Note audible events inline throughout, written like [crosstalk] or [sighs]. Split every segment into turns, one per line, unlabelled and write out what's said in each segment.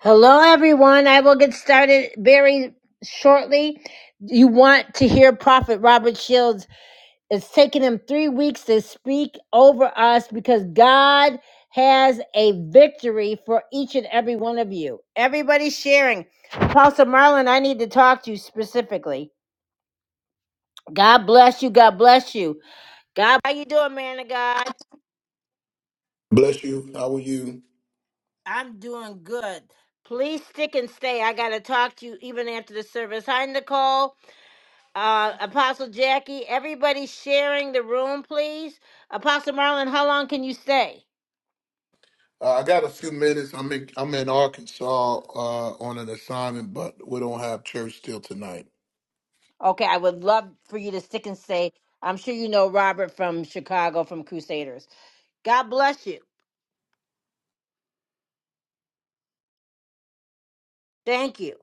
Hello, everyone. I will get started very shortly. You want to hear Prophet Robert Shields. It's taken him three weeks to speak over us because God has a victory for each and every one of you. Everybody's sharing. Apostle Marlon, I need to talk to you specifically. God bless you. God bless you. God, how you doing, man of God?
Bless you. How are you?
I'm doing good. Please stick and stay. I got to talk to you even after the service. Hi, Nicole. uh, Apostle Jackie, everybody sharing the room, please. Apostle Marlon, how long can you stay?
Uh, I got a few minutes. I'm in I'm in Arkansas uh, on an assignment, but we don't have church till tonight.
Okay, I would love for you to stick and stay. I'm sure you know Robert from Chicago from Crusaders. God bless you. Thank you.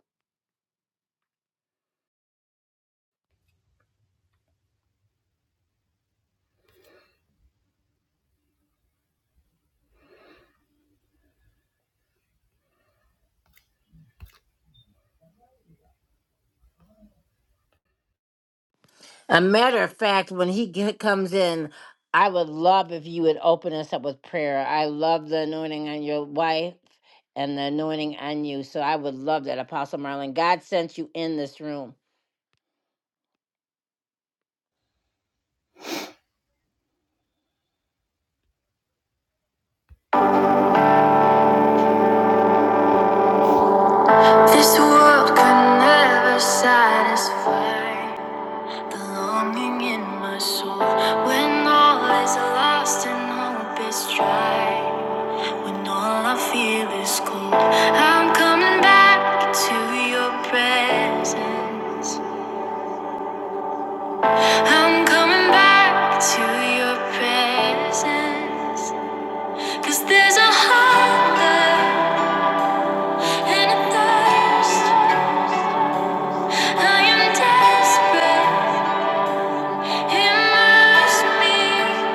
A matter of fact, when he get, comes in, I would love if you would open us up with prayer. I love the anointing on your wife and the anointing on you. So I would love that, Apostle Marlon. God sent you in this room. This world could never satisfy the longing in my soul. When all is lost and hope is dry, when all I feel is cold, I'm coming back to your presence. I'm coming back to your presence, 'cause there's a hunger and a thirst. I am desperate. Immerse me,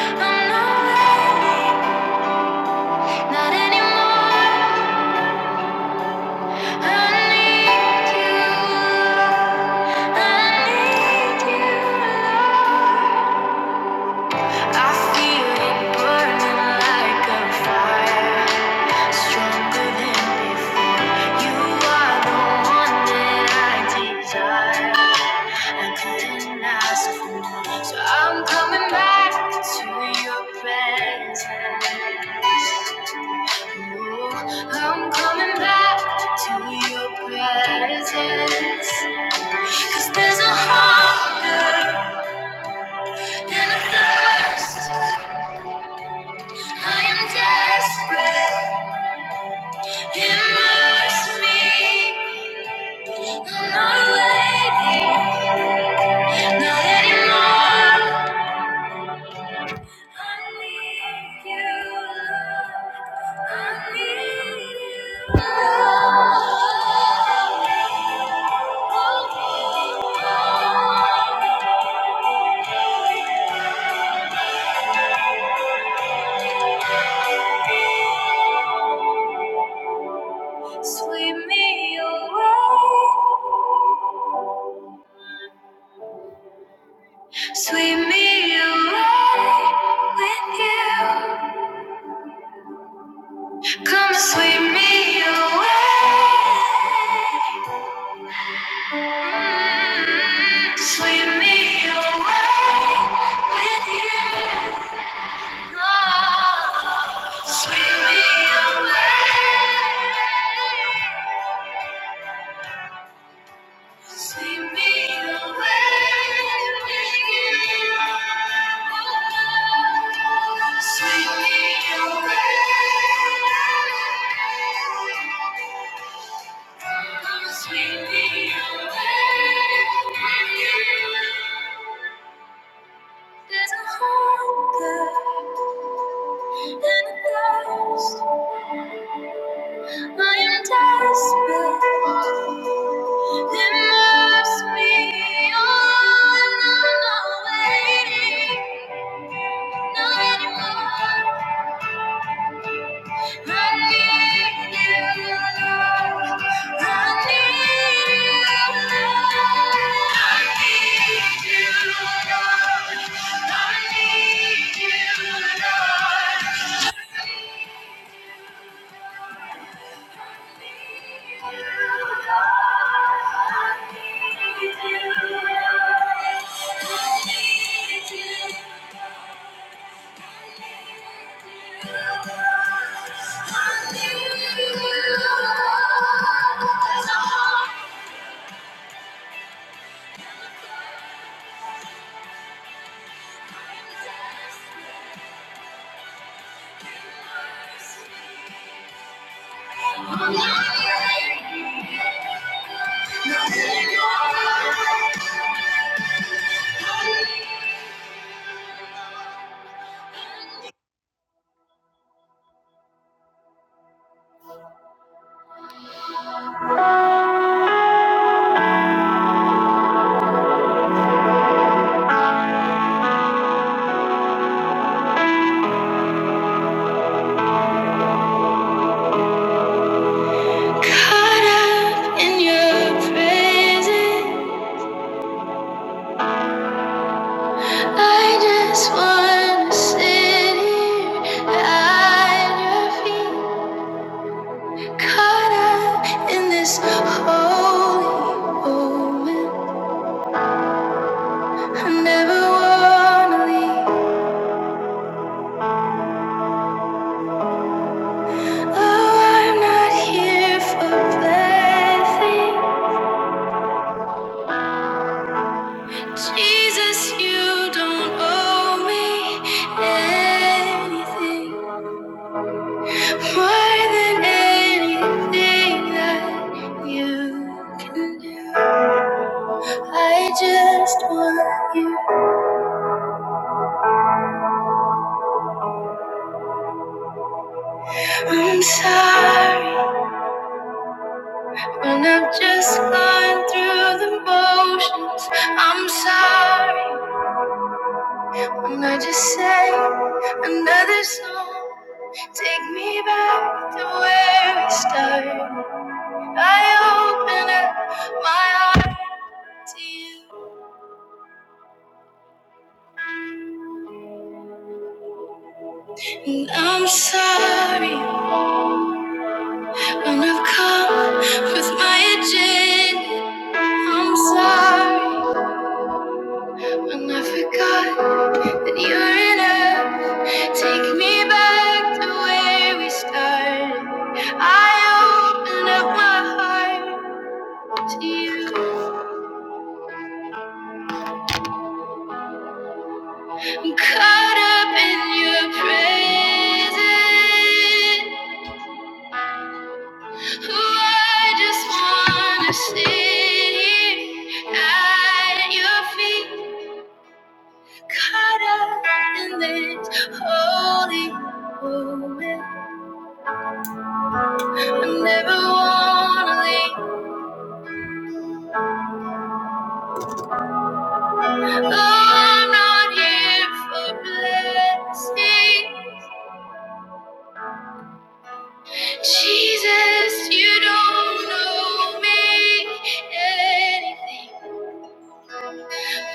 I'm not ready, not anymore. I need you, I need you, Lord. I feel it burning like a fire, stronger than before. You are the one that I desire. I couldn't ask for more, so I'm coming back to your presence. Ooh, I'm coming back to your presence. Cause there's a hunger and a thirst I'm desperate. Immerse me. I'm not waiting. Not anymore. I need you, love. I need you, love. Sweep me away, sweep me away with you. Come sweep me away, Mm, sweep me away with you. Ah, sweep me away. Sweep me away. Sweep me away. There's a hunger and a thirst I am desperate. There must be another way. Not anymore. I need you. I need you, Lord. I need you, Lord. I need you, Lord. Thank you. Caught up in your presence. I just wanna sit here at your feet. Caught up in this holy moment. I never wanna leave. Oh, I'm not here for blessing. Jesus, you don't owe me anything. More than anything that you can do, I just want you. I'm sorry when I've just gone through the motions. I'm sorry when I just sang another song. Take me back to where we started. I open up my heart to you. And I'm sorry when I've come with my agenda. I'm sorry when I forgot that you're enough. Take me back to where we started. I opened up my heart to you. I'm caught up in your presence. Oh, I just wanna sit here at your feet. caught up in this holy moment. I never wanna leave. Oh, I'm not here for blessing. Jesus, you don't know me anything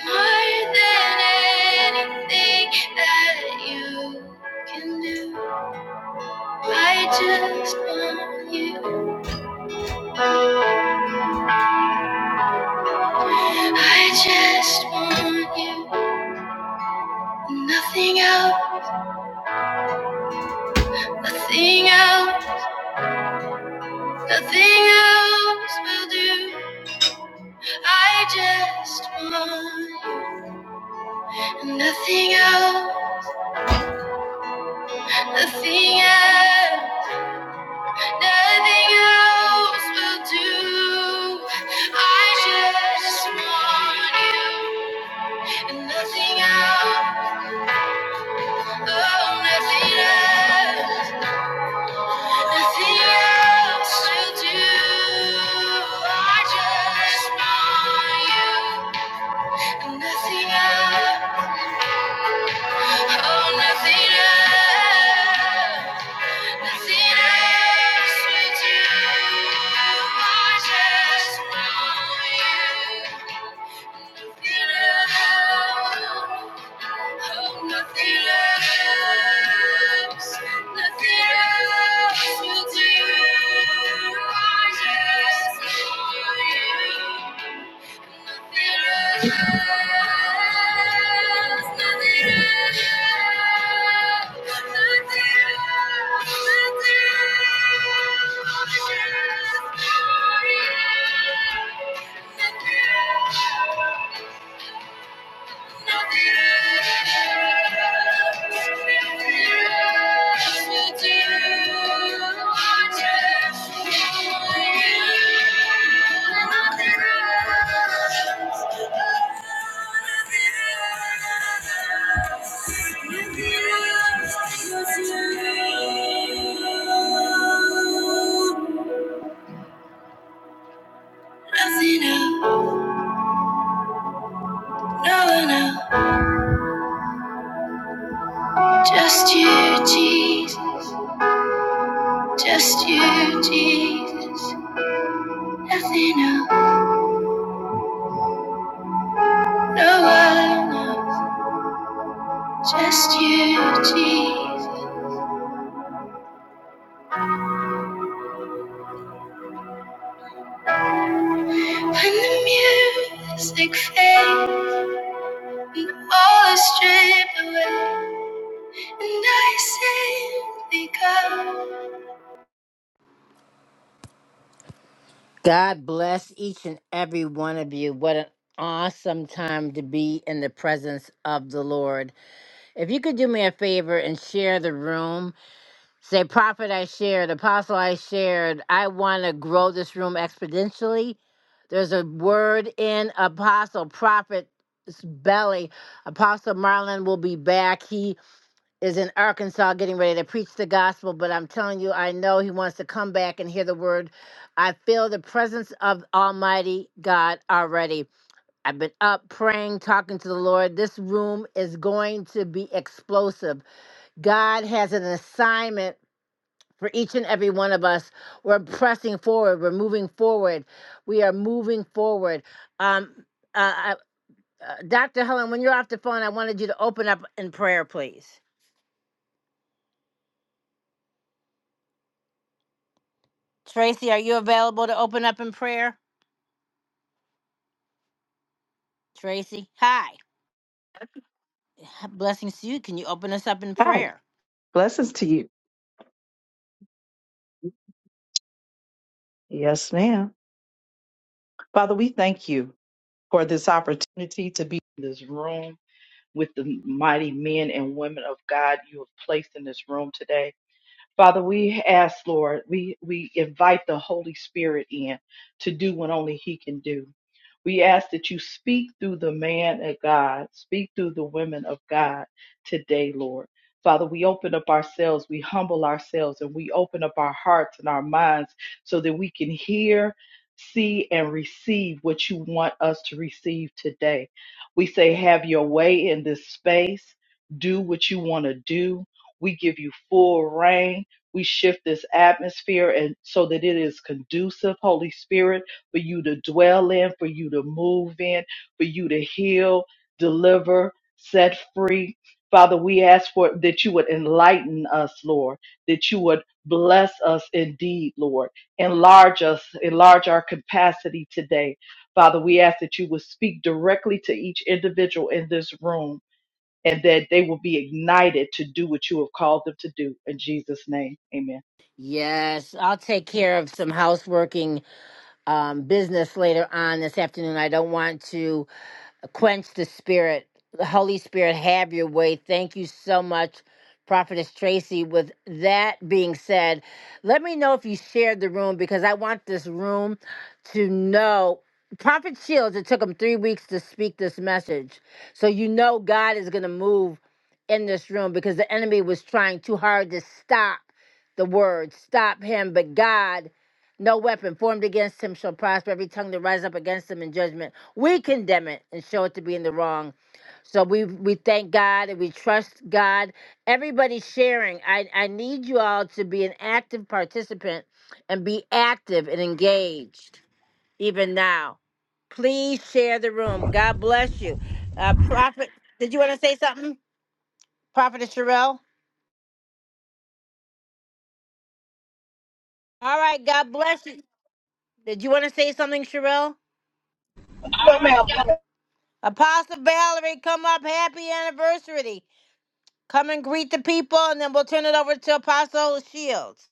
more than anything that you can do. I just want you. I just want you. Nothing else, nothing else, nothing else will do. I just want you. nothing else, nothing else, nothing else will do. I just want you, and nothing else, oh, nothing else, nothing else will do. I just want you. Nothing else. Oh, nothing else. Nothing else will do. I just want you. Nothing else. Oh, nothing else. Nothing else will do. I just want you. Thank you. Nothing else, no one else, just you, Jesus. Just you, Jesus, nothing else, no one else. Just you, Jesus. When the music fades and all is stripped away, and I simply come. God bless each and every one of you. What an awesome time to be in the presence of the Lord. If you could do me a favor and share the room. Say, prophet I shared, apostle I shared, I want to grow this room exponentially. There's a word in apostle, prophet's belly. Apostle Marlon will be back. He is in Arkansas getting ready to preach the gospel, but I'm telling you, I know he wants to come back and hear the word. I feel the presence of Almighty God already. I've been up praying, talking to the Lord. This room is going to be explosive. God has an assignment for each and every one of us. We're pressing forward. We're moving forward. We are moving forward. Um, uh, uh, Dr. Helen, when you're off the phone, I wanted you to open up in prayer, please. Tracy, are you available to open up in prayer? Tracy, hi. Blessings to you. Can you open us up in
Hi,
prayer?
blessings to you. Yes, ma'am. Father, we thank you for this opportunity to be in this room with the mighty men and women of God you have placed in this room today. Father, we ask, Lord, we, we invite the Holy Spirit in to do what only He can do. We ask that you speak through the man of God, speak through the women of God today, Lord. Father, we open up ourselves, we humble ourselves, and we open up our hearts and our minds so that we can hear, see, and receive what you want us to receive today. We say, have your way in this space, do what you want to do. We give you full reign we shift this atmosphere and so that it is conducive, Holy Spirit, for you to dwell in, for you to move in, for you to heal, deliver, set free. Father, we ask for that you would enlighten us, Lord, that you would bless us indeed, Lord. Enlarge us, enlarge our capacity today. Father, we ask that you would speak directly to each individual in this room and that they will be ignited to do what you have called them to do. In Jesus' name, amen.
Yes, I'll take care of some houseworking um, business later on this afternoon. I don't want to quench the spirit. The Holy Spirit, have your way. Thank you so much, Prophetess Tracy. With that being said, let me know if you shared the room because I want this room to know. Prophet Shields, it took him three weeks to speak this message. So you know God is going to move in this room because the enemy was trying too hard to stop the word, stop him. But God no weapon formed against him shall prosper. Every tongue that rises up against him in judgment, we condemn it and show it to be in the wrong. So we we thank God and we trust God. Everybody sharing. I, I need you all to be an active participant and be active and engaged even now. Please share the room. God bless you. Uh, Prophet, did you want to say something? Prophet Sherelle? All right. God bless you. Did you want to say something, Sherelle?
Yes, ma'am.
Apostle Valerie, come up. Happy anniversary. Come and greet the people, and then we'll turn it over to Apostle Shields.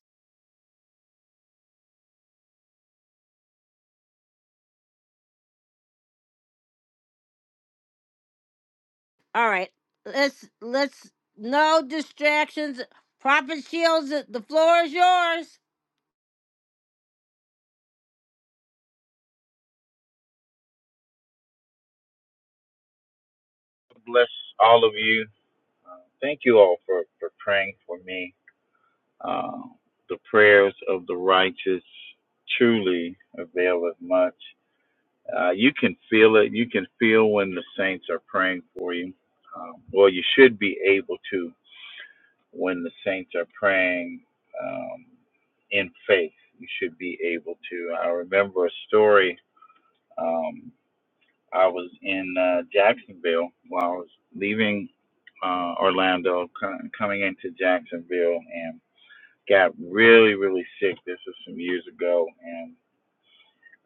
All right. Let's let's no distractions. Prophet Shields, the the floor is yours.
God bless all of you. Uh, thank you all for, for praying for me. Uh, the prayers of the righteous truly availeth much. Uh, you can feel it. You can feel when the saints are praying for you. Um, well, you should be able to when the saints are praying um, in faith. You should be able to. I remember a story. Um, I was in uh, Jacksonville while I was leaving uh, Orlando, co- coming into Jacksonville, and got really, really sick. This was some years ago, and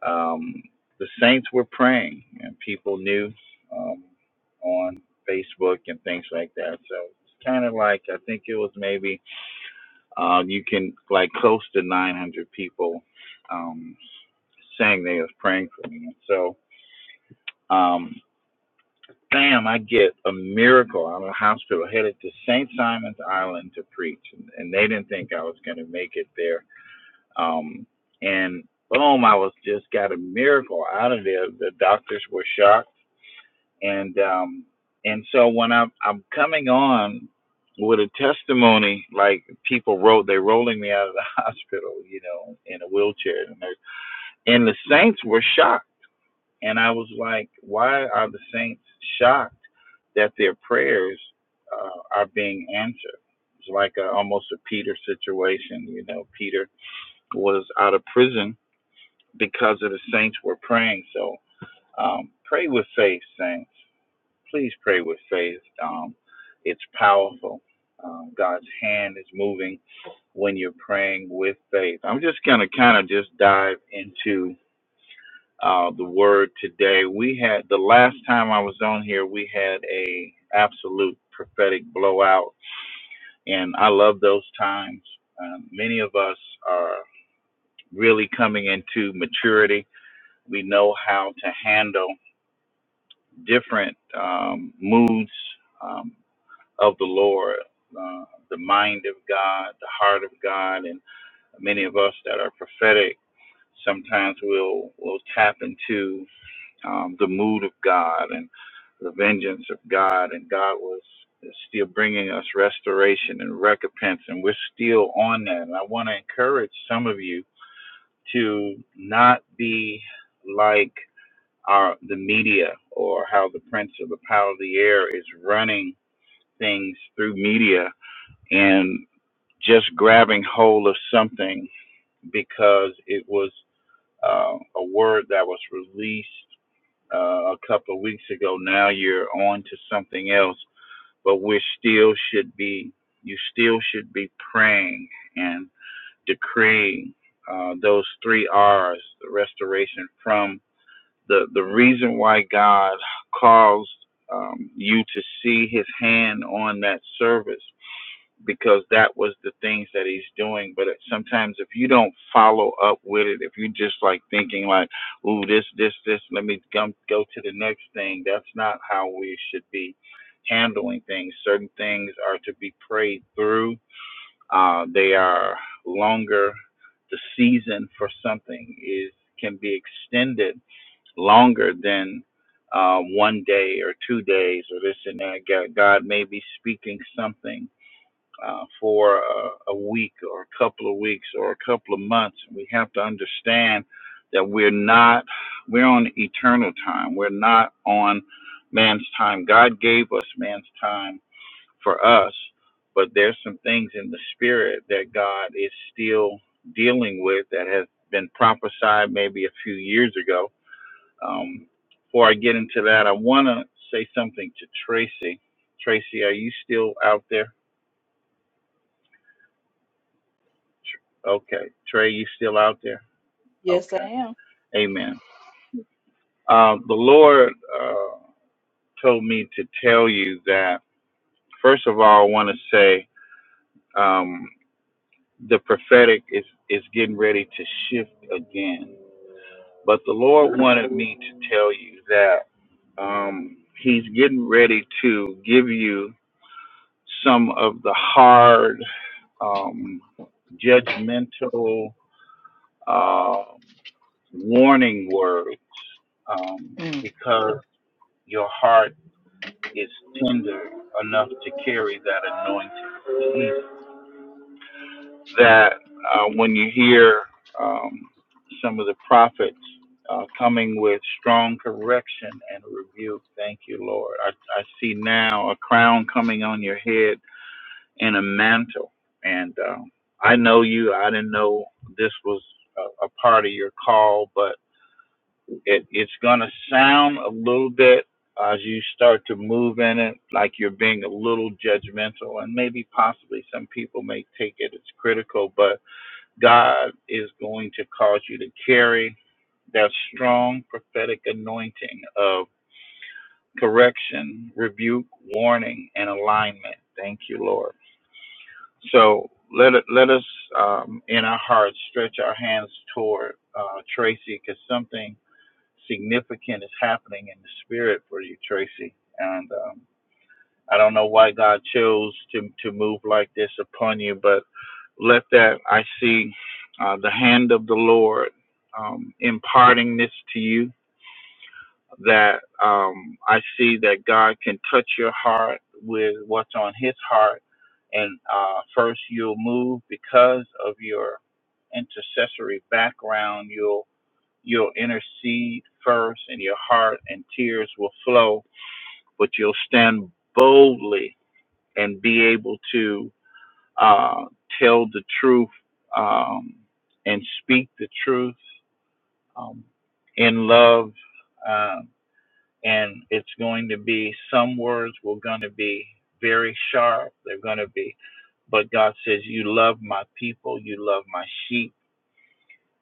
um, the saints were praying, and people knew um, on Facebook and things like that. So it's kind of like I think it was maybe uh, you can like close to 900 people um, saying they was praying for me, and so. Um, bam, I get a miracle out of the hospital, headed to St. Simon's Island to preach. And, and they didn't think I was going to make it there. Um, and boom, I was just got a miracle out of there. The doctors were shocked. And, um, and so when I'm, I'm coming on with a testimony, like people wrote, they're rolling me out of the [laughs] hospital, you know, in a wheelchair. And, and the saints were shocked. And I was like, why are the saints shocked? that their prayers uh, are being answered. It's like a, almost a Peter situation. You know, Peter was out of prison because of the saints were praying. So um, pray with faith, saints. Please pray with faith. Um, it's powerful. Um, God's hand is moving when you're praying with faith. I'm just going to kind of just dive into uh, the word today. We had the last time I was on here, we had a absolute prophetic blowout, and I love those times. Um, many of us are really coming into maturity. We know how to handle different um, moods um, of the Lord, uh, the mind of God, the heart of God, and many of us that are prophetic. Sometimes we'll we'll tap into um, the mood of God and the vengeance of God, and God was still bringing us restoration and recompense, and we're still on that. And I want to encourage some of you to not be like our the media or how the prince of the power of the air is running things through media and just grabbing hold of something because it was uh, a word that was released uh, a couple of weeks ago. Now you're on to something else, but we still should be, you still should be praying and decreeing uh, those three R's, the restoration from the, the reason why God caused um, you to see his hand on that service because that was the things that he's doing. But sometimes if you don't follow up with it, if you are just like thinking like, "Ooh, this, this, this," let me go go to the next thing. That's not how we should be handling things. Certain things are to be prayed through. Uh, they are longer. The season for something is can be extended longer than. Uh, one day or two days or this and that. God may be speaking something uh, for a, a week or a couple of weeks or a couple of months. We have to understand that we're not, we're on eternal time. We're not on man's time. God gave us man's time for us, but there's some things in the spirit that God is still dealing with that has been prophesied maybe a few years ago. Um, before I get into that, I want to say something to Tracy. Tracy, are you still out there? Tr- Okay. Trey, you still out there?
Yes, I
Okay.
am.
Amen. Um, the Lord uh, told me to tell you that, first of all, I want to say um, the prophetic is, is getting ready to shift again. But the Lord wanted me to tell you that um, He's getting ready to give you some of the hard, um, judgmental, uh, warning words um,
Mm.
because your heart is tender enough to carry that anointing. That uh, when you hear um, some of the prophets uh, coming with strong correction and rebuke, thank you, Lord. I, I see now a crown coming on your head and a mantle. And um, I know you, I didn't know this was a, a part of your call, but. it it's gonna sound a little bit as you start to move in it like you're being a little judgmental and maybe possibly some people may take it as critical but god is going to cause you to carry that strong prophetic anointing of correction rebuke warning and alignment thank you lord so let it, let us um, in our hearts stretch our hands toward uh, tracy because something significant is happening in the spirit for you, Tracy. And um, I don't know why God chose to to move like this upon you, but let that I see uh, the hand of the Lord um, imparting this to you. That um, I see that God can touch your heart with what's on His heart, and uh, first you'll move because of your intercessory background. You'll You'll intercede first, and your heart and tears will flow, but you'll stand boldly and be able to uh, tell the truth um, and speak the truth um, in love. Uh, and it's going to be some words were going to be very sharp. They're going to be, but God says, You love my people, you love my sheep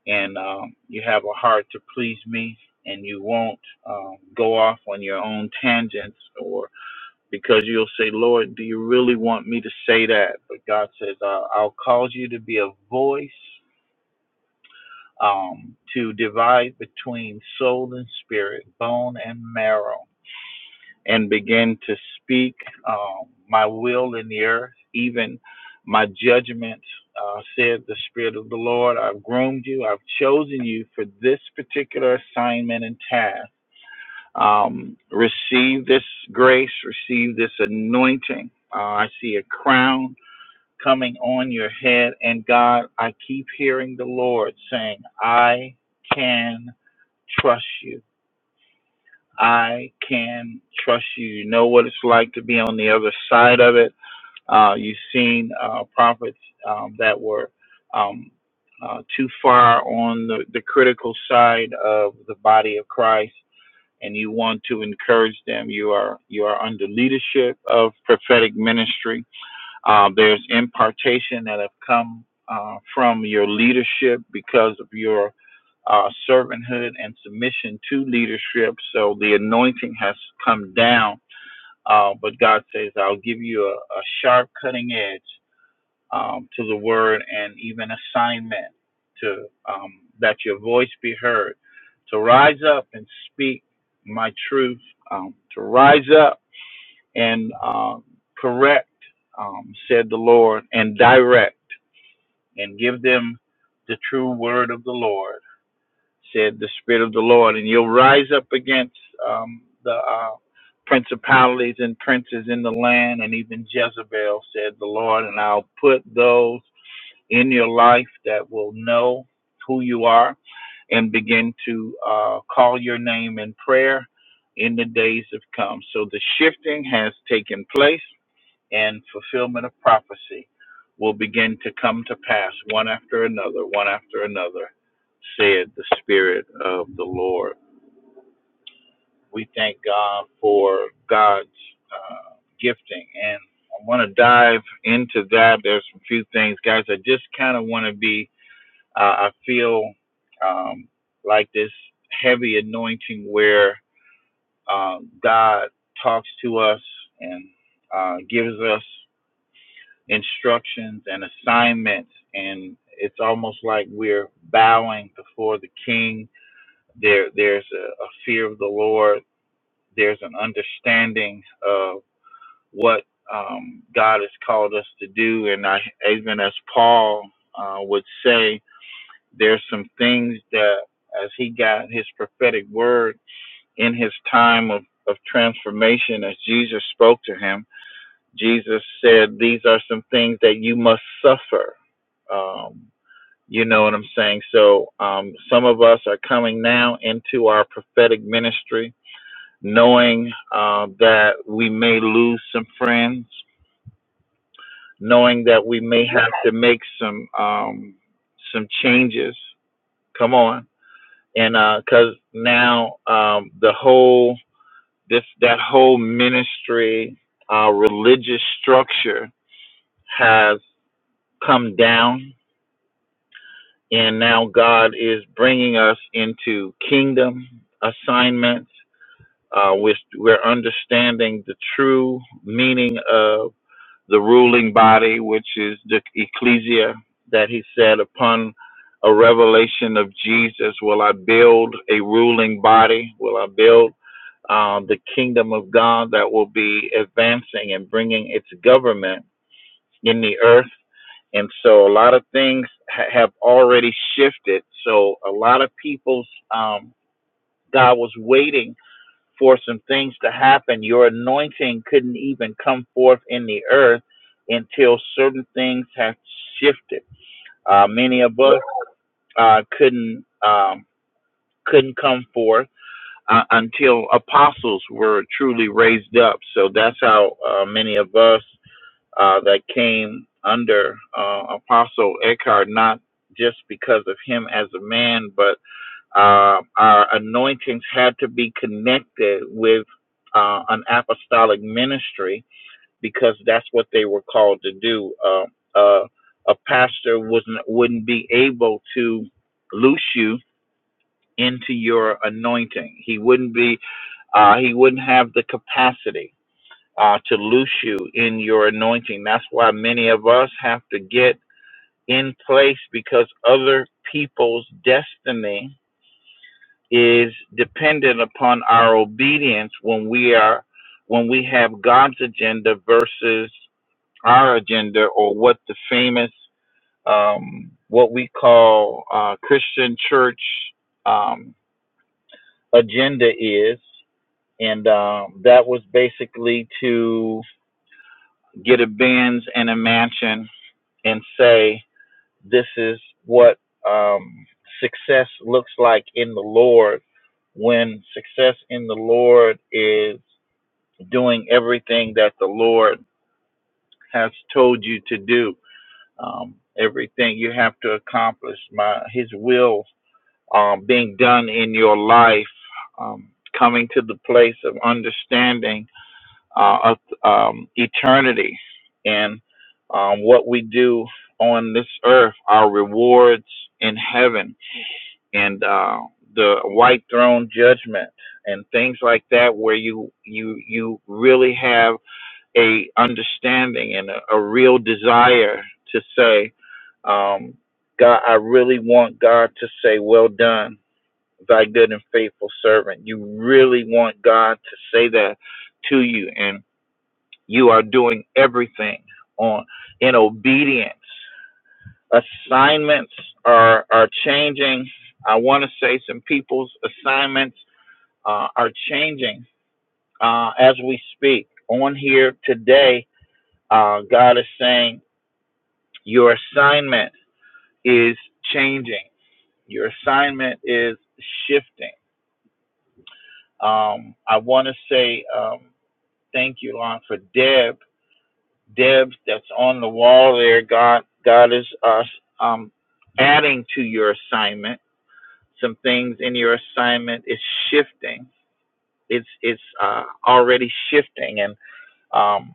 and um, you have a heart to please me and you won't um, go off on your own tangents or because you'll say lord do you really want me to say that but god says uh, i'll cause you to be a voice um, to divide between soul and spirit bone and marrow and begin to speak um, my will in the earth, even my judgment, uh, said the Spirit of the Lord. I've groomed you, I've chosen you for this particular assignment and task. Um, receive this grace, receive this anointing. Uh, I see a crown coming on your head, and God, I keep hearing the Lord saying, I can trust you. I can trust you. You know what it's like to be on the other side of it. Uh, you've seen uh, prophets um, that were um, uh, too far on the, the critical side of the body of Christ, and you want to encourage them. You are you are under leadership of prophetic ministry. Uh, there's impartation that have come uh, from your leadership because of your uh, servanthood and submission to leadership. So the anointing has come down, uh, but God says, I'll give you a, a sharp cutting edge um, to the word and even assignment to um, that your voice be heard, to rise up and speak my truth, um, to rise up and uh, correct, um, said the Lord, and direct and give them the true word of the Lord said the spirit of the Lord, and you'll rise up against um, the uh, principalities and princes in the land, and even Jezebel, said the Lord, and I'll put those in your life that will know who you are and begin to uh, call your name in prayer in the days to come. So the shifting has taken place and fulfillment of prophecy will begin to come to pass one after another, one after another, said the Spirit of the Lord. We thank God for God's uh, gifting. And I want to dive into that. There's a few things, guys. I just kind of want to be, uh, I feel um, like this heavy anointing where uh, God talks to us and uh, gives us. instructions and assignments and it's almost like we're bowing before the king there there's a, a fear of the lord there's an understanding of what um, god has called us to do and i even as paul uh, would say there's some things that as he got his prophetic word in his time of, of transformation as jesus spoke to him Jesus said, These are some things that you must suffer. Um, you know what I'm saying? So um, some of us are coming now into our prophetic ministry, knowing uh, that we may lose some friends, knowing that we may have to make some um, some changes. Come on, and because now um, the whole this that whole ministry, uh, religious structure has. come down, and now God is bringing us into kingdom assignments. Uh, we're, we're understanding the true meaning of the ruling body, which is the ecclesia that he said, upon a revelation of Jesus, will I build a ruling body? Will I build uh, the kingdom of God that will be advancing and bringing its government in the earth? and so a lot of things ha- have already shifted. So a lot of people's um, God was waiting for some things to happen. Your anointing couldn't even come forth in the earth until certain things have shifted. Uh, many of us uh, couldn't um, couldn't come forth uh, until apostles were truly raised up. So that's how uh, many of us uh, that came under uh, Apostle Eckhart, not just because of him as a man, but uh, our anointings had to be connected with uh, an apostolic ministry because that's what they were called to do. Uh, uh, a pastor wasn't wouldn't be able to loose you into your anointing. He wouldn't be. Uh, he wouldn't have the capacity uh, to loose you in your anointing. That's why many of us have to get in place because other people's destiny is dependent upon our obedience when we are when we have God's agenda versus our agenda or what the famous um, what we call uh, Christian church um, agenda is and um, that was basically to get a Benz and a mansion and say, this is what um, success looks like in the Lord when success in the Lord is doing everything that the Lord has told you to do, um, everything you have to accomplish, my His will um, being done in your life, um, coming to the place of understanding uh, of um, eternity and um, what we do on this earth, our rewards in heaven, and uh, the white throne judgment, and things like that, where you you you really have a understanding and a, a real desire to say, um, God, I really want God to say, "Well done." Thy good and faithful servant. You really want God to say that to you, and you are doing everything on in obedience. Assignments are are changing. I want to say some people's assignments uh, are changing uh, as we speak. On here today, uh, God is saying your assignment is changing. Your assignment is shifting. Um, I want to say um, thank you, Lon, for Deb Debs that's on the wall there. God, God is uh, um, adding to your assignment. Some things in your assignment is shifting. It's it's uh, already shifting, and um,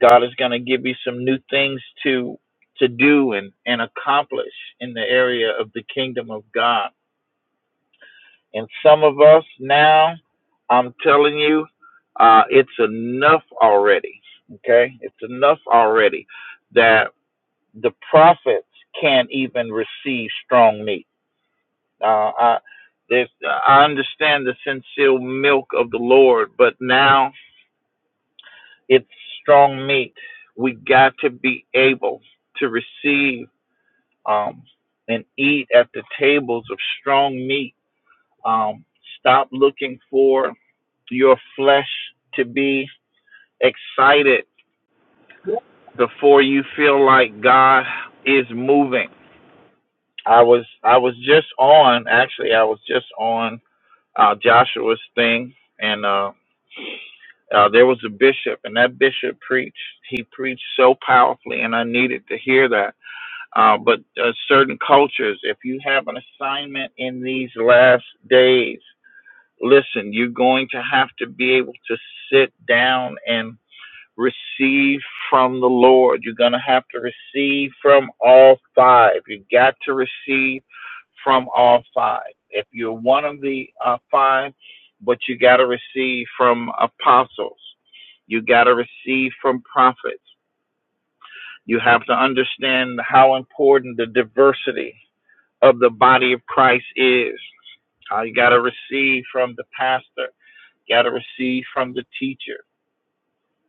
God is going to give you some new things to to do and and accomplish in the area of the kingdom of God. And some of us now, I'm telling you, uh, it's enough already. Okay, it's enough already that the prophets can't even receive strong meat. Uh, I, this, I understand the sincere milk of the Lord, but now it's strong meat. We got to be able to receive um, and eat at the tables of strong meat. Um, stop looking for your flesh to be excited before you feel like God is moving I was I was just on actually I was just on uh, Joshua's thing and uh, uh, there was a bishop and that bishop preached he preached so powerfully and I needed to hear that uh, but uh, certain cultures if you have an assignment in these last days listen you're going to have to be able to sit down and receive from the Lord. You're going to have to receive from all five. You got to receive from all five. If you're one of the uh, five, but you got to receive from apostles, you got to receive from prophets. You have to understand how important the diversity of the body of Christ is. How you got to receive from the pastor, You got to receive from the teacher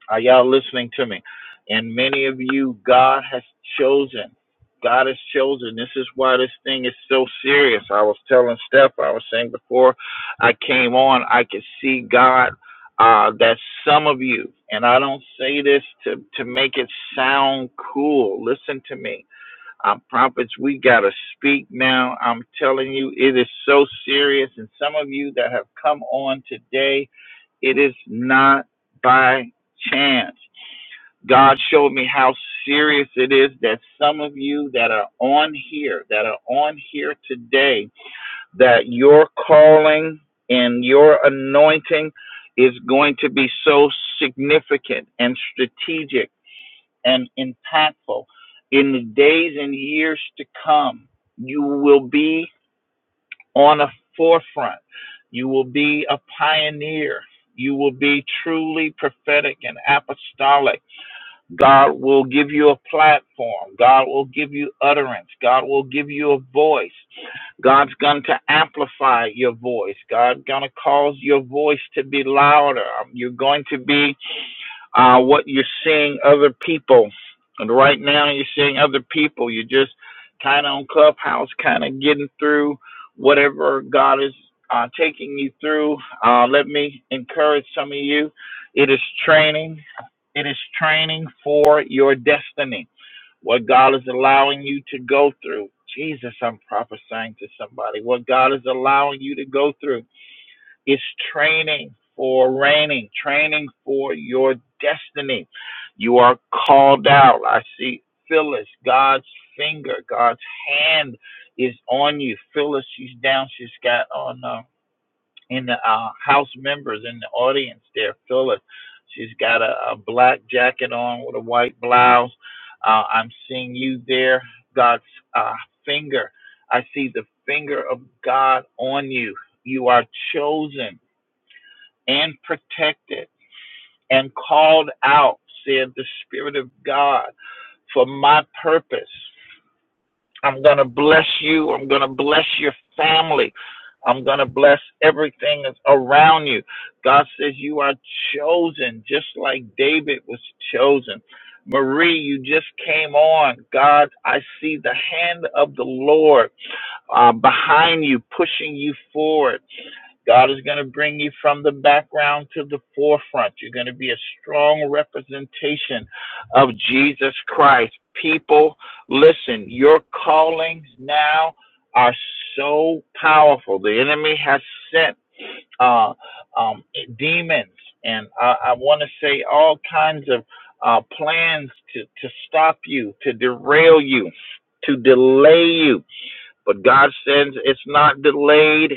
are y'all listening to me? And many of you, God has chosen. God has chosen. This is why this thing is so serious. I was telling Steph, I was saying before I came on, I could see God uh, that some of you, and I don't say this to, to make it sound cool. Listen to me. I'm prophets. We got to speak now. I'm telling you, it is so serious. And some of you that have come on today, it is not by chance. God showed me how serious it is that some of you that are on here, that are on here today, that your calling and your anointing is going to be so significant and strategic and impactful in the days and years to come. You will be on a forefront. You will be a pioneer. You will be truly prophetic and apostolic God will give you a platform. God will give you utterance. God will give you a voice. God's going to amplify your voice. God's going to cause your voice to be louder. Um, You're going to be uh, what you're seeing other people. And right now, you're seeing other people. You're just kind of on Clubhouse, kind of getting through whatever God is uh, taking you through. Uh, let me encourage some of you. It is training. It is training for your destiny. What God is allowing you to go through. Jesus, I'm prophesying to somebody. What God is allowing you to go through it's training for reigning, training for your destiny. You are called out. I see Phyllis, God's finger, God's hand is on you. Phyllis, she's down. She's got on uh, in the uh, house members in the audience there. Phyllis, she's got a, a black jacket on with a white blouse. Uh, I'm seeing you there. God's uh, finger. I see the finger of God on you. You are chosen and protected and called out, said the Spirit of God, for my purpose. I'm going to bless you. I'm going to bless your family. I'm going to bless everything that's around you. God says you are chosen, just like David was chosen. Marie, you just came on. God, I see the hand of the Lord uh, behind you, pushing you forward. God is going to bring you from the background to the forefront. You're going to be a strong representation of Jesus Christ. People, listen, your callings now are so powerful. The enemy has sent uh, um, demons, and I, I want to say all kinds of uh, plans to, to stop you, to derail you, to delay you. But God says it's not delayed,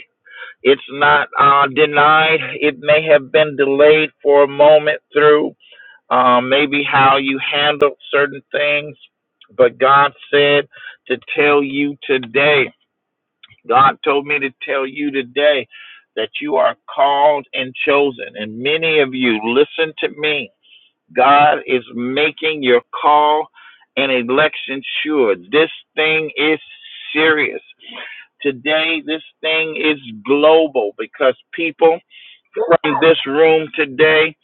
it's not uh, denied. It may have been delayed for a moment through uh, maybe how you handled certain things, but God said to tell you today. God told me to tell you today that you are called and chosen. And many of you, listen to me. God is making your call and election sure. This thing is serious. Today, this thing is global because people from this room today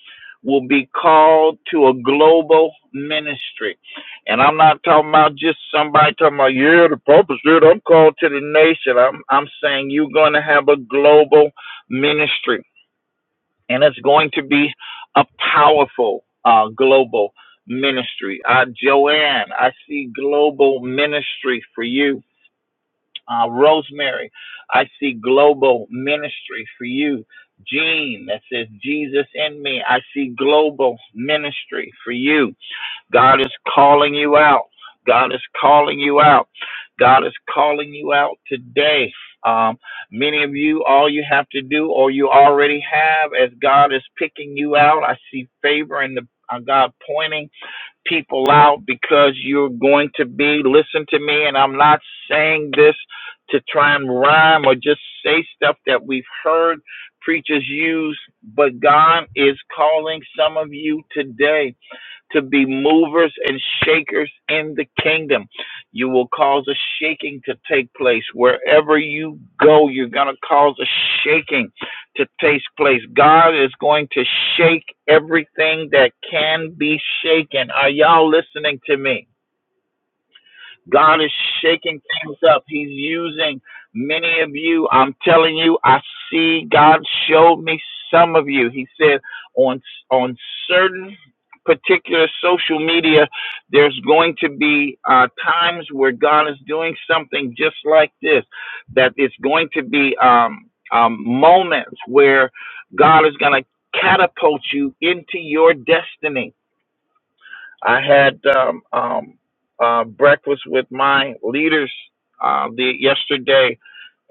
will be called to a global ministry. And I'm not talking about just somebody talking about, yeah, the Pope is good. I'm called to the nation. I'm, I'm saying you're going to have a global ministry. And it's going to be a powerful uh, global ministry. Uh, Joanne, I see global ministry for you. Uh, Rosemary, I see global ministry for you. Jean, that says Jesus in me. I see global ministry for you. God is calling you out. God is calling you out. God is calling you out today. Um, many of you, all you have to do, or you already have, as God is picking you out, I see favor in the uh, God pointing people out because you're going to be, listen to me, and I'm not saying this to try and rhyme or just say stuff that we've heard preachers use, but God is calling some of you today to be movers and shakers in the kingdom. You will cause a shaking to take place. Wherever you go, you're going to cause a shaking to take place. God is going to shake everything that can be shaken. Are y'all listening to me? God is shaking things up. He's using many of you. I'm telling you, I see God showed me some of you. He said on on certain particular social media, there's going to be uh, times where God is doing something just like this. That it's going to be um, um, moments where God is going to catapult you into your destiny I had um, um, uh, breakfast with my leaders uh, the, yesterday,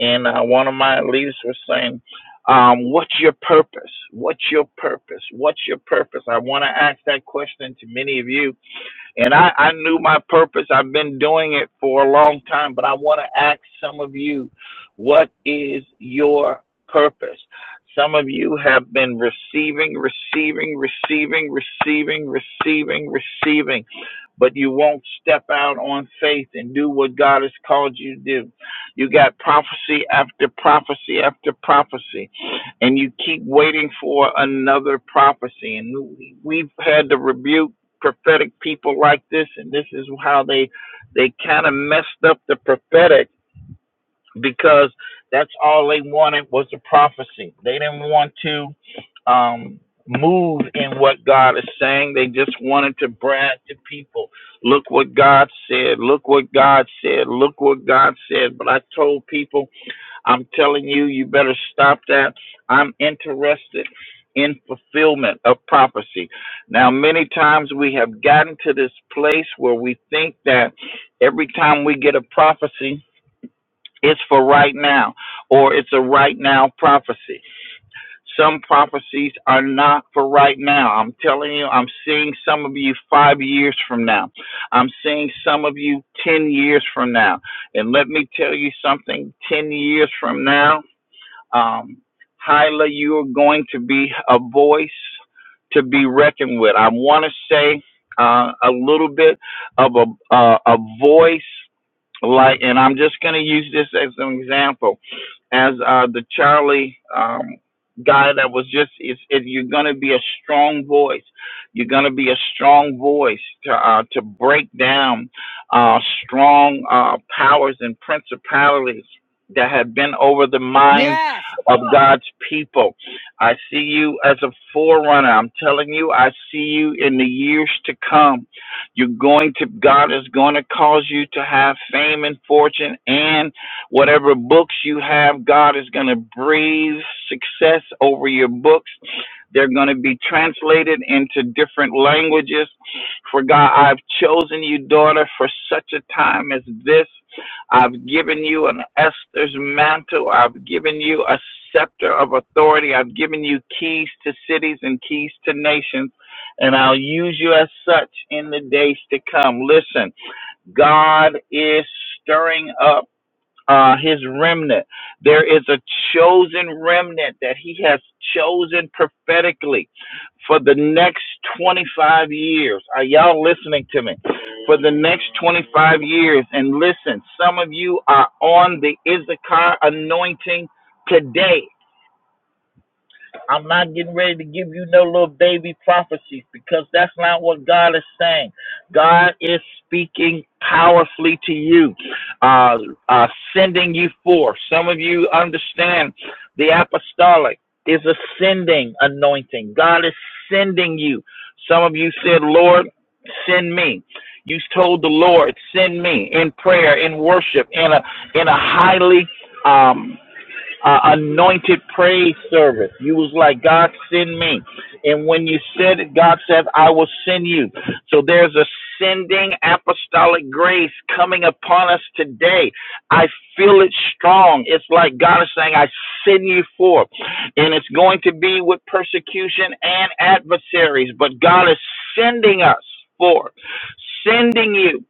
and uh, one of my leaders was saying, um, "What's your purpose? What's your purpose? What's your purpose?" I want to ask that question to many of you, and I, I knew my purpose. I've been doing it for a long time, but I want to ask some of you, "What is your purpose?" Some of you have been receiving, receiving, receiving, receiving, receiving, receiving but you won't step out on faith and do what God has called you to do. You got prophecy after prophecy after prophecy, and you keep waiting for another prophecy. And we've had to rebuke prophetic people like this, and this is how they they kind of messed up the prophetic because that's all they wanted was a prophecy. They didn't want to um, move in what God is saying. They just wanted to brag to people. Look what God said. Look what God said. Look what God said. But I told people, I'm telling you, you better stop that. I'm interested in fulfillment of prophecy. Now, many times we have gotten to this place where we think that every time we get a prophecy, it's for right now or it's a right now prophecy. Some prophecies are not for right now. I'm telling you, I'm seeing some of you five years from now. I'm seeing some of you 10 years from now. And let me tell you something 10 years from now, um, Hyla, you are going to be a voice to be reckoned with. I want to say uh, a little bit of a, uh, a a voice like, and I'm just going to use this as an example as uh, the Charlie um, guy that was just. It's, it, you're going to be a strong voice. You're going to be a strong voice to uh, to break down uh, strong uh, powers and principalities that have been over the minds
Yes.
of God's people. I see you as a forerunner. I'm telling you, I see you in the years to come. You're going to God is going to cause you to have fame and fortune and Whatever books you have, God is going to breathe success over your books. They're going to be translated into different languages. For God, I've chosen you, daughter, for such a time as this. I've given you an Esther's mantle. I've given you a scepter of authority. I've given you keys to cities and keys to nations, and I'll use you as such in the days to come. Listen, God is stirring up uh, his remnant. There is a chosen remnant that he has chosen prophetically for the next 25 years. Are y'all listening to me? For the next 25 years. And listen, some of you are on the Issachar anointing today. I'm not getting ready to give you no little baby prophecies because that's not what God is saying. God is speaking powerfully to you, uh, uh, sending you forth. Some of you understand the apostolic is a sending anointing. God is sending you. Some of you said, Lord, send me. You told the Lord, send me in prayer, in worship, in a in a highly um, uh, anointed praise service. You was like, God, send me. And when you said it, God said, I will send you. So there's a sending apostolic grace coming upon us today. I feel it strong. It's like God is saying, I send you forth. And it's going to be with persecution and adversaries, but God is sending us forth, sending you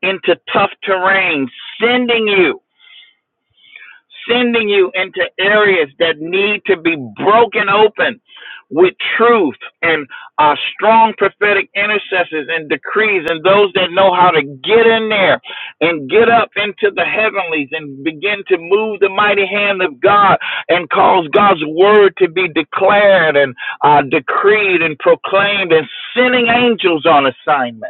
into tough terrain, sending you sending you into areas that need to be broken open with truth and uh, strong prophetic intercessors and decrees and those that know how to get in there and get up into the heavenlies and begin to move the mighty hand of God and cause God's word to be declared and uh, decreed and proclaimed and sending angels on assignment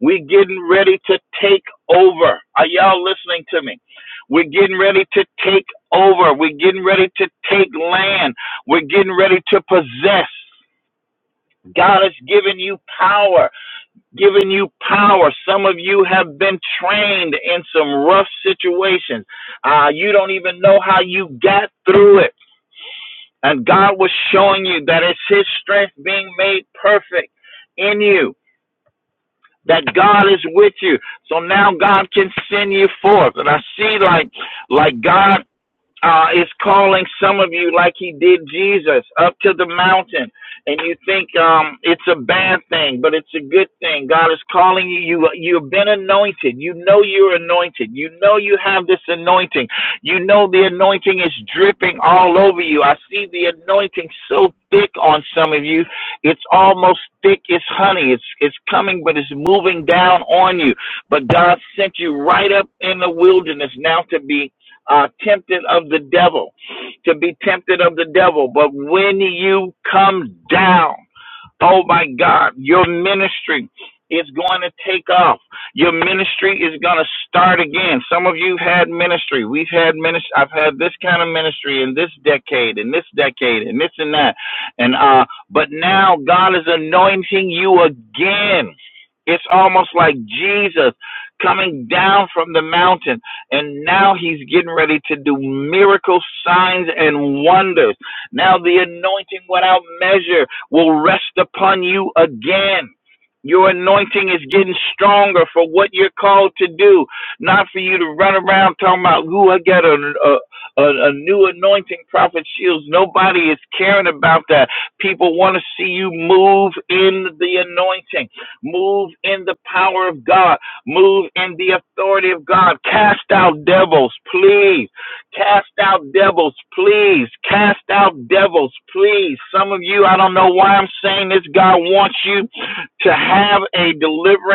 we're getting ready to take over. Are y'all listening to me? We're getting ready to take over. We're getting ready to take land. We're getting ready to possess. God has given you power, given you power. Some of you have been trained in some rough situations. Uh, you don't even know how you got through it. And God was showing you that it's His strength being made perfect in you. that God is with you. So now God can send you forth. And I see like like God uh, is calling some of you like he did Jesus up to the mountain, and you think um, it's a bad thing, but it's a good thing. God is calling you. You you've been anointed. You know you're anointed. You know you have this anointing. You know the anointing is dripping all over you. I see the anointing so thick on some of you. It's almost thick as honey. It's it's coming, but it's moving down on you. But God sent you right up in the wilderness now to be uh, tempted of the devil, to be tempted of the devil. But when you come down, Oh my God, your ministry is going to take off. Your ministry is going to start again. Some of you had ministry. We've had ministry. I've had this kind of ministry in this decade, in this decade, and this and that. And uh, but now God is anointing you again. It's almost like Jesus coming down from the mountain, and now he's getting ready to do miracles, signs, and wonders. Now the anointing without measure will rest upon you again. Your anointing is getting stronger for what you're called to do, not for you to run around talking about, ooh, I got a, a, a, a new anointing, Prophet Shields. Nobody is caring about that. People want to see you move in the anointing, move in the power of God, move in the authority of God. Cast out devils, please Cast out devils, please. Cast out devils, please. Some of you, I don't know why I'm saying this. God wants you to have a deliverance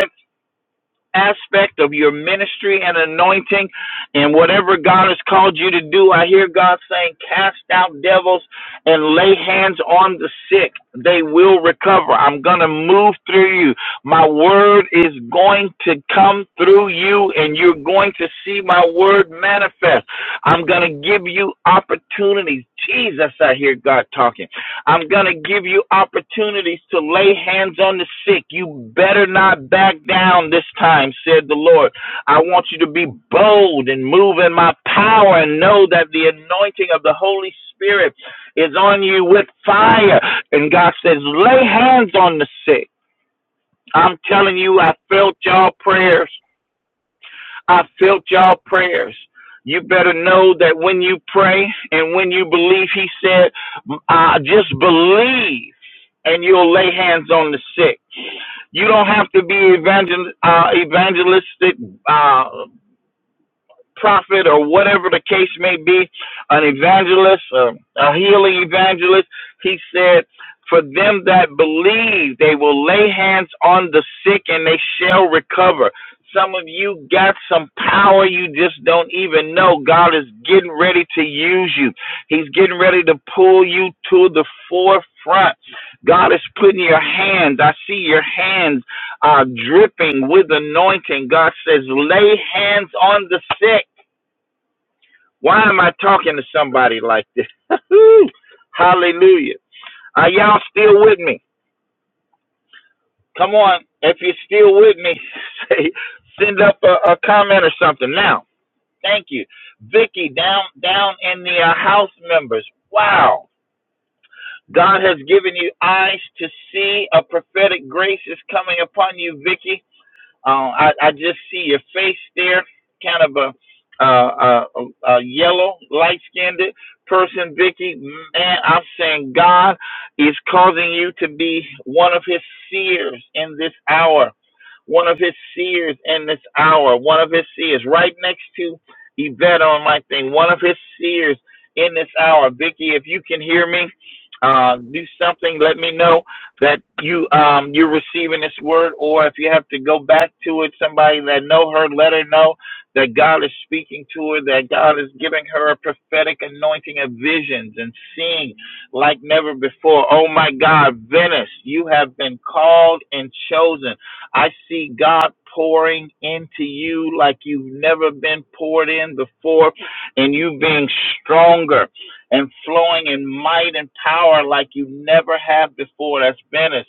aspect of your ministry and anointing and whatever God has called you to do. I hear God saying, cast out devils and lay hands on the sick. They will recover. I'm going to move through you. My word is going to come through you and you're going to see my word manifest. I'm going to give you opportunities. Jesus, I hear God talking. I'm going to give you opportunities to lay hands on the sick. You better not back down this time, said the Lord. I want you to be bold and move in my power and know that the anointing of the Holy Spirit is on you with fire. And God says, lay hands on the sick. I'm telling you, I felt y'all prayers. I felt y'all prayers. You better know that when you pray and when you believe, he said, uh, just believe and you'll lay hands on the sick. You don't have to be evangel- uh, evangelistic. Uh, prophet or whatever the case may be, an evangelist, um, a healing evangelist. He said, For them that believe, they will lay hands on the sick and they shall recover. Some of you got some power you just don't even know. God is getting ready to use you. He's getting ready to pull you to the forefront. God is putting your hands. I see your hands are dripping with anointing. God says, lay hands on the sick. Why am I talking to somebody like this? [laughs] Hallelujah. Are y'all still with me? Come on. If you're still with me, [laughs] say, send up a, a comment or something. Now, thank you. Vicky, down down in the uh, house members. Wow. God has given you eyes to see. A prophetic grace is coming upon you, Vicky. Uh, I, I just see your face there, kind of a, uh, a, a yellow, light skinned person, Vicky. Man, I'm saying God is causing you to be one of his seers in this hour one of his seers in this hour, one of his seers right next to Yvette on my thing, one of his seers in this hour. Vicky, if you can hear me, uh, do something. Let me know that you um, you're receiving this word, or if you have to go back to it, somebody that know her, let her know that God is speaking to her, that God is giving her a prophetic anointing of visions and seeing like never before. Oh my God, Venice, you have been called and chosen I see God pouring into you like you've never been poured in before, and you being stronger and flowing in might and power like you never have before. That's Venice,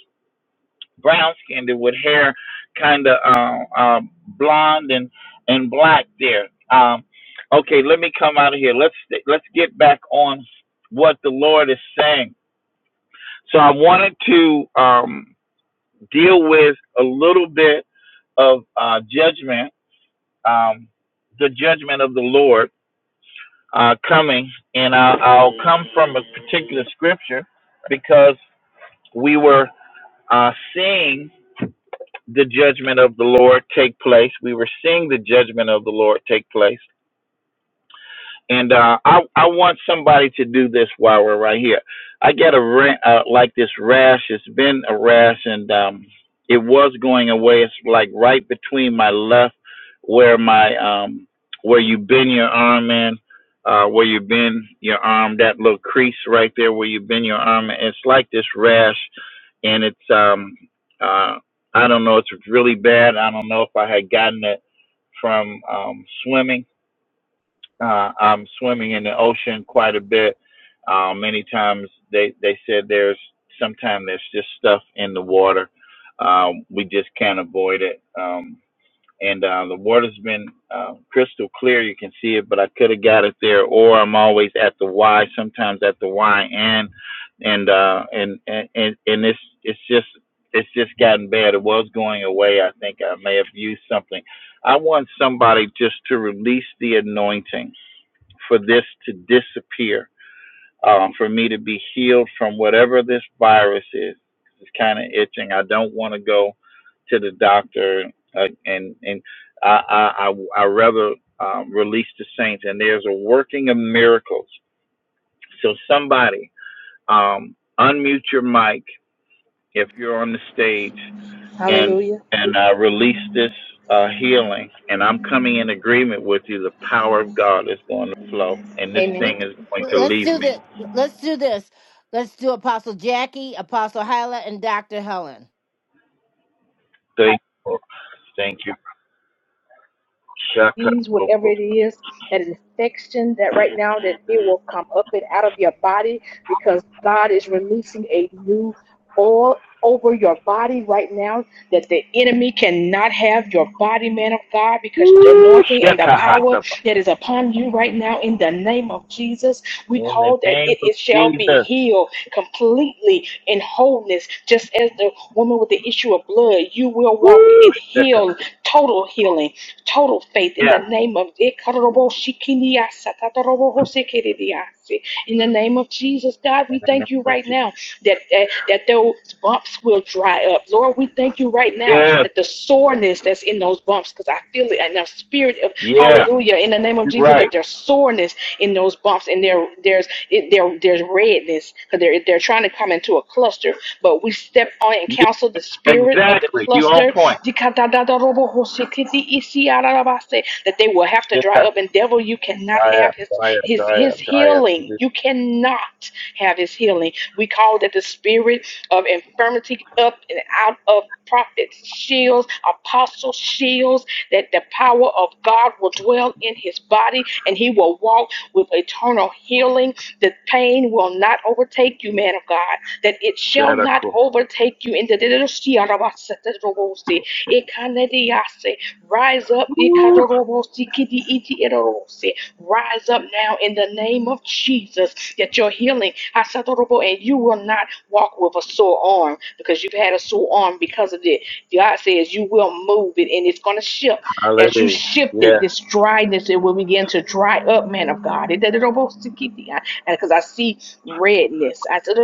brown skinned with hair kind of uh, uh, blonde and, and black there. Um, okay, let me come out of here. Let's let's get back on what the Lord is saying. So I wanted to. Um, deal with a little bit of uh, judgment, um, the judgment of the Lord uh, coming, and I'll, I'll come from a particular scripture because we were uh, seeing the judgment of the Lord take place. We were seeing the judgment of the Lord take place And uh, I I want somebody to do this while we're right here. I got a ra- uh, like this rash. It's been a rash, and um, it was going away. It's like right between my left, where my um, where you bend your arm in, uh, where you bend your arm. That little crease right there, where you bend your arm. In. It's like this rash, and it's um, uh, I don't know. It's really bad. I don't know if I had gotten it from um, swimming uh, I'm swimming in the ocean quite a bit. Uh, many times they, they said there's sometimes there's just stuff in the water. Um, we just can't avoid it. Um, and uh, the water's been uh, crystal clear. You can see it, but I could have got it there. Or I'm always at the Y, sometimes at the Y and and uh, and and and and it's it's just it's just gotten bad. It was going away. I think I may have used something. I want somebody just to release the anointing for this to disappear, um, for me to be healed from whatever this virus is. It's kind of itching. I don't want to go to the doctor, uh, and and I I, I, rather um, release the saints. And there's a working of miracles. So somebody um, unmute your mic if you're on the stage and
Hallelujah.
and I release this uh, healing. And I'm coming in agreement with you. The power of God is going to flow, and this
Amen.
thing
Let's
is going to
let's
leave
do
me.
this. Let's do this. Let's do Apostle Jackie, Apostle Hyla, and Dr. Helen.
Thank you. Thank you. Shaka-
disease, whatever
boko.
it is, that infection, that right now that it will come up and out of your body because God is releasing a new oil over your body right now that the enemy cannot have your body, man of God, because the
Woo,
anointing and the
shaka
power
hata.
that is upon you right now in the name of Jesus, we
In the
call that
name
it,
of
it shall be
Jesus.
healed completely in wholeness, just as the woman with the issue of blood, you will walk
Woo,
in
shaka.
heal, total healing Total faith in
Yeah.
the name of in the name of Jesus, God,
In
we
the name
thank you
of
right
Jesus.
now that, that that those bumps will dry up. Lord, we thank you right now
Yeah.
that the soreness that's in those bumps, because I feel it in the spirit of
Yeah.
hallelujah, in the name of Jesus,
Right.
that there's soreness in those bumps, and there there's it, there there's redness because they're they're trying to come into a cluster. But we step on and
Yeah.
counsel the spirit of the
Exactly. You on
cluster
point.
that they will have to dry
Shaka.
up. And devil, you cannot
Dry
have
up.
his
Dry up.
his his healing.
Just
You cannot have his healing. We call that the spirit of infirmity up and out of prophets' shields, apostles' shields, that the power of God will dwell in his body and he will walk with eternal healing, that pain will not overtake you, man of God, that it shall
shaka.
not overtake you in the Rise up,
Woo.
Rise up, Rise up now in the name of Jesus. Get your healing. Hasatorobo, And you will not walk with a sore arm because you've had a sore arm because of it. God says you will move it and it's going to shift. As you
Hallelujah.
shift
Yeah.
it, this dryness, it will begin to dry up, man of God. It Because I see redness. I said,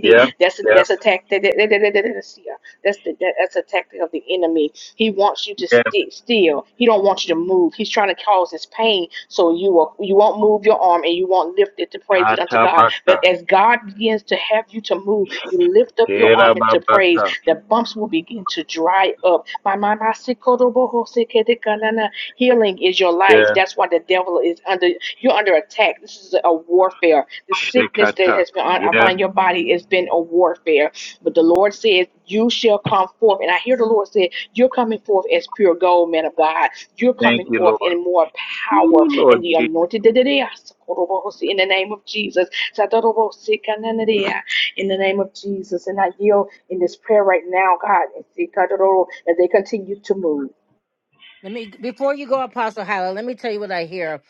Yep,
That's
yep,
that's a tactic. That's the that's a tactic of the enemy he wants you to
yep.
sti still. He don't want you to move. He's trying to cause this pain so you will you won't move your arm and you won't lift it to praise it unto
Kata
God.
Bakta.
But as God begins to have you to move, you lift up your
Kera
arm into praise.
Babakta.
The bumps will begin to dry up. healing is your life.
Yeah.
That's why the devil is under you're under attack. This is a warfare. The sickness that
Shikata.
has been on,
Yeah.
upon your body has been a warfare. But the Lord says you shall come forth. And I hear the Lord say, You're coming forth as pure gold, man of God. You're
Thank
coming
you,
forth
Lord.
in more power
Ooh,
in
Lord
the
Jesus.
anointed. In the name of Jesus. In the name of Jesus. And I yield in this prayer right now, God, as they continue to move.
Let me before you go, Apostle Hyla, let me tell you what I hear.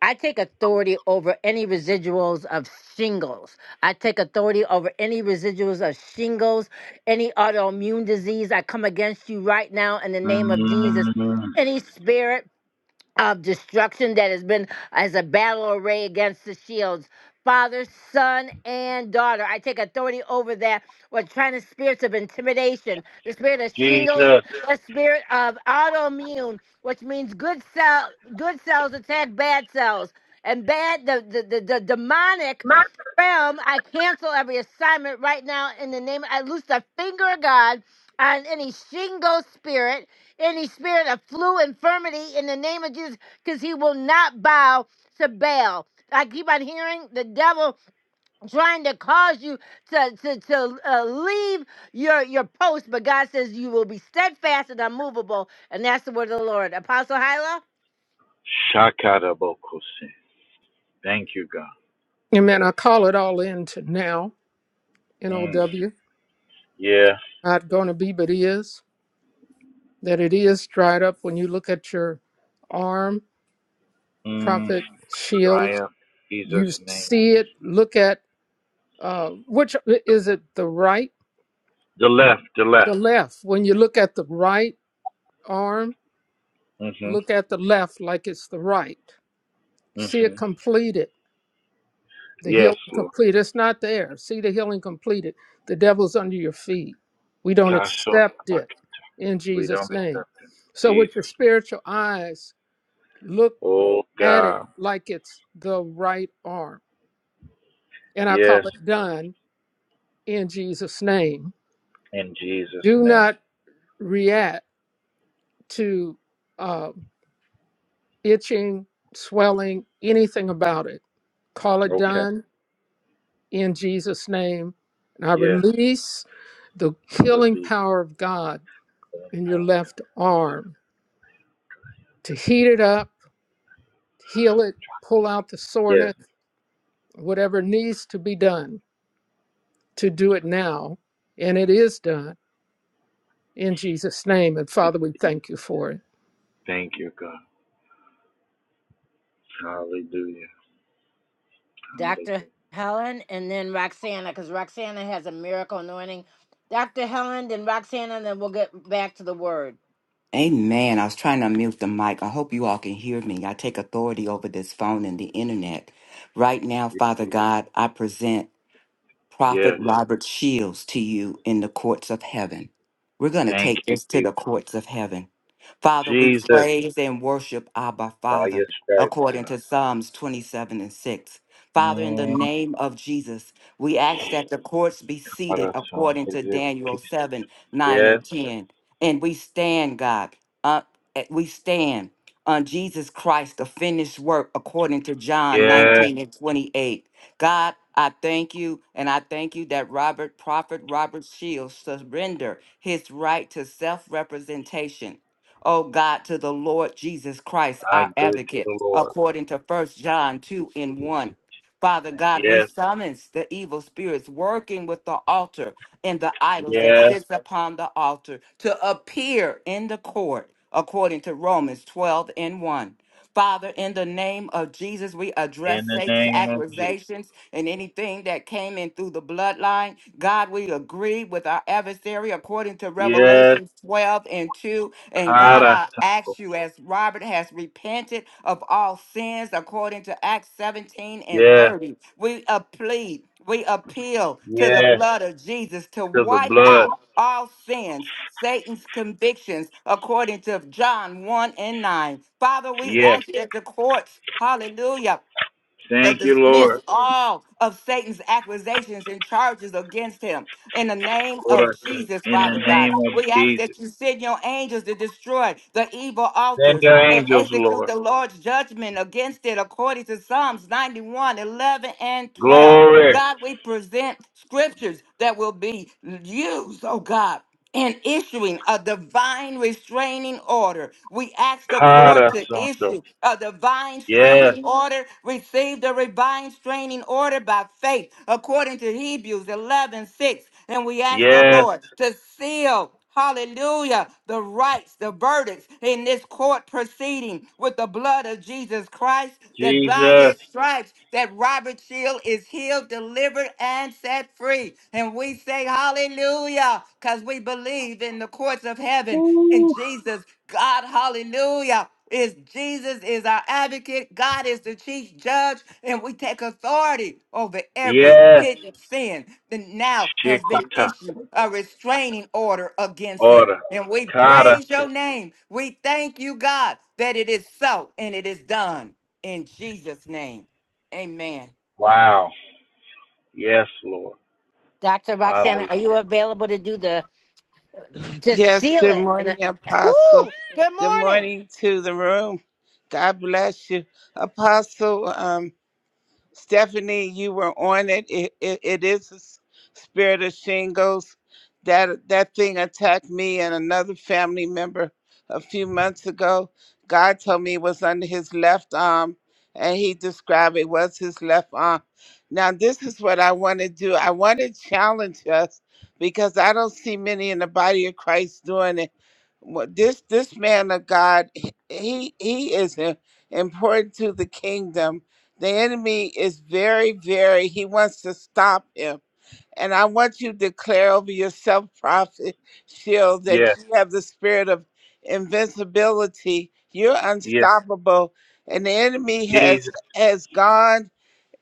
I take authority over any residuals of shingles. I take authority over any residuals of shingles, any autoimmune disease. I come against you right now in the name
Mm,
of Jesus. Any spirit of destruction that has been as a battle array against the shields. Father, son, and daughter. I take authority over that. What trying to spirits of intimidation, the spirit of shingles,
Jesus.
the spirit of autoimmune, which means good cell, good cells attack bad cells, and bad the the, the, the demonic realm. I cancel every assignment right now in the name. I loose the finger of God on any shingle spirit any spirit of flu infirmity in the name of Jesus because he will not bow to Baal. I keep on hearing the devil trying to cause you to, to, to uh, leave your, your post, but God says you will be steadfast and unmovable. And that's the word of the Lord. Apostle Hyla,
Shakata Bokose. Thank you, God.
And man, I call it all in to now, N O
Mm,
W,
yeah.
not going to be, but is, that it is dried up when you look at your arm,
Mm,
prophet, shield.
dry up. Jesus'
You
name.
see it, look at, uh, which is it, the right,
The left, the left.
the left? When you look at the right arm,
Mm-hmm.
look at the left like it's the right. See
Mm-hmm.
it completed. The
Yes,
healing
Lord.
complete. It's not there. See the healing completed. The devil's under your feet. We don't
Kasho
accept
Tabak.
it in
We don't
Jesus' name.
accept it.
So, with
Jesus.
your spiritual eyes, look
Oh
at it
God.
like it's the right arm. And I call
Yes.
it done in Jesus' name.
In Jesus'
Do
name.
not react to uh, itching, swelling, anything about it. Call it
Okay.
done in Jesus' name. And I
Yeah.
release the
I
healing
repeat
power of God
that.
in your
Hallelujah.
left arm to heat it up, heal it, pull out the
Yes.
soreness, whatever needs to be done to do it now. And it is done in Jesus' name. And Father, we thank you for it.
Thank you, God. Hallelujah.
Dr.
Hallelujah.
Helen, and then Roxana, because Roxana has a miracle anointing. Dr. Helen, then Roxana, and then we'll get back to the word.
Amen. I was trying to unmute the mic. I hope you all can hear me. I take authority over this phone and the internet. Right now, Father God, I present Prophet
Yes.
Robert Shields to you in the courts of heaven. We're going to
Thank
take
you,
this to
Jesus.
the courts of heaven. Father, we
Jesus,
praise and worship Abba
By
Father
your stripes,
according
God.
to Psalms 27 and 6. Father, in the
Mm,
name of Jesus, we ask that the courts be seated according to Daniel 7, 9,
Yes.
and 10. And we stand, God, uh, eh, we stand on Jesus Christ, the finished work according to John
Yes.
19 and 28. God, I thank you, and I thank you that Robert, Prophet Robert Shields, surrender his right to self representation oh God, to the Lord Jesus Christ,
I
our
give it to
advocate,
the Lord.
according to First John 2 and 1. Father God, we
Yes.
summons the evil spirits working with the altar and the idols that
Yes.
sits upon the altar to appear in the court, according to Romans 12 and 1. Father, in the name of Jesus, we
In
address
the
Satan's
name of Jesus.
accusations and anything that came in through the bloodline. God, we agree with our adversary according to
Yes.
Revelations 12 and 2. And God,
Kara.
I ask you, as Robert has repented of all sins according to Acts 17 and
Yes.
30, we plead, we appeal to the
Yes.
blood of Jesus to
To the
wipe
blood.
out all sins Satan's convictions according to John 1 and 9. Father, we
Yes.
ask that the courts, hallelujah, to
Thank you,
dismiss all of Satan's accusations and charges against him. In the name of
Lord,
Jesus,
In the
Father God,
name of
we ask
Jesus.
that you send your angels to destroy the evil
Send
altars
your
and
angels,
execute
Lord.
the Lord's judgment against it according to Psalms 91, 11, and 12.
Glory.
God, we present scriptures that will be used, oh God in issuing a divine restraining order. We ask the court
Kara
to
Santo.
issue a divine
Yes.
restraining order. Receive the divine restraining order by faith, according to Hebrews 11 6, And we ask the
Yes.
Lord to seal hallelujah, the rights, the verdicts in this court proceeding with the blood of Jesus Christ, that by
Jesus.
his stripes, that Robert Shield is healed, delivered, and set free. And we say hallelujah, because we believe in the courts of heaven in
Woo.
Jesus, God, hallelujah is Jesus is our advocate. God is the chief judge, and we take authority over every
Yes.
hidden sin that now has been
Shikata.
issued a restraining order against it.
Order.
And we
Kara.
praise your name. We thank you, God, that it is so and it is done in Jesus' name. Amen.
Wow. Yes, Lord.
Dr. Roxana,
Hallelujah.
are you available to do the Just
Yes,
seal
good
it. And I,
morning, Apostle.
whoo! [laughs] Good
Good
morning.
morning to the room. God bless you. Apostle, um, Stephanie, you were on it. It, it, it is a s- spirit of shingles. That that thing attacked me and another family member a few months ago. God told me it was under his left arm, and he described it was his left arm. Now this is what I want to do. I want to challenge us because I don't see many in the body of Christ doing it. What- This this man of God, he he he is im- important to the kingdom the enemy is very, very, he wants to stop him. And I want you to declare over yourself, Prophet Shield, that
Yes.
you have the spirit of invincibility. You're
Yes.
unstoppable. And the enemy has
Jesus.
has gone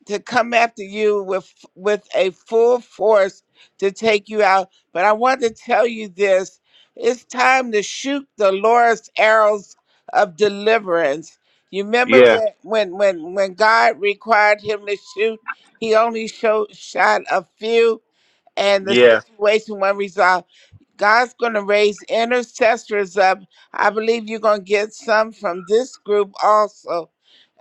to come after you with with a full force to take you out. But I want to tell you this: it's time to shoot the Lord's arrows of deliverance. You remember
Yes.
when when when when God required him to shoot, he only showed, shot a few and the
Yes.
situation won't resolve. God's going to raise intercessors up. I believe you're going to get some from this group also,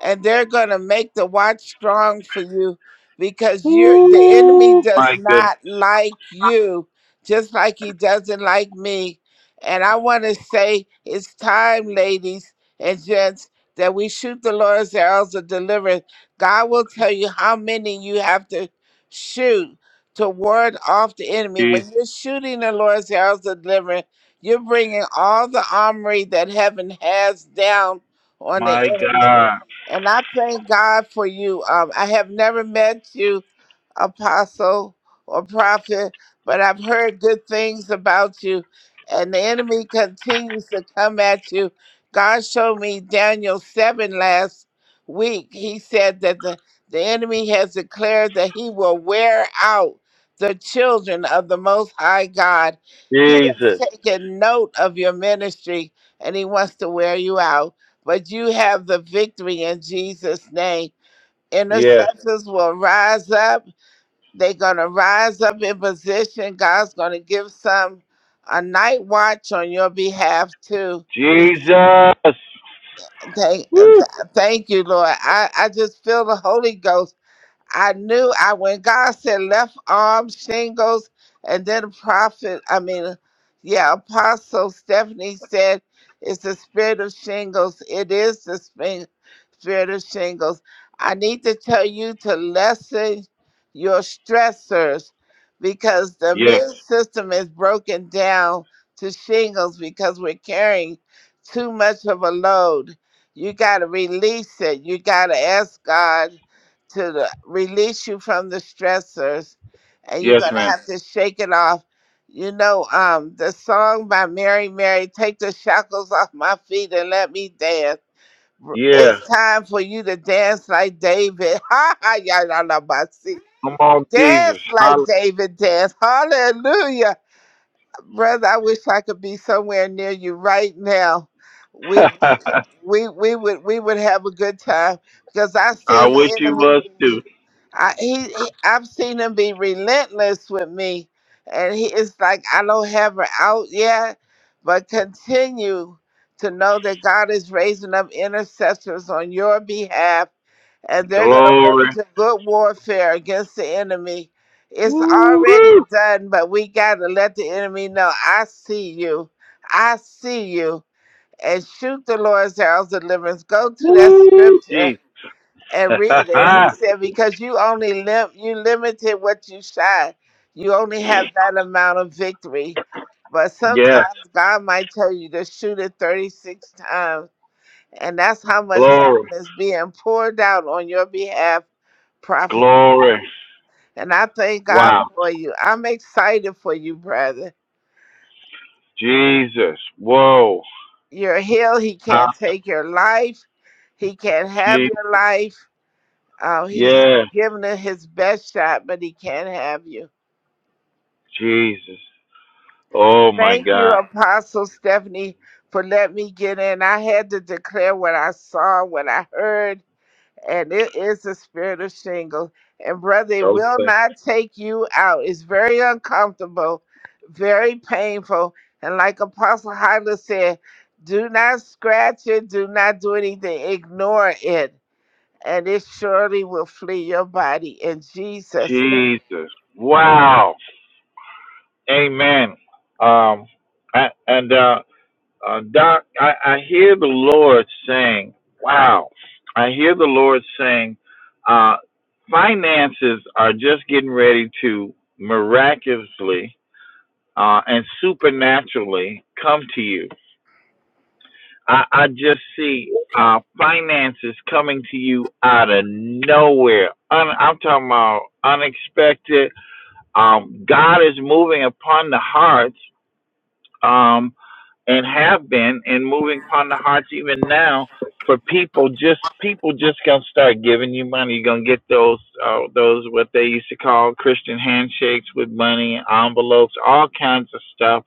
and they're going to make the watch strong for you because you're the enemy
Woo. My
does
goodness.
not like you, just like he doesn't like me. And I want to say it's time, ladies and gents, that we shoot the Lord's arrows of deliverance. God will tell you how many you have to shoot to ward off the enemy.
Jesus.
When you're shooting the Lord's house of deliverance, you're bringing all the armory that heaven has down on the
My
enemy.
God.
And I thank God for you. Um, I have never met you, apostle or prophet, but I've heard good things about you. And the enemy continues to come at you. God showed me Daniel 7 last week. He said that the, the enemy has declared that he will wear out the children of the Most High God. He has
Jesus.
taken note of your ministry and he wants to wear you out. But you have the victory in Jesus' name.
Yes.
Intercessors will rise up they're going to rise up in position. God's going to give some a night watch on your behalf, too.
Jesus.
Thank, th- thank you, Lord. I, I just feel the Holy Ghost. I knew I when God said left arm shingles, and then the prophet, I mean, yeah, Apostle Stephanie said it's the spirit of shingles. It is the spin- spirit of shingles. I need to tell you to lessen your stressors because the
Yes.
immune system is broken down to shingles because we're carrying too much of a load. You got to release it. You got to ask God to the, release you from the stressors and you're
Yes,
going to
man.
have to shake it off. You know, um, the song by Mary Mary, Take the Shackles Off My Feet and Let Me Dance. R-
Yeah.
It's Yeah. time for you to dance like David. [laughs] Ha ha, y'all y'all know my sing-
Come on, Jesus.
Dance like David dance. Hallelujah. Brother, I wish I could be somewhere near you right now. We
Hallelujah. [laughs]
we we would we would have a good time because I've
I
seen
wish
the
it was
enemy.
too.
I he, he I've seen him be relentless with me, and he is like I don't have her out yet, but continue to know that God is raising up intercessors on your behalf, and they're going to
Glory.
wage a good warfare against the enemy. It's
Woo,
already
woo,
done, but we got to let the enemy know I see you, I see you, and shoot the Lord's arrows of deliverance. Go to that
woo,
scripture
Jesus.
and read it. He said, because you only lim- you limited what you shot. You only have that amount of victory. But
[laughs] yes,
sometimes God might tell you to shoot it 36 times. And that's how much heaven
glory,
is being poured out on your behalf, Prophet Phil.
glory.
And I thank God
Wow.
for you. I'm excited for you, brother.
Jesus. Whoa.
You're healed. He
Ah,
can't take your life. He can't have
Jesus.
your life. Uh, he's
Yeah.
given it his best shot, but he can't have you.
Jesus. Oh my
Thank you,
God.
Apostle Stephanie, for letting me get in. I had to declare what I saw, what I heard, and it is the spirit of shingle. And brother, it will
Okay.
not take you out. It's very uncomfortable, very painful. And like Apostle Hyla said, do not scratch it, do not do anything, ignore it, and it surely will flee your body in Jesus'
Jesus. Wow. Amen. Um, a- and, uh, Uh, Doc, I, I hear the Lord saying, wow, I hear the Lord saying, uh, finances are just getting ready to miraculously uh, and supernaturally come to you. I, I just see uh, finances coming to you out of nowhere. Un, I'm talking about unexpected. Um, God is moving upon the hearts. Um, and have been and moving upon the hearts even now for people just people just gonna start giving you money you're gonna get those uh, those what they used to call christian handshakes with money envelopes all kinds of stuff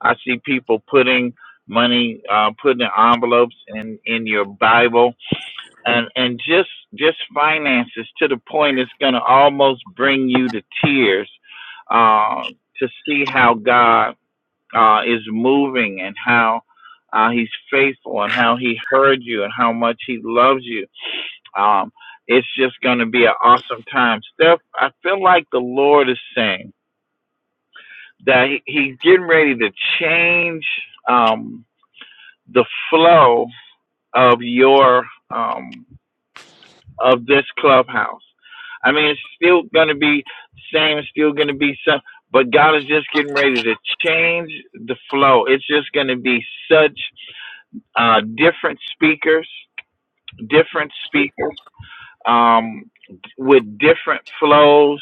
i see people putting money uh putting in envelopes in in your bible and and just just finances to the point it's gonna almost bring you to tears uh to see how god uh, is moving and how uh, he's faithful and how he heard you and how much he loves you. Um, it's just going to be an awesome time. Steph, I feel like the Lord is saying that he, he's getting ready to change um, the flow of your um, of this clubhouse. I mean, it's still going to be same. It's still going to be some, but God is just getting ready to change the flow. It's just going to be such uh, different speakers, different speakers um, with different flows.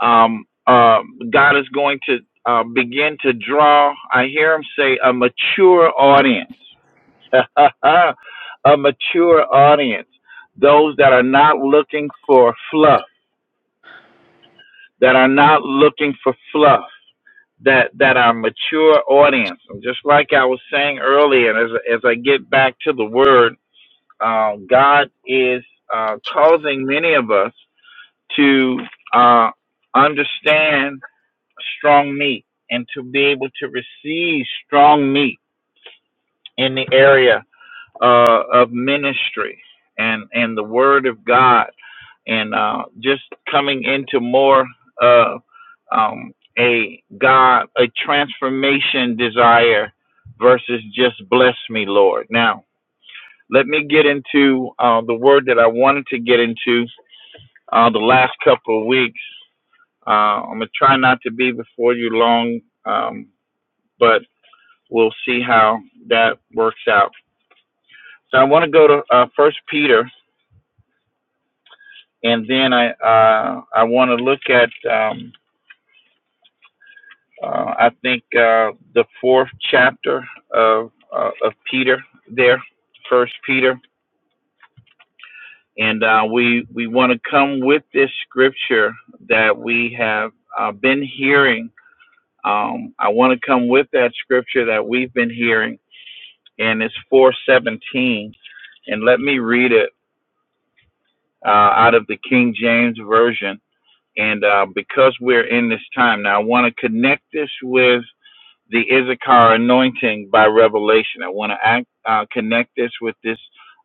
Um, uh, God is going to uh, begin to draw, I hear him say, a mature audience, [laughs] a mature audience, those that are not looking for fluff, that are not looking for fluff. That, that are mature audience. And just like I was saying earlier, as, as I get back to the word, Um, God is uh, causing many of us to uh, understand strong meat and to be able to receive strong meat in the area uh, of ministry and, and the Word of God and uh, just coming into more of uh, um, a God, a transformation desire versus just bless me, Lord. Now, Let me get into uh, the word that I wanted to get into uh, the last couple of weeks. Uh, I'm going to try not to be before you long, um, but we'll see how that works out. So I want to go to uh, First Peter, and then I uh, I want to look at um, uh, I think uh, the fourth chapter of uh, of Peter there, First Peter And uh, we we want to come with this scripture that we have uh, been hearing. Um, I want to come with that scripture that we've been hearing, and it's 417. And let me read it uh, out of the King James version. And uh, because we're in this time now, I want to connect this with the Issachar anointing by revelation. I want to act, uh, connect this with this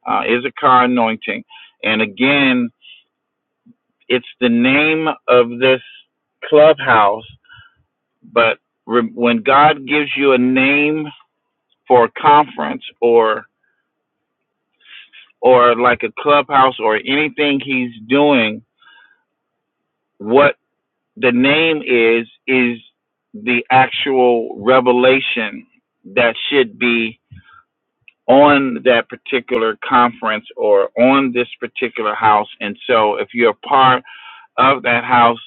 uh, Issachar anointing. And again, It's the name of this clubhouse, but re- when God gives you a name for a conference or or like a clubhouse or anything he's doing, what the name is is the actual revelation that should be on that particular conference or on this particular house. And so if you're a part of that house,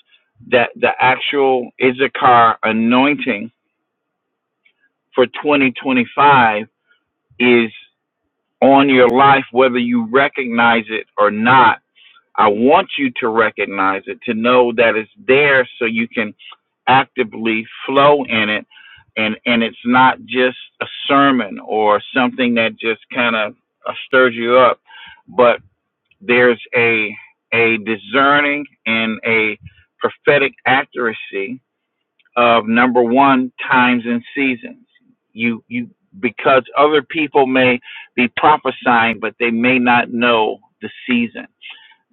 that the actual Issachar anointing for 2025 is on your life, whether you recognize it or not. I want you to recognize it, to know that it's there so you can actively flow in it. And, and it's not just a sermon or something that just kind of uh, stirs you up, but there's a, a discerning and a prophetic accuracy of number one times and seasons you you because other people may be prophesying but they may not know the season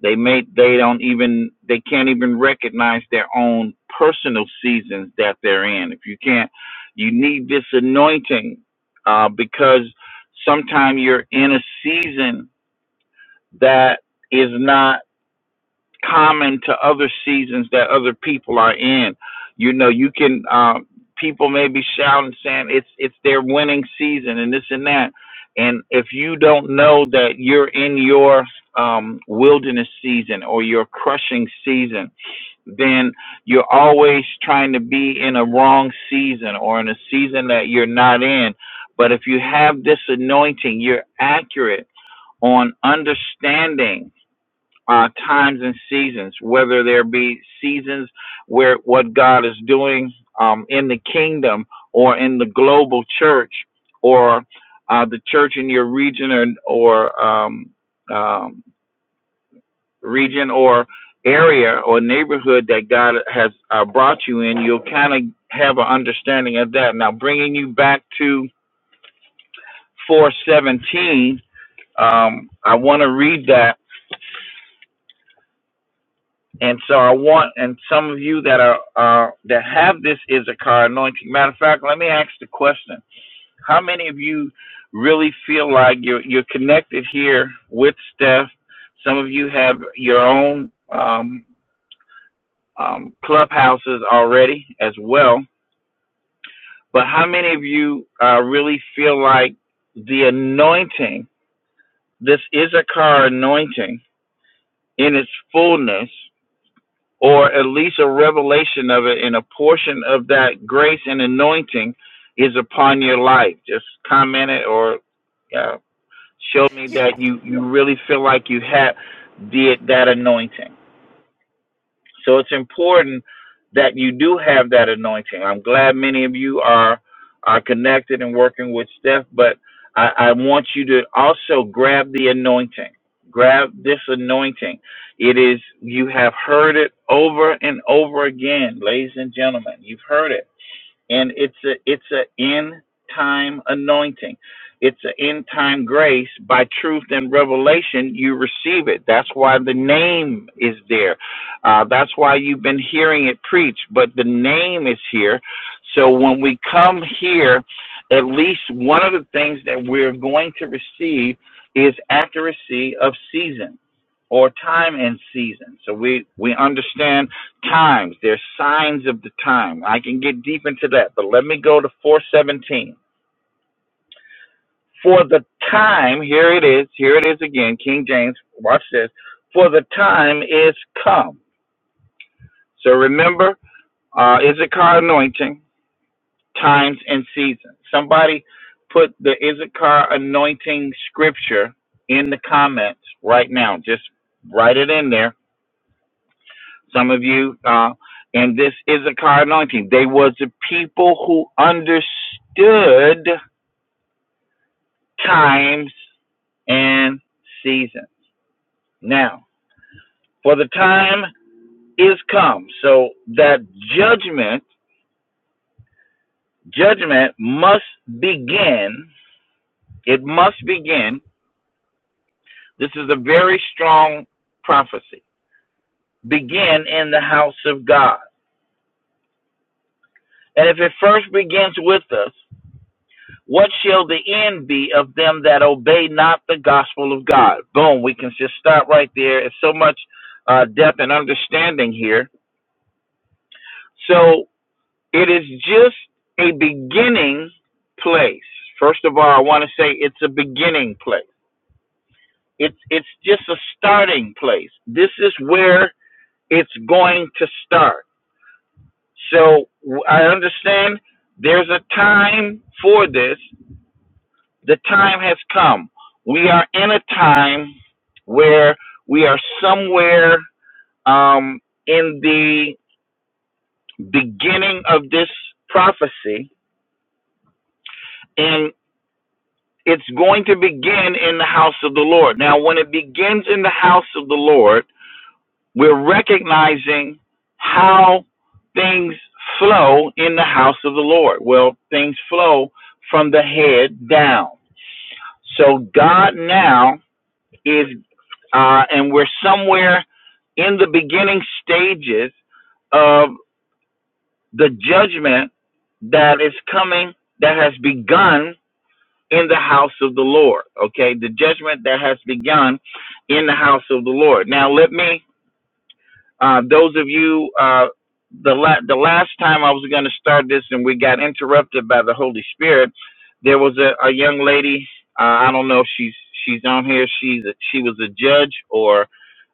they may they don't even they can't even recognize their own personal seasons that they're in if you can't you need this anointing uh, because sometimes you're in a season that is not common to other seasons that other people are in. You know, you can um, people may be shouting saying it's it's their winning season and this and that. And if you don't know that you're in your um, wilderness season or your crushing season, then you're always trying to be in a wrong season or in a season that you're not in. But if you have this anointing, you're accurate on understanding uh, times and seasons, whether there be seasons where what God is doing um, in the kingdom or in the global church or uh, the church in your region or, or um, um, region or area or neighborhood that God has uh, brought you in, you'll kind of have an understanding of that. Now, bringing you back to 417, um, I want to read that And so I want, and some of you that are, are that have this Issachar anointing. Matter of fact, let me ask the question: How many of you really feel like you're you're connected here with Steph? Some of you have your own um, um, clubhouses already as well. But how many of you uh, really feel like the anointing, this Issachar anointing in its fullness, or at least a revelation of it, and a portion of that grace and anointing is upon your life. Just comment it or uh, show me that you, you really feel like you have did that anointing. So it's important that you do have that anointing. I'm glad many of you are are connected and working with Steph, but I, I want you to also grab the anointing. Grab this anointing. It is you have heard it over and over again, ladies and gentlemen. You've heard it and it's a it's a end time anointing it's an end time grace by truth and revelation you receive it that's why the name is there uh, that's why you've been hearing it preached but the name is here so when we come here at least one of the things that we're going to receive is accuracy of season or time and season so we we understand Times. they're signs of the time. I can get deep into that, but let me go to 417. For the time, here it is, here it is again, King James, watch this. For the time is come. So remember, uh, Issachar anointing, times and seasons. Somebody put the Issachar anointing scripture in the comments right now. Just write it in there some of you, uh, and this is Issachar anointing. They was the people who understood times and seasons. Now, for the time is come, so that judgment, judgment must begin. It must begin. This is a very strong prophecy. Begin in the house of God. And if it first begins with us, What shall the end be of them that obey not the gospel of God? Boom. We can just stop right there. It's so much uh, depth and understanding here. So it is just a beginning place. First of all, I want to say it's a beginning place. It's it's just a starting place. This is where it's going to start. So I understand there's a time for this The time has come. We are in a time where we are somewhere um, in the beginning of this prophecy, and it's going to begin in the house of the Lord. Now, when it begins in the house of the Lord, we're recognizing how things flow in the house of the Lord. Well, things flow from the head down. So, God now is, uh, and we're somewhere in the beginning stages of the judgment that is coming, that has begun in the house of the Lord. Okay, the judgment that has begun in the house of the Lord. Now, let me, uh, those of you, uh, the la- the last time I was going to start this and we got interrupted by the Holy Spirit, there was a, a young lady. Uh, I don't know if she's she's on here. She's a, she was a judge or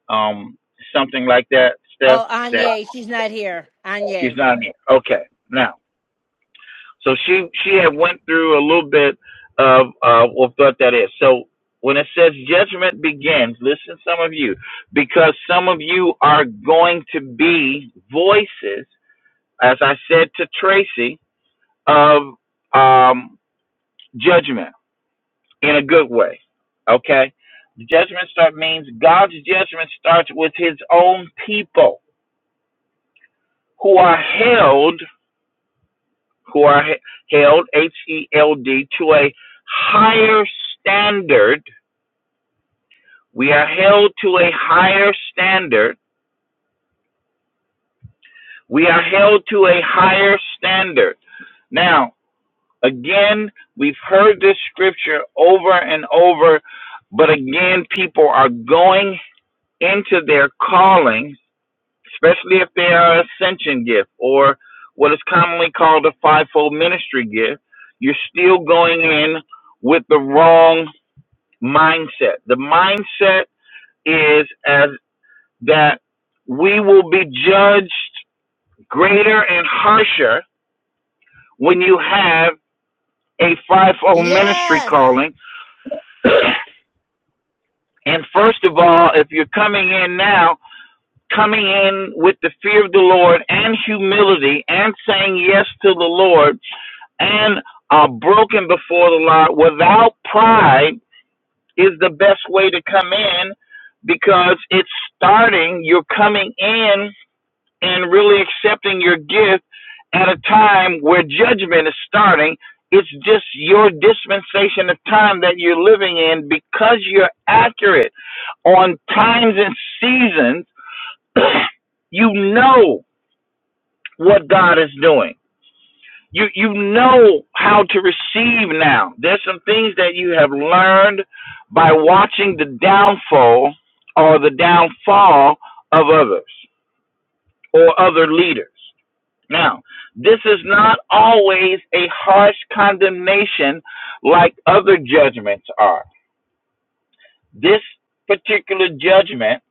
um, something like that. Steph
Oh,
that
Anye, she's not here.
She's
Anye.
not here. Okay. Now, so she she had went through a little bit of uh, what that is. So when it says judgment begins, listen, some of you, because some of you are going to be voices, as I said to Tracy, of um, judgment in a good way. Okay, judgment start means God's judgment starts with His own people who are held who are held, H E L D, to a higher standard. We are held to a higher standard. We are held to a higher standard. Now, again, we've heard this scripture over and over, but again, people are going into their calling, especially if they are an ascension gift or what is commonly called a fivefold ministry gift. You're still going in with the wrong mindset. The mindset is as that we will be judged greater and harsher when you have a fivefold ministry
Yes.
calling. And first of all, if you're coming in now, coming in with the fear of the Lord and humility and saying yes to the Lord and are broken before the Lord without pride is the best way to come in because it's starting. You're coming in and really accepting your gift at a time where judgment is starting. It's just your dispensation of time that you're living in because you're accurate on times and seasons. [clears throat] you know what God is doing. You you know how to receive now. There's some things that you have learned by watching the downfall or the downfall of others or other leaders. Now, this is not always a harsh condemnation like other judgments are. This particular judgment,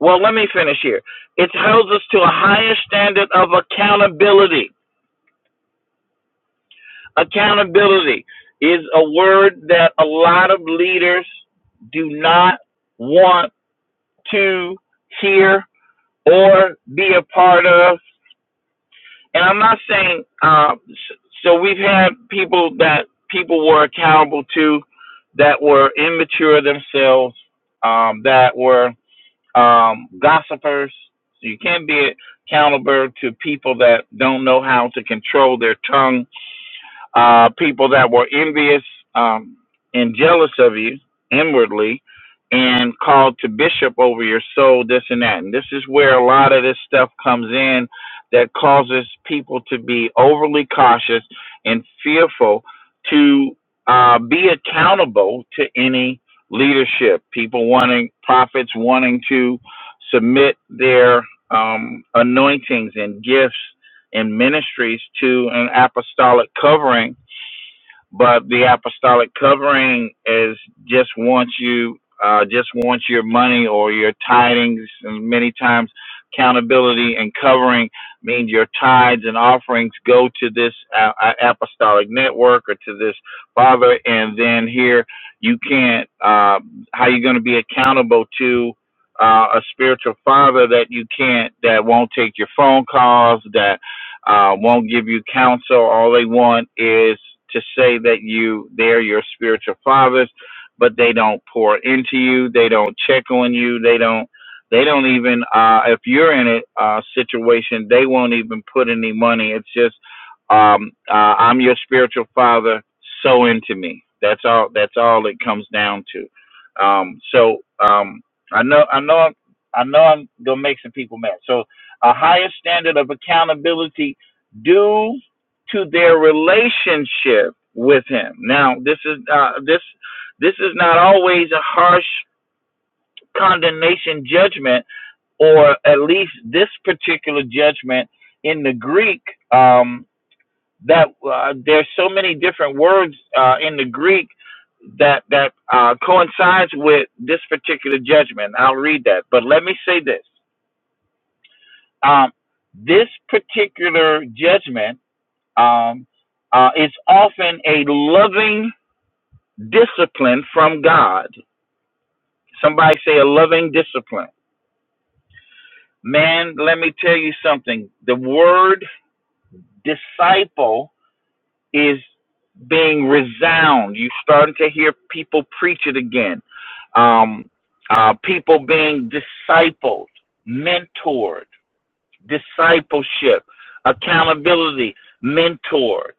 well, let me finish here. It holds us to a higher standard of accountability. Accountability is a word that a lot of leaders do not want to hear or be a part of and I'm not saying uh, so we've had people that people were accountable to that were immature themselves, um, that were um, gossipers. So you can't be accountable to people that don't know how to control their tongue uh, people that were envious um, and jealous of you inwardly and called to bishop over your soul, this and that. And this is where a lot of this stuff comes in that causes people to be overly cautious and fearful to uh, be accountable to any leadership. People wanting, prophets wanting to submit their um, anointings and gifts and ministries to an apostolic covering but the apostolic covering is just wants you uh, just wants your money or your tidings and many times accountability and covering means your tithes and offerings go to this uh, uh, apostolic network or to this father and then here you can't uh, how you going to be accountable to uh, a spiritual father that you can't that won't take your phone calls that? uh, won't give you counsel. All they want is to say that you they're your spiritual fathers, but they don't pour into you. They don't check on you. They don't. They don't even uh, if you're in a uh, situation, they won't even put any money. It's just um, uh, I'm your spiritual father. So into me. That's all. That's all it comes down to. Um, so um, I know. I know. I'm, I know I'm gonna make some people mad. So a higher standard of accountability due to their relationship with him. Now, this is uh, this this is not always a harsh condemnation judgment, or at least this particular judgment in the Greek. Um, that uh, there's so many different words uh, in the Greek that that uh, coincides with this particular judgment. I'll read that, but let me say this: um, this particular judgment Um, uh, it's often a loving discipline from God. Somebody say a loving discipline. Man, let me tell you something. The word disciple is being resound. You're starting to hear people preach it again. Um, uh, people being discipled, mentored, discipleship, accountability, mentored.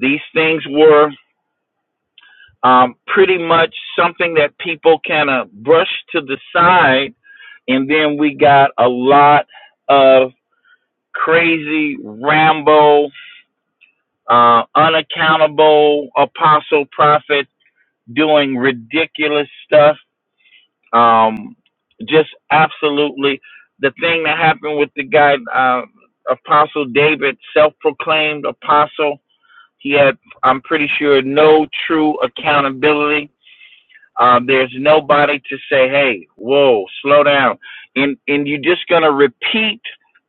These things were um, pretty much something that people kind of brush to the side. And then we got a lot of crazy, Rambo, uh, unaccountable apostle prophet doing ridiculous stuff. Um, just absolutely the thing that happened with the guy, uh, Apostle David, self proclaimed apostle. He had, I'm pretty sure, no true accountability Um, there's nobody to say, "Hey, whoa, slow down," and and you're just gonna repeat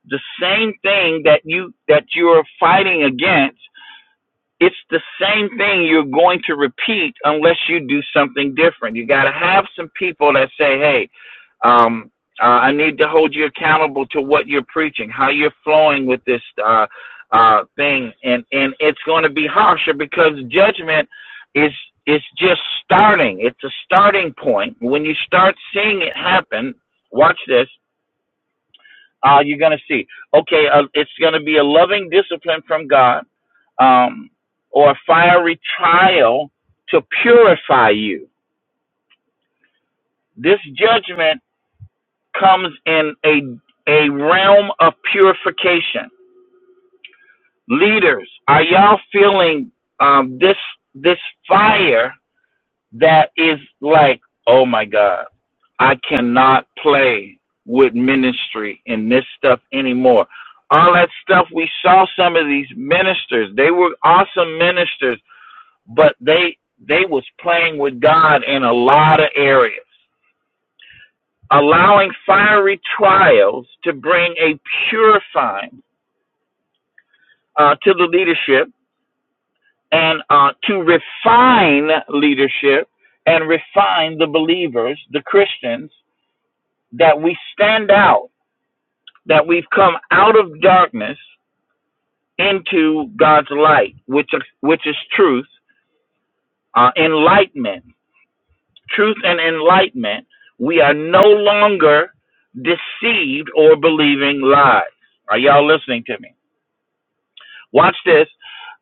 the same thing that you that you're fighting against. It's the same thing you're going to repeat unless you do something different. You got to have some people that say, "Hey." Um, uh, I need to hold you accountable to what you're preaching, how you're flowing with this uh, uh, thing, and and it's going to be harsher because judgment is is just starting. It's a starting point. When you start seeing it happen, watch this. Uh, you're going to see. Okay, uh, it's going to be a loving discipline from God, um, or a fiery trial to purify you. This judgment comes in a a realm of purification. Leaders, are y'all feeling um, this this fire that is like, oh my God, I cannot play with ministry and this stuff anymore. All that stuff we saw some of these ministers, they were awesome ministers, but they they was playing with God in a lot of areas. allowing fiery trials to bring a purifying uh, to the leadership and uh, to refine leadership and refine the believers, the Christians, that we stand out, that we've come out of darkness into God's light, which is, which is truth, uh, enlightenment, truth and enlightenment. We are no longer deceived or believing lies. Are y'all listening to me? Watch this.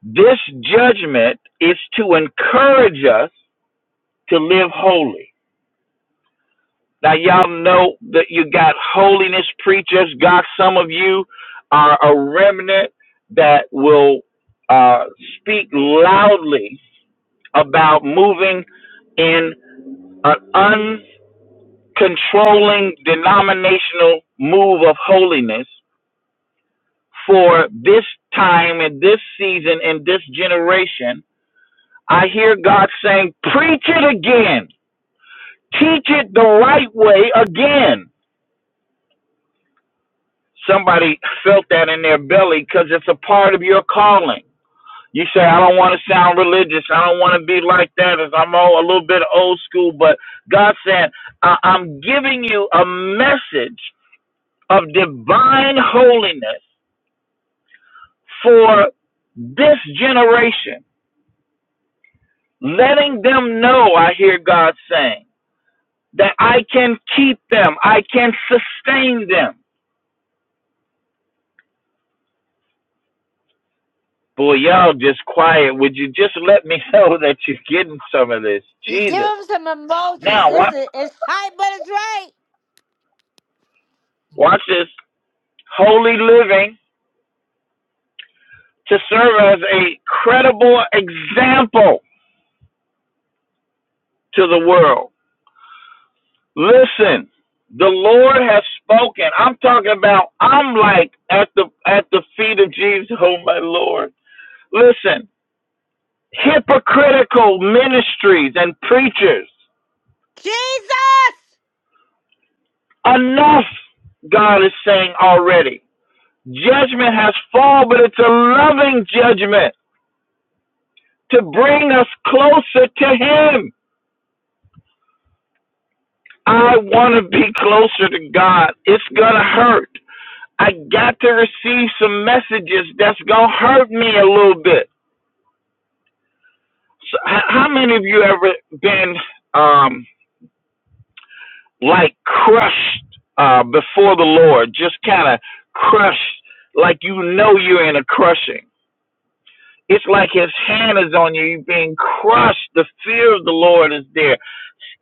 This judgment is to encourage us to live holy. Now, y'all know that you got holiness preachers. God, some of you are a remnant that will uh, speak loudly about moving in an uncontrolling denominational move of holiness for this time and this season and this generation I hear God saying, preach it again. Teach it the right way again. Somebody felt that in their belly because it's a part of your calling. You say, I don't want to sound religious. I don't want to be like that. As I'm all, a little bit old school, but God said, I- I'm giving you a message of divine holiness for this generation, letting them know I hear God saying. that I can keep them, I can sustain them. Boy, y'all just quiet. Would you just let me [laughs] know that you're getting some of this?
You give
Jesus.
them some emojis.
Now
This
watch
is it's tight, but it's right.
watch this. Holy living to serve as a credible example to the world. Listen, the Lord has spoken. I'm talking about I'm like at the at the feet of Jesus, oh my Lord. Listen, hypocritical ministries and preachers.
Jesus!
Enough, God is saying already. Judgment has fallen, but it's a loving judgment to bring us closer to Him. I want to be closer to God. It's going to hurt. I got to receive some messages that's going to hurt me a little bit. So, how many of you ever been um, like crushed uh, before the Lord? Just kind of crushed, like you know you're in a crushing It's like his hand is on you. You're being crushed. The fear of the Lord is there.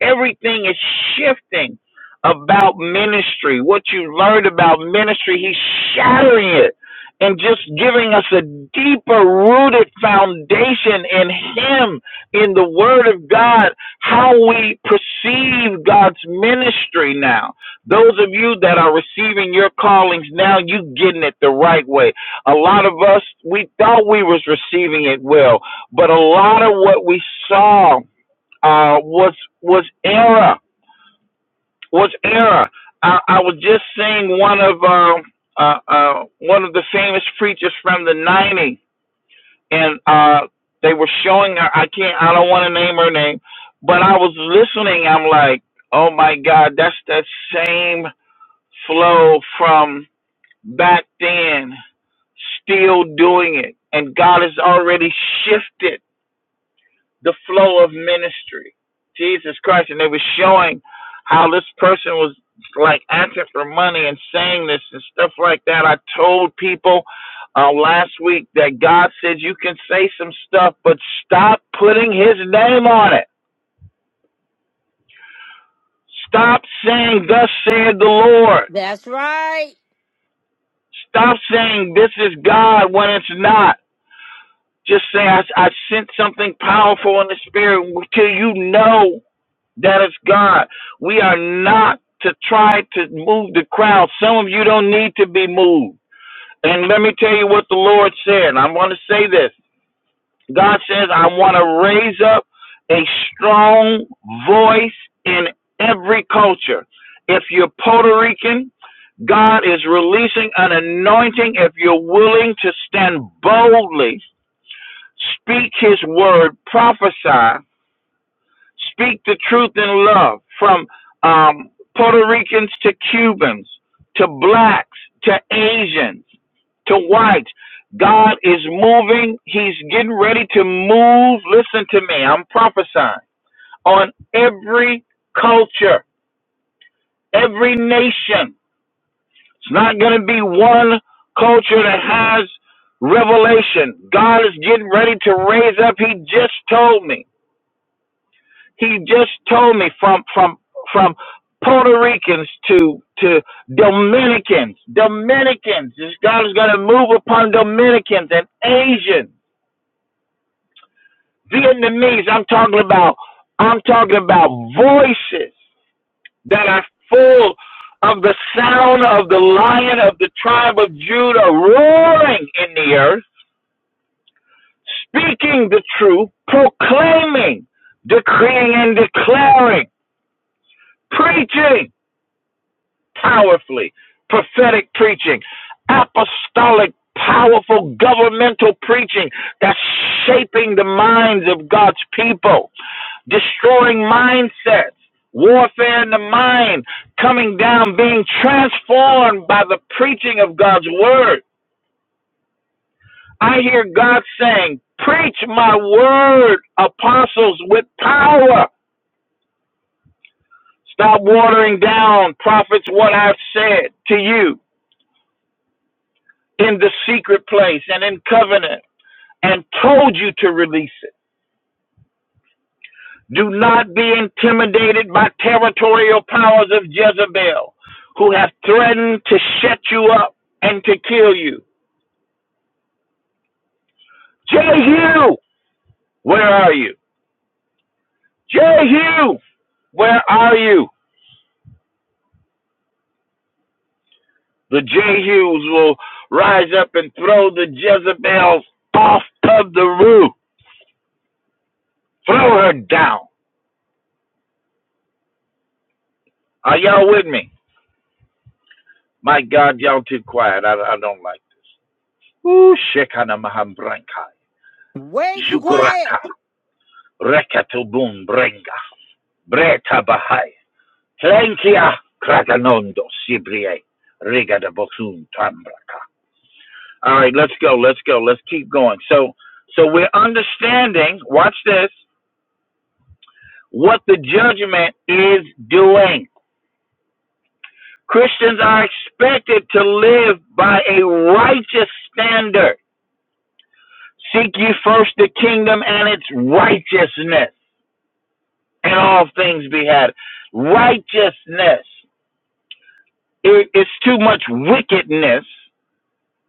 Everything is shifting about ministry. What you learned about ministry, he's shattering it and just giving us a deeper rooted foundation in him, in the word of God, how we perceive God's ministry now. Those of you that are receiving your callings now, you getting it the right way. A lot of us, we thought we was receiving it well, but a lot of what we saw uh, was was error. Was error. I, I was just seeing one of um, uh, uh, one of the famous preachers from the '90s, and uh, they were showing her. I can't. I don't want to name her name, but I was listening. I'm like, oh my God, that's that same flow from back then, still doing it, and God has already shifted the flow of ministry. Jesus Christ. And they were showing how this person was like asking for money and saying this and stuff like that. I told people uh, last week that God said you can say some stuff, but stop putting his name on it. Stop saying, Thus said the Lord.
That's right.
Stop saying, This is God when it's not. Just say, I, I sent something powerful in the spirit till you know That is God. We are not to try to move the crowd. Some of you don't need to be moved. And let me tell you what the Lord said. and I want to say this. God says, I want to raise up a strong voice in every culture. If you're Puerto Rican, God is releasing an anointing if you're willing to stand boldly, speak his word, prophesy, Speak the truth in love from um, Puerto Ricans to Cubans to blacks to Asians to whites. God is moving. He's getting ready to move. Listen to me. I'm prophesying on every culture, every nation. It's not going to be one culture that has revelation. God is getting ready to raise up. He just told me. He just told me from from from Puerto Ricans to to Dominicans. Dominicans. This God is going to move upon Dominicans and Asians, Vietnamese. I'm talking about. I'm talking about voices that are full of the sound of the lion of the tribe of Judah roaring in the earth, speaking the truth, proclaiming, decreeing and declaring, preaching powerfully. Prophetic preaching, apostolic, powerful governmental preaching that's shaping the minds of God's people, destroying mindsets, warfare in the mind, coming down, being transformed by the preaching of God's word. I hear God saying, Preach my word, apostles, with power. Stop watering down, prophets, what I've said to you. in the secret place and in covenant and told you to release it. Do not be intimidated by territorial powers of Jezebel who have threatened to shut you up and to kill you. Jehu, where are you? Jehu, where are you? The Jehus will rise up and throw the Jezebels off of the roof. Throw her down. Are y'all with me? My God, y'all too quiet. I, I don't like this. Shekana Mahambranka,
Way too quiet.
Zugraka, Rekatubum Brenga, Breta Bahai, Tlenkia, Kraganondo, Sibrie, Rigada Bosun Tambraka. All right, let's go, let's go, let's keep going. So, so we're understanding, watch this, what the judgment is doing. Christians are expected to live by a righteous standard. Seek ye first the kingdom and its righteousness and all things be had. Righteousness. It, it's too much wickedness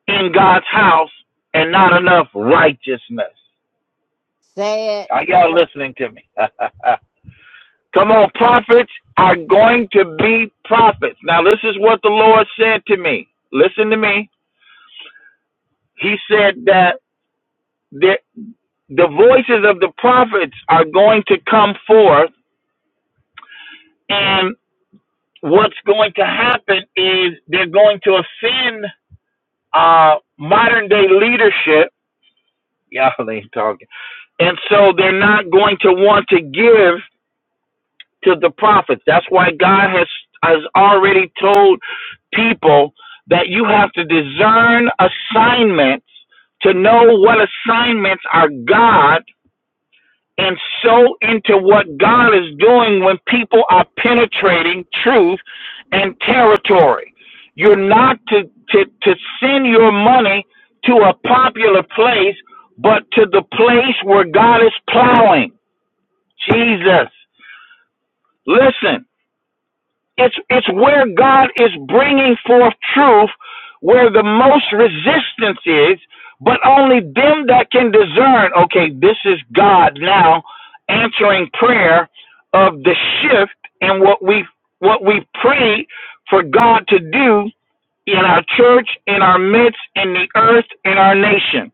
in God's house and not enough righteousness.
Say it.
Are y'all listening to me? [laughs] Come on, prophets are going to be prophets. Now, this is what the Lord said to me. Listen to me. He said that the, the voices of the prophets are going to come forth, and what's going to happen is they're going to offend uh, modern day leadership. Y'all ain't talking. And so they're not going to want to give to the prophets. That's why God has has already told people that you have to discern assignments to know what assignments are God and so into what God is doing when people are penetrating truth and territory. You're not to, to, to send your money to a popular place, but to the place where God is plowing. Jesus. Listen, it's it's where God is bringing forth truth, where the most resistance is, but only them that can discern. Okay, this is God now answering prayer of the shift in what we what we pray for God to do in our church, in our midst, in the earth, in our nation.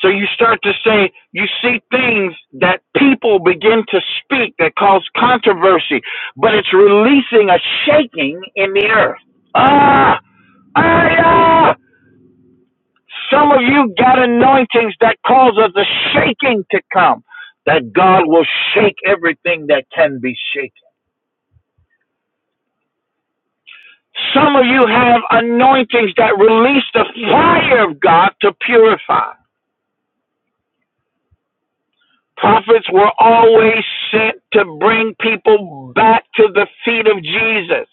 So you start to say, you see things that people begin to speak that cause controversy, but it's releasing a shaking in the earth. Ah, ah, yeah. Some of you got anointings that causes a shaking to come, that God will shake everything that can be shaken. Some of you have anointings that release the fire of God to purify. Prophets were always sent to bring people back to the feet of Jesus,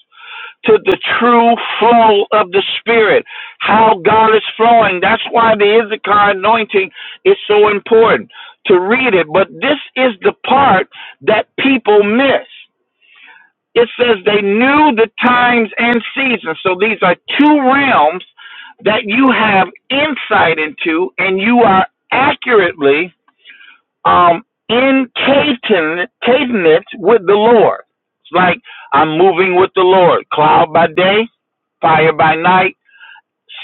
to the true flow of the Spirit, how God is flowing. That's why the Issachar anointing is so important to read it. But this is the part that people miss. It says they knew the times and seasons. So these are two realms that you have insight into, and you are accurately um, in cadence, cadence with the Lord. It's like I'm moving with the Lord. Cloud by day, fire by night,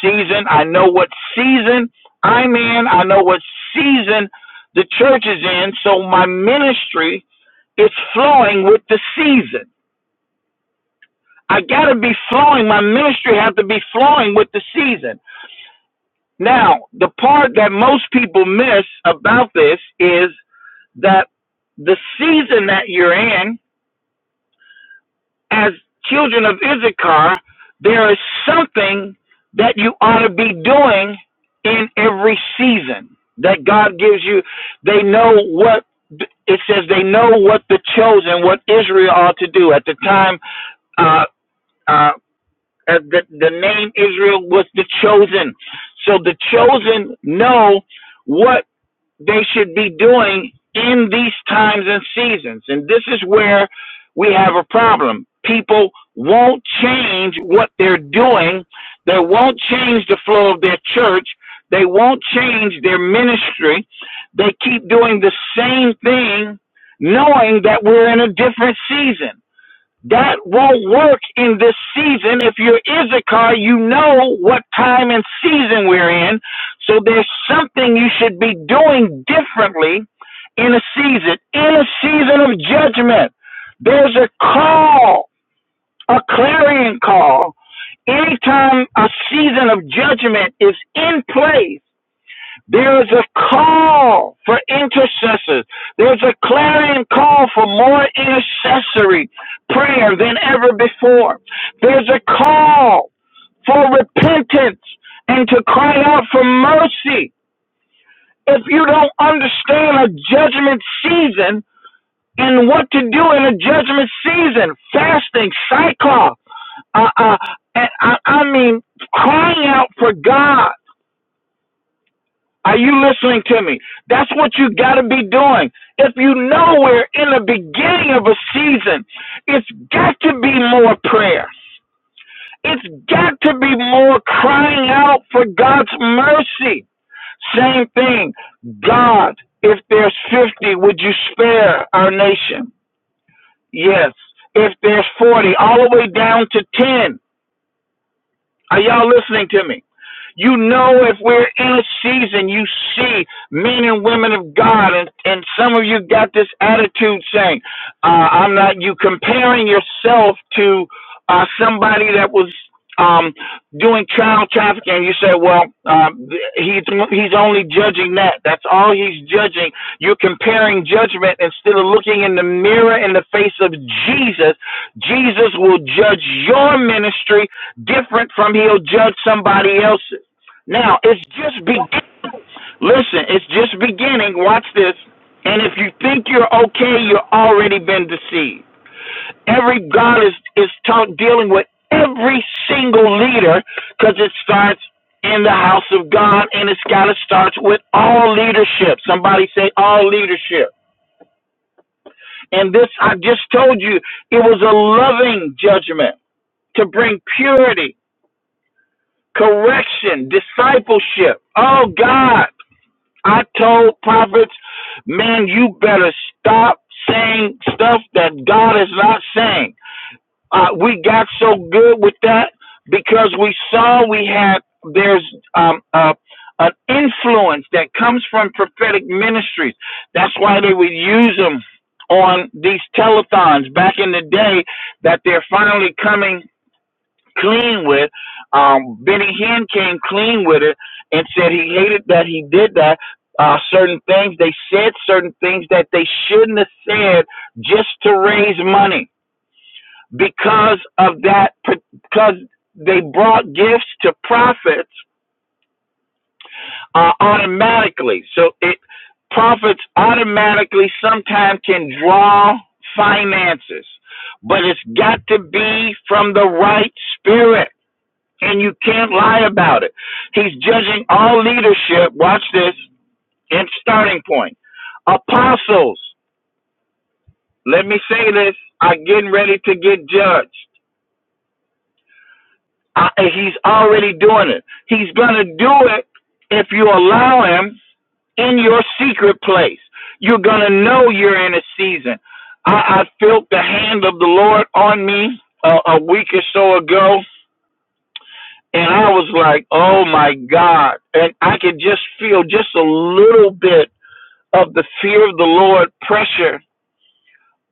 season. I know what season I'm in. I know what season the church is in. So my ministry is flowing with the season. I got to be flowing. My ministry has to be flowing with the season. Now, the part that most people miss about this is that the season that you're in as children of Issachar, there is something that you ought to be doing in every season that God gives you. They know what it says. They know what the chosen, what Israel ought to do at the time. Uh, uh, uh, the, the name Israel was the chosen, so the chosen know what they should be doing in these times and seasons. And this is where we have a problem. People won't change what they're doing, they won't change the flow of their church, they won't change their ministry. They keep doing the same thing, knowing that we're in a different season. That won't work in this season. If you're Issachar, you know what time and season we're in. So there's something you should be doing differently in a season, in a season of judgment. There's a call, a clarion call. Anytime a season of judgment is in place, there is a call for intercessors. There's a clarion call for more intercessory prayer than ever before. There's a call for repentance and to cry out for mercy. If you don't understand a judgment season and what to do in a judgment season, fasting, cycle, uh, uh, and I, I mean, crying out for God Are you listening to me? That's what you got to be doing. If you know we're in the beginning of a season, it's got to be more prayer. It's got to be more crying out for God's mercy. Same thing. God, if there's 50, would you spare our nation? Yes. If there's 40, all the way down to 10. Are y'all listening to me? You know, if we're in a season, you see men and women of God, and, and some of you got this attitude saying, uh, I'm not, you comparing yourself to uh, somebody that was um, doing child trafficking. And you say, well, um, he's, he's only judging that. That's all he's judging. You're comparing judgment instead of looking in the mirror in the face of Jesus. Jesus will judge your ministry different from he'll judge somebody else's. Now it's just be listen, it's just beginning. Watch this. And if you think you're okay, you have already been deceived. Every God is is talk, dealing with every single leader because it starts in the house of God and it's got to start with all leadership. Somebody say all leadership. And this I just told you, it was a loving judgment to bring purity, correction, discipleship. Oh God. I told prophets, man, you better stop saying stuff that God is not saying. Uh, we got so good with that because we saw we had there's um, uh, an influence that comes from prophetic ministries. That's why they would use them on these telethons back in the day. That they're finally coming clean with. Um, Benny Hinn came clean with it and said he hated that he did that. Uh, certain things they said, certain things that they shouldn't have said, just to raise money because of that. Because they brought gifts to prophets uh, automatically, so it prophets automatically sometimes can draw finances, but it's got to be from the right spirit and you can't lie about it. He's judging all leadership. Watch this in starting point. Apostles, let me say this, are getting ready to get judged. I, he's already doing it. He's going to do it if you allow him in your secret place. You're going to know you're in a season. I, I felt the hand of the Lord on me uh, a week or so ago And I was like, oh my God. And I could just feel just a little bit of the fear of the Lord pressure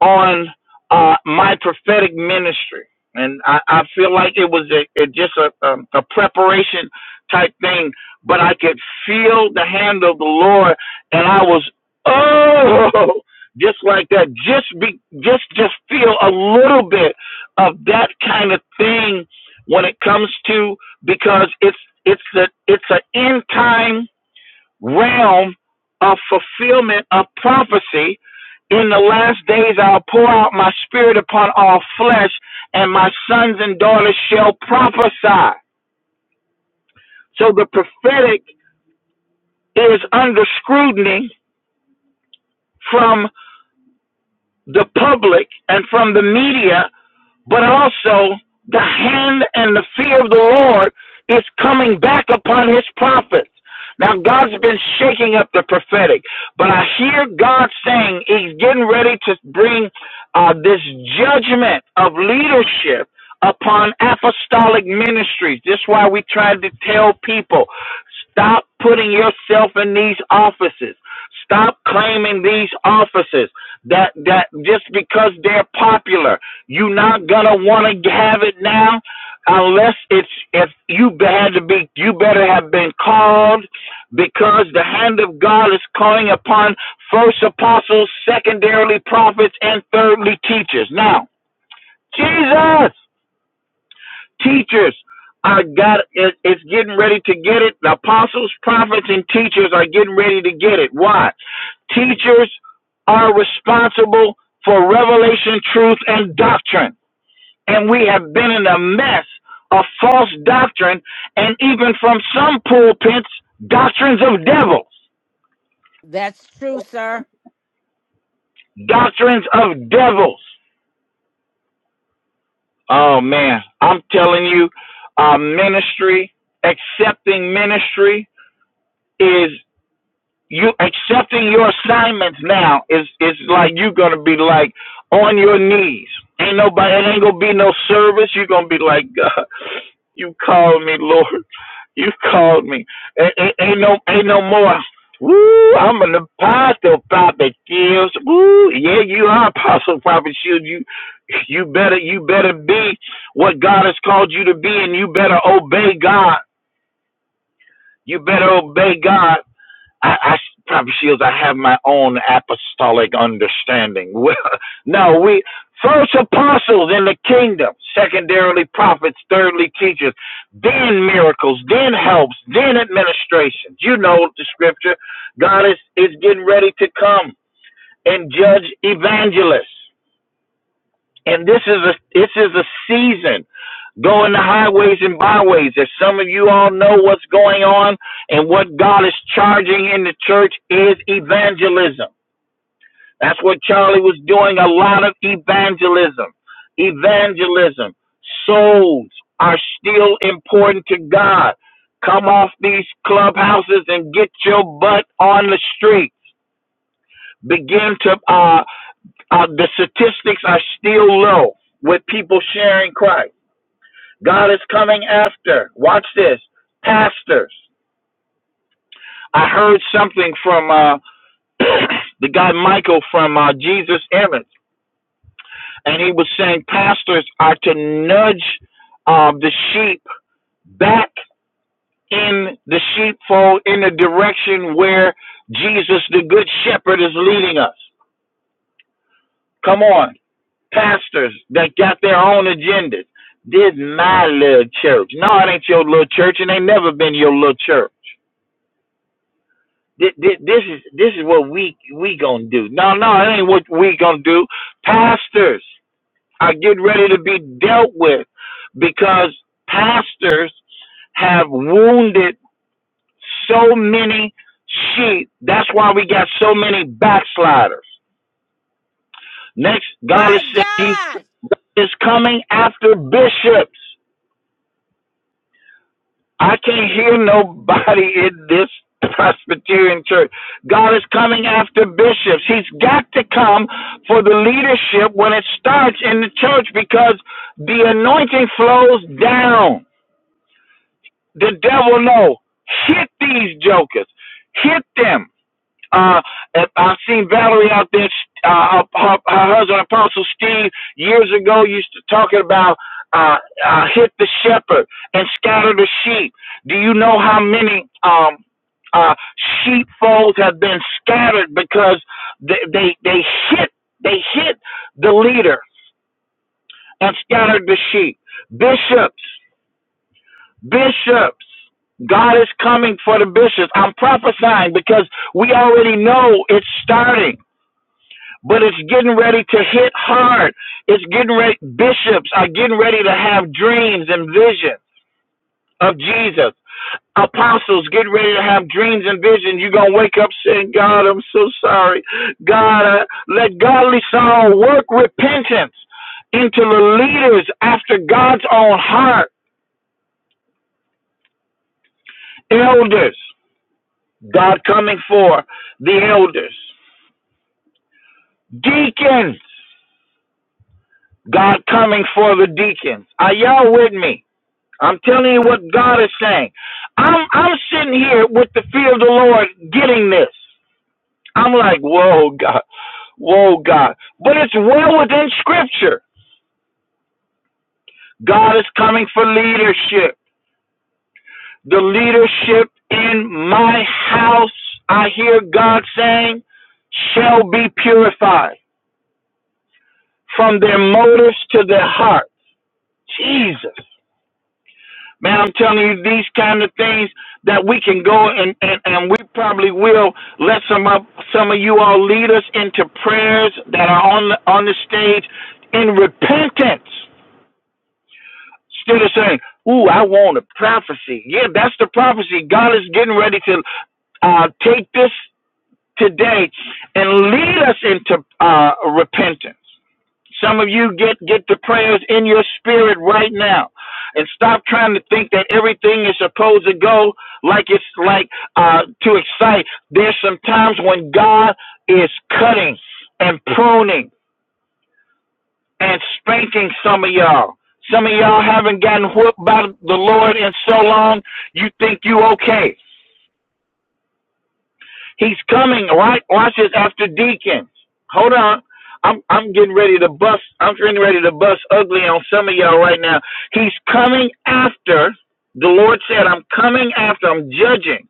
on uh, my prophetic ministry, and I, I feel like it was a, it just a, um, a preparation type thing. But I could feel the hand of the Lord, and I was oh, just like that. Just be, just just feel a little bit of that kind of thing when it comes to because it's it's a it's an end time realm of fulfillment of prophecy in the last days, I'll pour out my spirit upon all flesh, and my sons and daughters shall prophesy. So the prophetic is under scrutiny from the public and from the media but also the hand and the fear of the Lord is coming back upon his prophets. Now, God's been shaking up the prophetic, but I hear God saying he's getting ready to bring uh, this judgment of leadership upon apostolic ministries. This is why we tried to tell people stop putting yourself in these offices. Stop claiming these offices that that just because they're popular you're not gonna want to have it now, unless it's if you be- had to be. You better have been called, because the hand of God is calling upon first apostles, secondarily prophets, and thirdly teachers. Now, Jesus, teachers. I got it. It's getting ready to get it. The apostles, prophets, and teachers are getting ready to get it. Why? Teachers are responsible for revelation, truth, and doctrine and we have been in a mess of false doctrine and even from some pulpits doctrines of devils
That's true, sir.
doctrines of devils oh man i'm telling you uh, ministry accepting ministry is you accepting your assignments now is is like you're gonna be like on your knees ain't nobody it ain't gonna be no service you're gonna be like god you call me lord You called me. Ain't, ain't, ain't no, ain't no more. Woo! I'm an apostle, prophet Shields. Woo! Yeah, you are apostle, prophet Shields. You, you better, you better be what God has called you to be, and you better obey God. You better obey God. I, I probably feels I have my own apostolic understanding. [laughs] Well, no, we first apostles in the kingdom, secondarily prophets, thirdly teachers, then miracles, then helps, then administrations. You know the scripture. God is is getting ready to come and judge evangelists, and this is a this is a season Go in the highways and byways. As some of you all know what's going on and what God is charging in the church is evangelism. That's what Charlie was doing a lot of evangelism. Evangelism. Souls are still important to God. Come off these clubhouses and get your butt on the street. Begin to, uh, uh, the statistics are still low with people sharing Christ. God is coming after. Watch this. Pastors. I heard something from uh, [clears throat] the guy Michael from uh, Jesus Image, and he was saying pastors are to nudge uh, the sheep back in the sheepfold in the direction where Jesus, the Good Shepherd, is leading us. Come on, pastors that got their own agendas. This is my little church. No, it ain't your little church, and ain't never been your little church. Thi- thi- This is this is what we we gonna do. No, no, it ain't what we gonna do. Pastors are getting ready to be dealt with because pastors have wounded so many sheep. That's why we got so many backsliders. Next, God
My
is saying He
God!
is coming after bishops. I can't hear nobody in this Presbyterian church. God is coming after bishops. He's got to come for the leadership when it starts in the church because the anointing flows down. The devil know. Hit these jokers. Hit them. Uh, I've seen Valerie out there. Uh, her, her husband, Apostle Steve, years ago used to talking about uh, uh, hit the shepherd and scatter the sheep. Do you know how many um, uh, sheepfolds have been scattered because they, they they hit they hit the leader and scattered the sheep? Bishops, bishops, God is coming for the bishops. I'm prophesying because we already know it's starting. but it's getting ready to hit hard. It's getting ready. Bishops are getting ready to have dreams and visions of Jesus. Apostles get ready to have dreams and visions. You're going to wake up saying, God, I'm so sorry. God, uh, let godly sorrow work repentance into the leaders after God's own heart. Elders, God coming for the elders. Deacons, God coming for the deacons. Are y'all with me? I'm telling you what God is saying. I'm I'm sitting here with the fear of the Lord getting this. I'm like, whoa, God, whoa, God. But it's well within scripture. God is coming for leadership. The leadership in my house, I hear God saying, shall be purified from their motives to their heart. Jesus. Man, I'm telling you these kind of things that we can go and, and, and we probably will let some of some of you all lead us into prayers that are on the on the stage in repentance. Instead of saying, Ooh, I want a prophecy. Yeah, that's the prophecy. God is getting ready to uh, take this today and lead us into uh, repentance. Some of you get get the prayers in your spirit right now, and stop trying to think that everything is supposed to go like it's like uh, to excite. There's some times when God is cutting and pruning and spanking some of y'all. Some of y'all haven't gotten whooped by the Lord in so long. You think you okay? He's coming. Right, watch this after deacons. Hold on. I'm I'm getting ready to bust. I'm getting ready to bust ugly on some of y'all right now. He's coming after. The Lord said, "I'm coming after. I'm judging."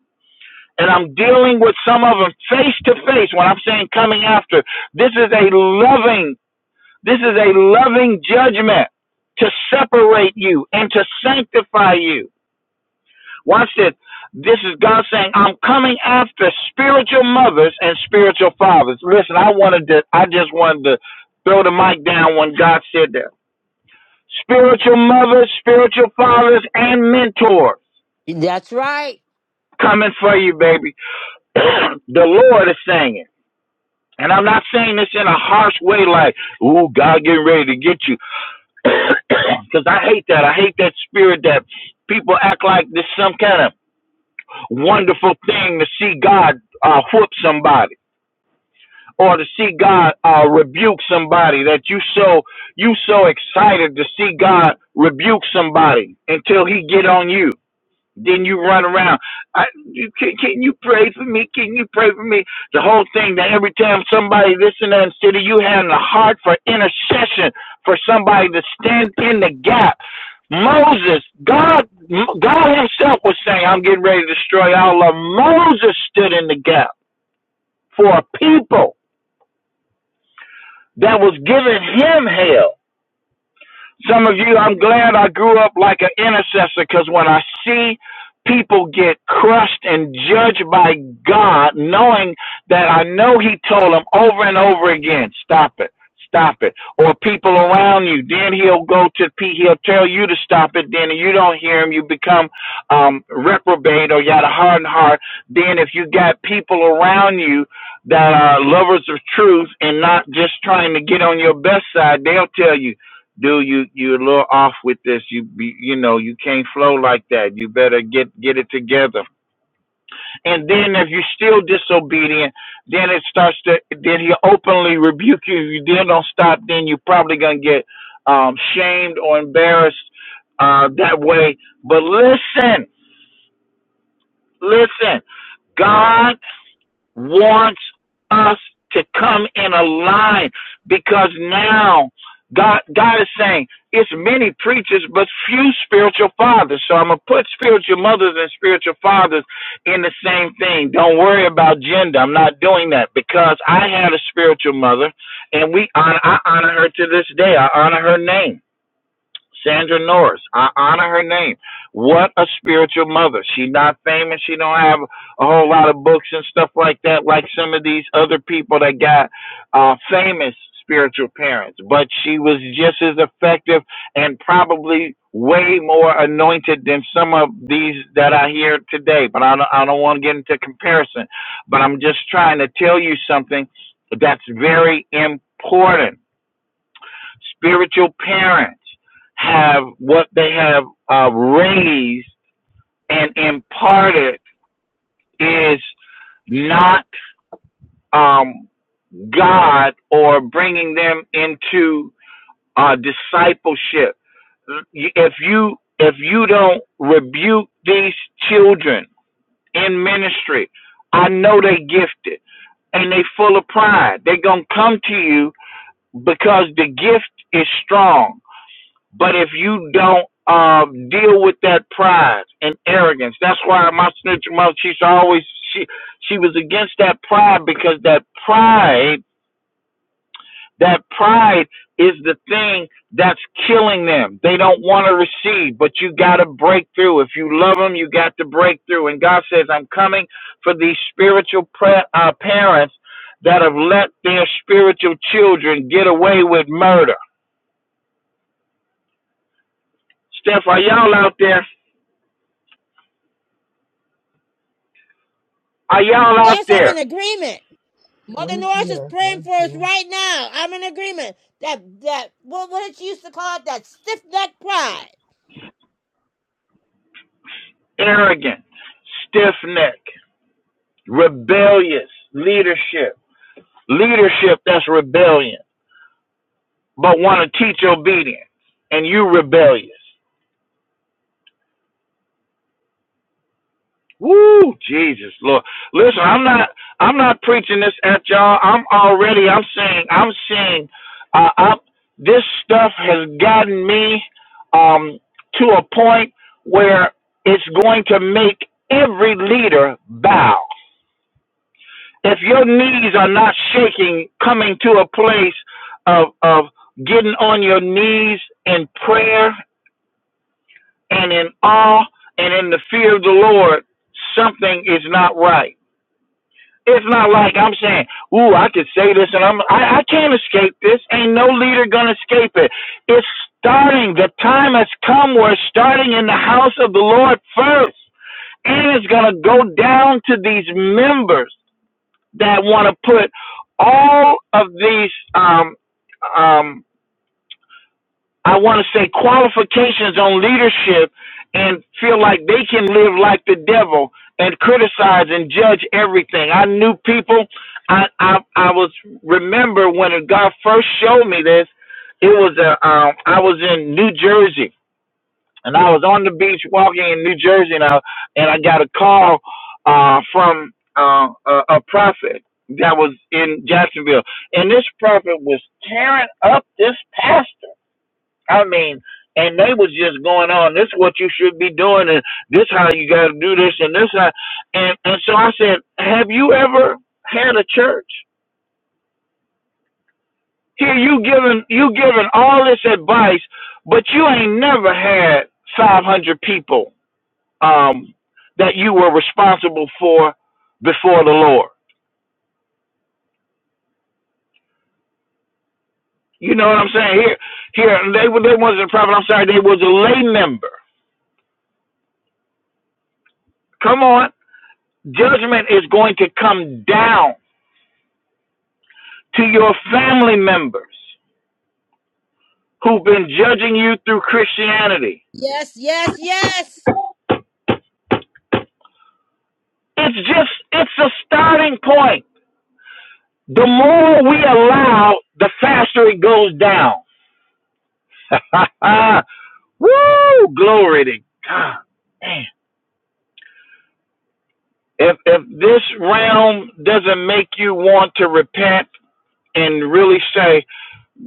And I'm dealing with some of them face to face when I'm saying coming after. This is a loving, this is a loving judgment to separate you and to sanctify you Watch this. This is God saying, I'm coming after spiritual mothers and spiritual fathers. Listen, I wanted to I just wanted to throw the mic down when God said that. Spiritual mothers, spiritual fathers, and mentors
That's right.
coming for you, baby. [clears throat] the Lord is saying it. And I'm not saying this in a harsh way like, ooh, God getting ready to get you. Because [clears throat] I hate that. I hate that spirit that people act like this some kind of Wonderful thing to see God uh, whoop somebody or to see God uh, rebuke somebody that you so you so excited to see God rebuke somebody until he get on you. Then you run around. I, you, can, can you pray for me? Can you pray for me? The whole thing that every time somebody this and that instead of you having a heart for intercession for somebody to stand in the gap Moses, God, God Himself was saying, "I'm getting ready to destroy all of." 'em." Moses stood in the gap for a people that was giving him hell. Some of you, I'm glad I grew up like an intercessor because when I see people get crushed and judged by God, knowing that I know He told them over and over again, stop it, stop it. Or people around you, then He'll go to P, He'll tell you to stop it. Then you don't hear Him, you become um, reprobate or you got a hardened heart. Then if you got people around you that are lovers of truth and not just trying to get on your best side, they'll tell you, dude, you you're a little off with this. You be, you know you can't flow like that. You better get get it together. And then if you're still disobedient, then it starts to then he openly rebuke you. If you then don't stop, then you're probably gonna get um, shamed or embarrassed uh, that way. But listen, listen, God. wants us to come in a line because now God God is saying it's many preachers but few spiritual fathers. So I'm gonna put spiritual mothers and spiritual fathers in the same thing. Don't worry about gender. I'm not doing that because I had a spiritual mother and we honor I honor her to this day. I honor her name. Sandra Norris. I honor her name. What a spiritual mother. She not famous. She don't have a whole lot of books and stuff like that, like some of these other people that got uh, famous spiritual parents. But she was just as effective and probably way more anointed than some of these that I hear today. But I don't, I don't want to get into comparison. But I'm just trying to tell you something that's very important spiritual parents have what they have uh, raised and imparted is not um, God or bringing them into uh, discipleship. If you if you don't rebuke these children in ministry, I know they gifted and they full of pride. They're gonna come to you because the gift is strong But if you don't um, deal with that pride and arrogance, that's why my snitch mother, she's always she she was against that pride because that pride that pride is the thing that's killing them. They don't want to receive, but you got to break through. If you love them, you got to break through. And God says, "I'm coming for these spiritual pra- uh, parents that have let their spiritual children get away with murder." Steph, are y'all out there? Are y'all out
Yes, I'm
there?
in agreement. Mother
We're
Norris is
here.
praying
We're
for us
here.
right now. I'm in agreement. That that what what did she used to call it? That stiff neck pride.
arrogant, stiff necked, rebellious leadership. Leadership that's rebellion, but want to teach obedience, and you rebellious. Woo, Jesus, Lord. Listen, I'm not, I'm not preaching this at y'all. I'm already, I'm saying, I'm seeing, uh, I'm, this stuff has gotten me um, to a point where it's going to make every leader bow. if your knees are not shaking, coming to a place of of getting on your knees in prayer and in awe and in the fear of the Lord, something is not right. It's not like I'm saying, "Ooh, I could say this," and I'm I, I can't escape this. Ain't no leader gonna escape it. It's starting. The time has come where starting in the house of the Lord first, and it's gonna go down to these members that want to put all of these um, um, I want to say qualifications on leadership and feel like they can live like the devil and criticize and judge everything. I knew people. I I, I was remember when God first showed me this. It was a um, I was in New Jersey and I was on the beach walking in New Jersey, and I and I got a call uh, from uh, a, a prophet that was in Jacksonville, and this prophet was tearing up this pastor. I mean, and they was just going on. This is what you should be doing, and this how you got to do this, and this how, and and so I said, have you ever had a church? Here you giving you giving all this advice, but you ain't never had five hundred people um, that you were responsible for before the Lord. You know what I'm saying? Here, here they were- they wasn't a prophet. I'm sorry, they was a lay member. Come on, judgment is going to come down to your family members who've been judging you through Christianity.
Yes, yes, yes.
It's just it's a starting point. The more we allow, the faster it goes down. [laughs] Woo! Glory to God. Man. if if this realm doesn't make you want to repent and really say,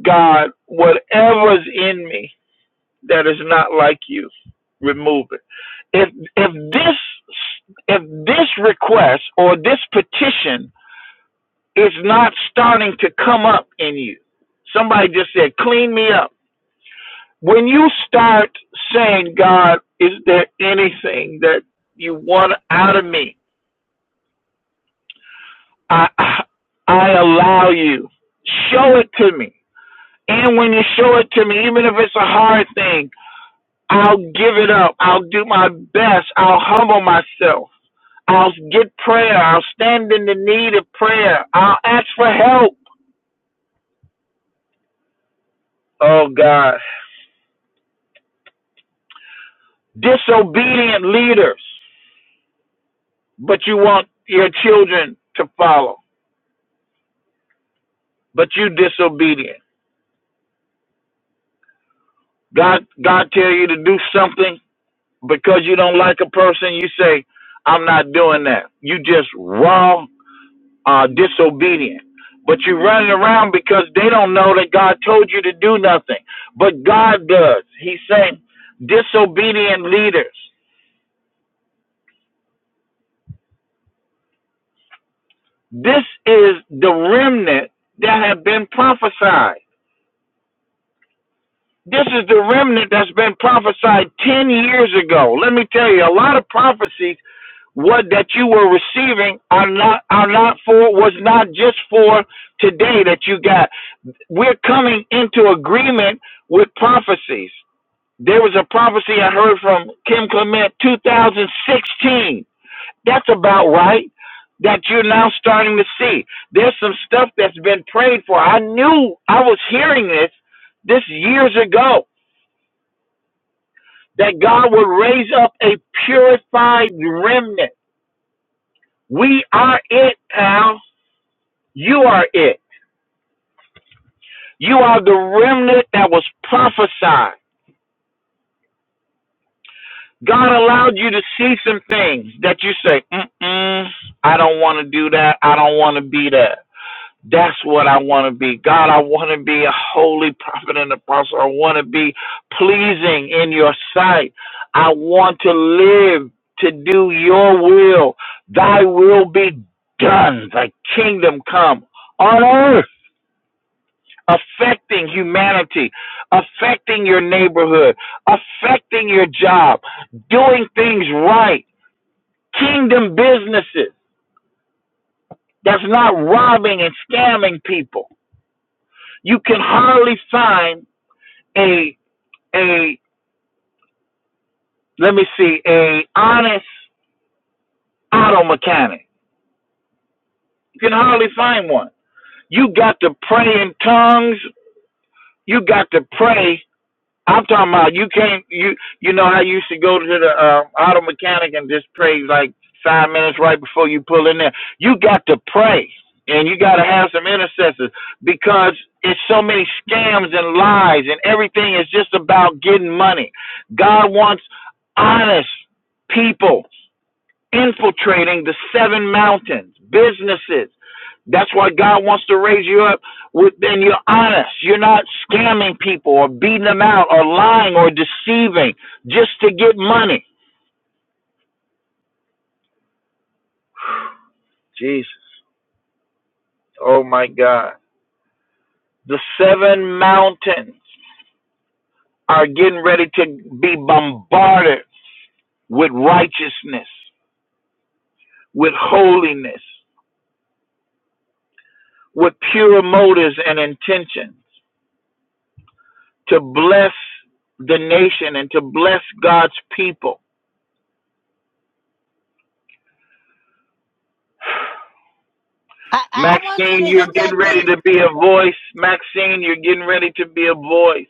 God, whatever's in me that is not like you, remove it. If if this if this request or this petition is not starting to come up in you, somebody just said, clean me up. When you start saying, God, is there anything that you want out of me? I I allow you. Show it to me. And when you show it to me, even if it's a hard thing, I'll give it up. I'll do my best. I'll humble myself. I'll get prayer. I'll stand in the need of prayer. I'll ask for help. Oh God. Disobedient leaders, but you want your children to follow. But you disobedient. God God tell you to do something because you don't like a person, you say, I'm not doing that. You just raw, uh, disobedient. But you're running around because they don't know that God told you to do nothing. But God does. He's saying, disobedient leaders. This is the remnant that have been prophesied. This is the remnant that's been prophesied 10 years ago. Let me tell you, a lot of prophecies what that you were receiving are not are not for was not just for today that you got. We're coming into agreement with prophecies. There was a prophecy I heard from Kim Clement 2016. That's about right. That you're now starting to see. There's some stuff that's been prayed for. I knew I was hearing this this years ago that God would raise up a purified remnant. We are it, pal. You are it. You are the remnant that was prophesied. God allowed you to see some things that you say, Mm-mm, I don't want to do that. I don't want to be that. That's what I want to be. God, I want to be a holy prophet and apostle. I want to be pleasing in your sight. I want to live to do your will. Thy will be done. Thy kingdom come on earth affecting humanity, affecting your neighborhood, affecting your job, doing things right, kingdom businesses that's not robbing and scamming people. You can hardly find a a let me see a honest auto mechanic. You can hardly find one. You got to pray in tongues. You got to pray I'm talking about you can't you you know how you used to go to the uh, auto mechanic and just pray like five minutes right before you pull in there. You got to pray and you got to have some intercessors because it's so many scams and lies and everything is just about getting money. God wants honest people infiltrating the seven mountains, businesses that's why God wants to raise you up within you're honest. You're not scamming people or beating them out or lying or deceiving just to get money. Jesus. Oh my God. The seven mountains are getting ready to be bombarded with righteousness, with holiness, with pure motives and intentions to bless the nation and to bless God's people
I, I I want you to
Maxine, you're
hit
getting
that
ready
thing.
to be a voice. Maxine, you're getting ready to be a voice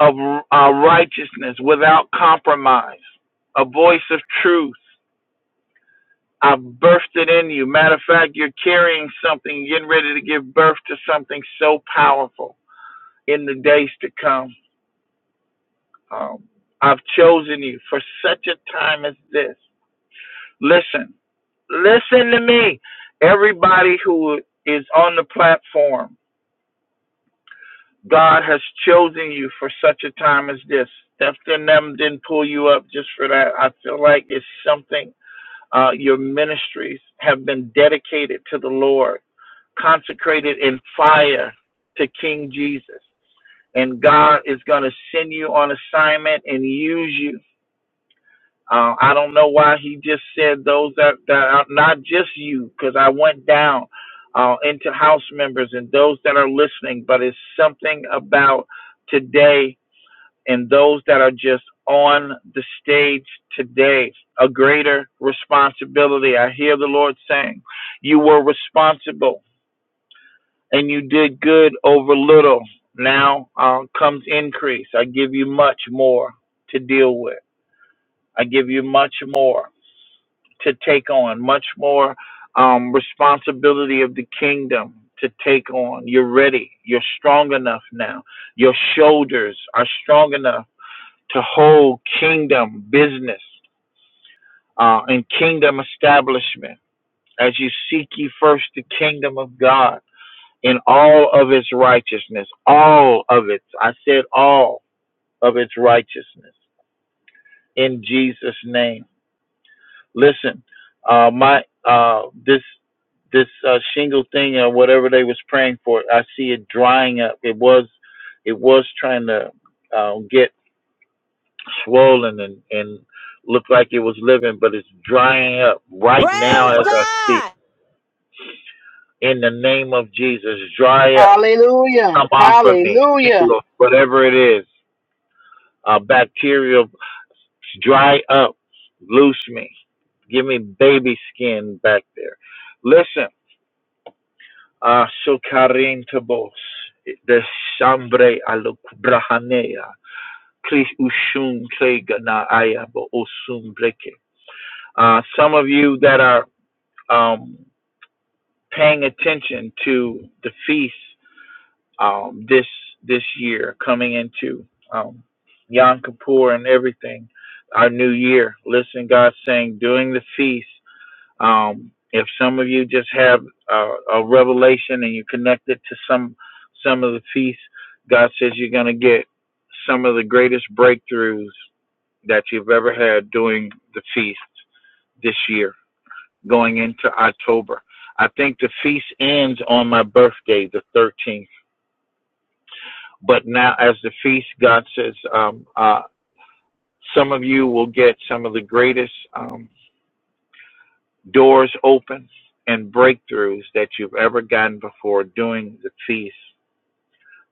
of uh, righteousness without compromise, a voice of truth. I've birthed it in you. Matter of fact, you're carrying something, getting ready to give birth to something so powerful in the days to come. Um, I've chosen you for such a time as this. Listen, listen to me. Everybody who is on the platform, God has chosen you for such a time as this. Dr. them didn't pull you up just for that. I feel like it's something uh, your ministries have been dedicated to the Lord, consecrated in fire to King Jesus. And God is going to send you on assignment and use you. Uh, I don't know why he just said those that, that are not just you, because I went down uh, into house members and those that are listening, but it's something about today and those that are just on the stage today a greater responsibility. I hear the Lord saying, You were responsible and you did good over little. Now uh, comes increase. I give you much more to deal with, I give you much more to take on, much more um, responsibility of the kingdom. To take on. You're ready. You're strong enough now. Your shoulders are strong enough to hold kingdom business uh, and kingdom establishment as you seek ye first the kingdom of God in all of its righteousness, all of its, I said all of its righteousness in Jesus' name. Listen, uh, my uh, this this uh, shingle thing or whatever they was praying for, I see it drying up. It was it was trying to uh, get swollen and, and looked like it was living, but it's drying up right
Praise
now as I speak.
God.
In the name of Jesus, dry up.
Hallelujah.
Come off of me.
Hallelujah.
Whatever it is, uh, bacterial, dry up. Loose me. Give me baby skin back there. Listen, uh, Shokarin Tabos, the Shambre Aluk Brahanea, Kris Ushun Klegana Ayabo Osun Breke. Uh, some of you that are um, paying attention to the feast um, this this year coming into um, Yom Kippur and everything, our new year. Listen, God's saying during the feast. Um, if some of you just have a, a revelation and you connect it to some some of the feasts, God says you're going to get some of the greatest breakthroughs that you've ever had during the feast this year going into October. I think the feast ends on my birthday, the 13th. But now, as the feast, God says, um, uh, some of you will get some of the greatest um, doors open and breakthroughs that you've ever gotten before doing the feast,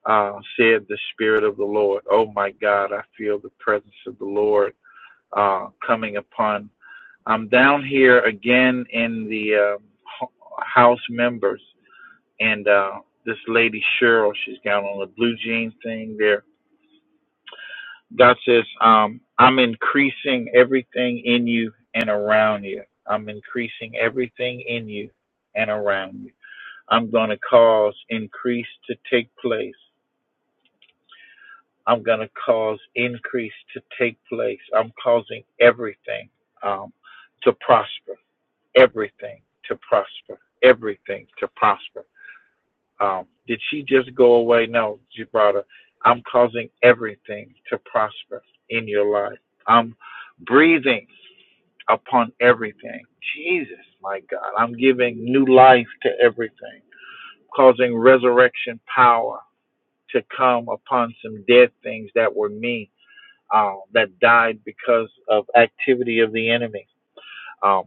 uh, said the Spirit of the Lord. Oh my God, I feel the presence of the Lord uh, coming upon. I'm down here again in the um, house members and uh, this lady Cheryl, she's got on a blue jean thing there. God says, um, I'm increasing everything in you and around you. I'm increasing everything in you and around you. I'm going to cause increase to take place. I'm going to cause increase to take place. I'm causing everything um, to prosper, everything to prosper, everything to prosper. Um, did she just go away? No, Gibraltar. I'm causing everything to prosper in your life. I'm breathing upon everything. Jesus, my God. I'm giving new life to everything, causing resurrection power to come upon some dead things that were me, uh, that died because of activity of the enemy. Um,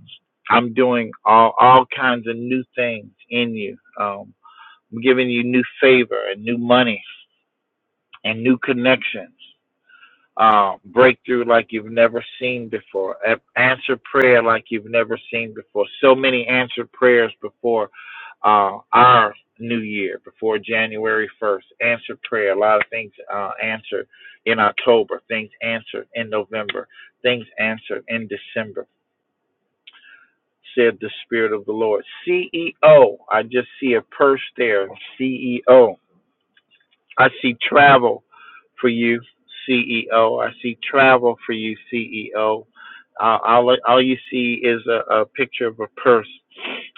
I'm doing all, all kinds of new things in you. Um, I'm giving you new favor and new money and new connections. Uh, breakthrough like you've never seen before. A- answer prayer like you've never seen before. So many answered prayers before uh, our new year, before January 1st. Answered prayer. A lot of things uh, answered in October. Things answered in November. Things answered in December. Said the Spirit of the Lord. CEO. I just see a purse there. CEO. I see travel for you, CEO. I see travel for you, CEO. Uh, all, all you see is a, a picture of a purse.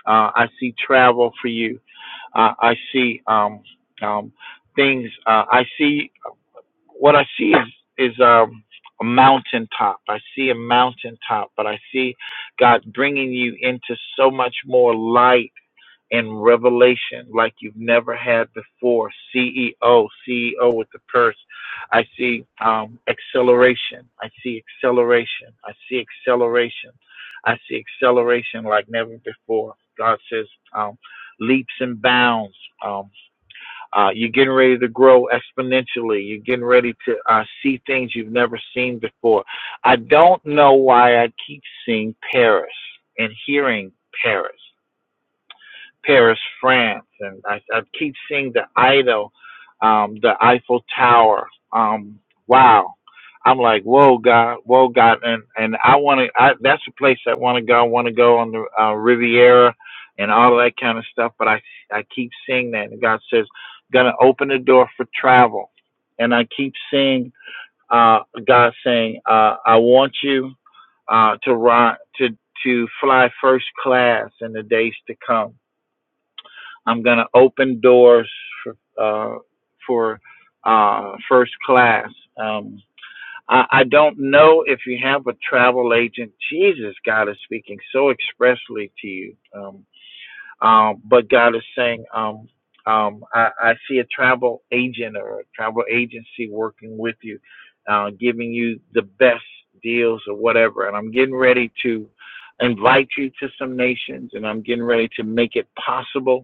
Uh, I see travel for you. Uh, I see um, um, things. Uh, I see what I see is is um, a mountaintop. I see a mountaintop, but I see God bringing you into so much more light and revelation like you've never had before. CEO, CEO with the purse. I see um, acceleration. I see acceleration. I see acceleration. I see acceleration like never before. God says um, leaps and bounds. Um, uh, you're getting ready to grow exponentially. You're getting ready to uh, see things you've never seen before. I don't know why I keep seeing Paris and hearing Paris. Paris, France, and I, I keep seeing the idol, um, the Eiffel Tower. Um, wow, I'm like, whoa, God, whoa, God, and and I want to. I, that's a place I want to go. I want to go on the uh, Riviera and all of that kind of stuff. But I I keep seeing that, and God says, gonna open the door for travel, and I keep seeing uh, God saying, uh, I want you uh, to ride to to fly first class in the days to come I'm going to open doors for, uh, for uh, first class. Um, I, I don't know if you have a travel agent. Jesus, God is speaking so expressly to you. Um, um, but God is saying, um, um, I, I see a travel agent or a travel agency working with you, uh, giving you the best deals or whatever. And I'm getting ready to invite you to some nations and I'm getting ready to make it possible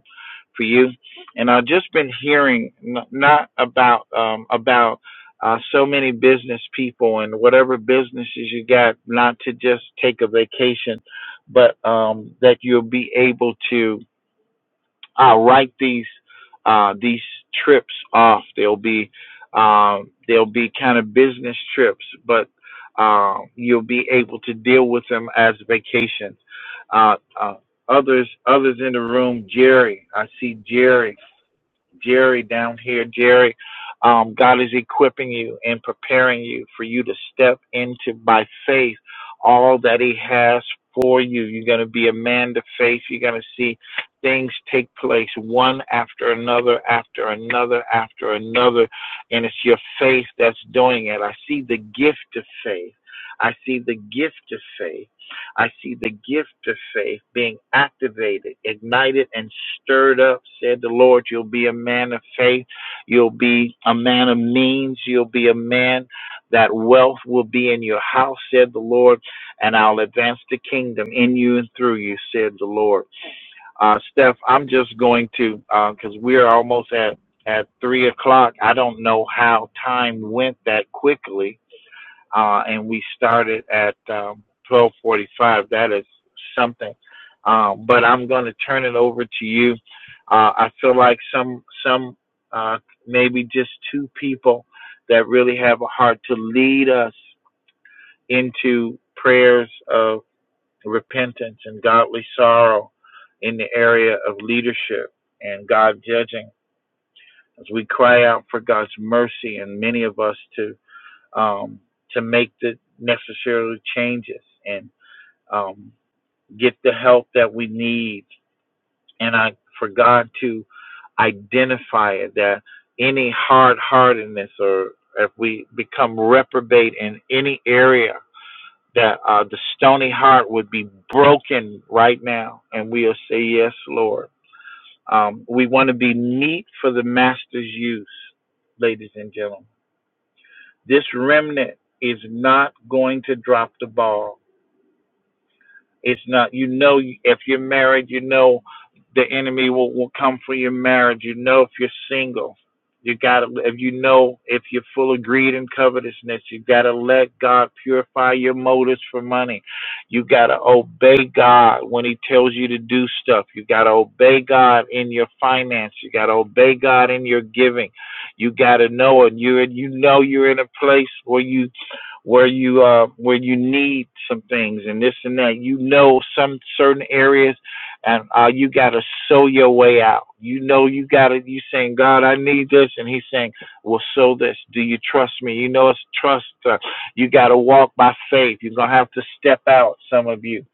for you. And I've just been hearing n- not about um, about uh, so many business people and whatever businesses you got, not to just take a vacation, but um, that you'll be able to uh, write these uh, these trips off. They'll be um, they'll be kind of business trips, but uh, you'll be able to deal with them as vacations. Uh, uh, others others in the room, Jerry. I see Jerry Jerry down here. Jerry, um, God is equipping you and preparing you for you to step into by faith all that He has for you. You're going to be a man to faith. You're going to see things take place one after another, after another, after another. And it's your faith that's doing it. I see the gift of faith. I see the gift of faith. I see the gift of faith being activated, ignited, and stirred up, said the Lord. You'll be a man of faith. You'll be a man of means. You'll be a man that wealth will be in your house, said the Lord. And I'll advance the kingdom in you and through you, said the Lord. Uh, Steph, I'm just going to, because we're almost at, at three o'clock. I don't know how time went that quickly uh, and we started at um, 12:45. That is something. Um, but I'm going to turn it over to you. Uh, I feel like some some uh, maybe just two people that really have a heart to lead us into prayers of repentance and godly sorrow in the area of leadership and God judging as we cry out for God's mercy and many of us to um, to make the necessary changes and um, get the help that we need. And I for God to identify it that any hard heartedness or if we become reprobate in any area that uh, the stony heart would be broken right now and we'll say yes lord um, we want to be meat for the master's use ladies and gentlemen this remnant is not going to drop the ball It's not, you know, if you're married, you know the enemy will, will come for your marriage. You know if you're single. You gotta if you know if you're full of greed and covetousness, you gotta let God purify your motives for money. You gotta obey God when He tells you to do stuff. You gotta obey God in your finance. You gotta obey God in your giving. You gotta know it. You you know you're in a place where you where you uh where you need some things and this and that. You know some certain areas and uh, you got to sow your way out. You know, you got to, you saying, God, I need this. And he's saying, well, sow this. Do you trust me? You know, it's trust. Uh, you got to walk by faith. You're going to have to step out, some of you.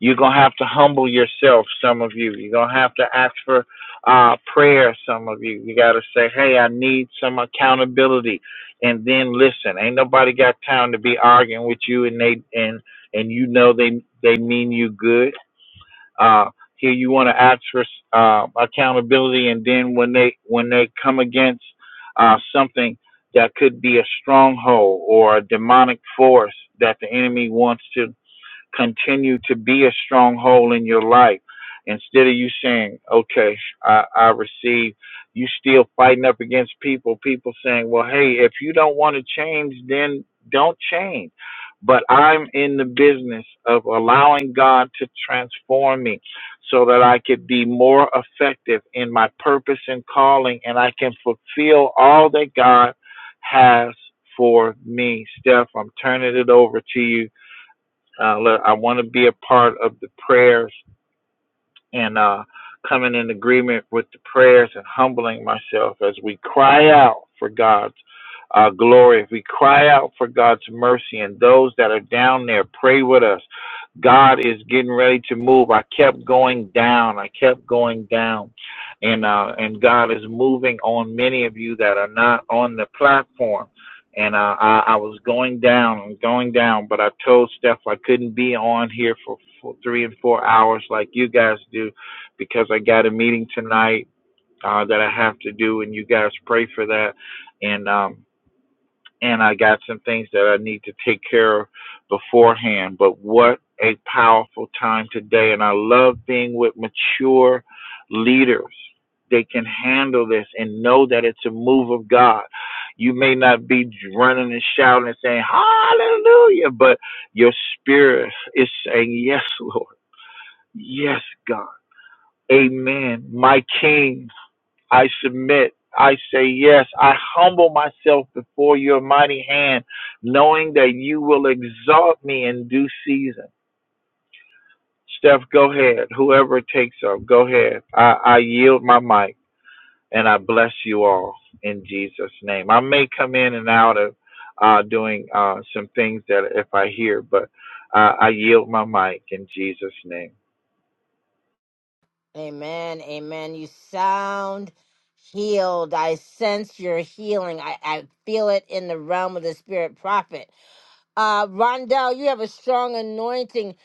You're going to have to humble yourself, some of you. You're going to have to ask for uh, prayer, some of you. You got to say, hey, I need some accountability. And then listen, ain't nobody got time to be arguing with you and they, and, and you know they, they mean you good uh, here you want to ask for uh, accountability, and then when they when they come against uh, something that could be a stronghold or a demonic force that the enemy wants to continue to be a stronghold in your life, instead of you saying, "Okay, I, I receive," you still fighting up against people. People saying, "Well, hey, if you don't want to change, then don't change." but I'm in the business of allowing God to transform me so that I could be more effective in my purpose and calling and I can fulfill all that God has for me. Steph, I'm turning it over to you. Uh, let, I want to be a part of the prayers and uh, coming in agreement with the prayers and humbling myself as we cry out for God's uh, glory. If we cry out for God's mercy and those that are down there, pray with us God is getting ready to move. I kept going down. I kept going down. And uh and God is moving on many of you that are not on the platform. And uh, I, I was going down and going down, but I told Steph I couldn't be on here for, for three and four hours like you guys do because I got a meeting tonight uh, that I have to do, and you guys pray for that. And um, and I got some things that I need to take care of beforehand. But what a powerful time today. And I love being with mature leaders. They can handle this and know that it's a move of God. You may not be running and shouting and saying, Hallelujah, but your spirit is saying, Yes, Lord. Yes, God. Amen. My King. I submit. I say yes. I humble myself before your mighty hand, knowing that you will exalt me in due season. Steph, go ahead. Whoever takes up, go ahead. I, I yield my mic and I bless you all in Jesus' name. I may come in and out of uh, doing uh, some things that if I hear, but uh, I yield my mic in Jesus' name.
Amen. Amen. You sound healed. I sense your healing. I, I feel it in the realm of the spirit prophet. Uh, Rondell, you have a strong anointing.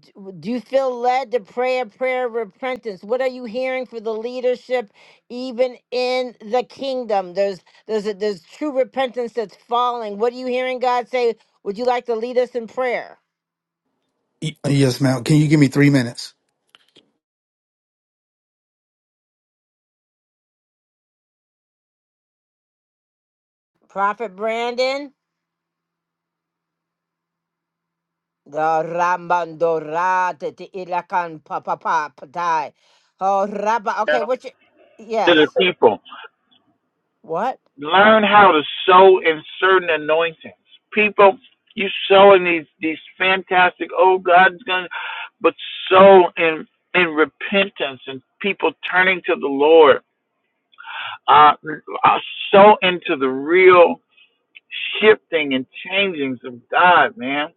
D- Do you feel led to pray a prayer of repentance? What are you hearing for the leadership, even in the kingdom? There's there's a, there's true repentance that's falling. What are you hearing God say? Would you like to lead us in prayer,
Y- Yes, ma'am. Can you give me three minutes?
Prophet Brandon? The Ramandora te te ilakan pa pa pa patai. Oh, Rabba. Okay, what you?
To the
Yes.
people.
What?
Learn how to sow in certain anointings. People, you sow in these these fantastic. Oh, God's gonna, but sow in in repentance and people turning to the Lord. Uh, uh, sow into the real shifting and changings of God, man.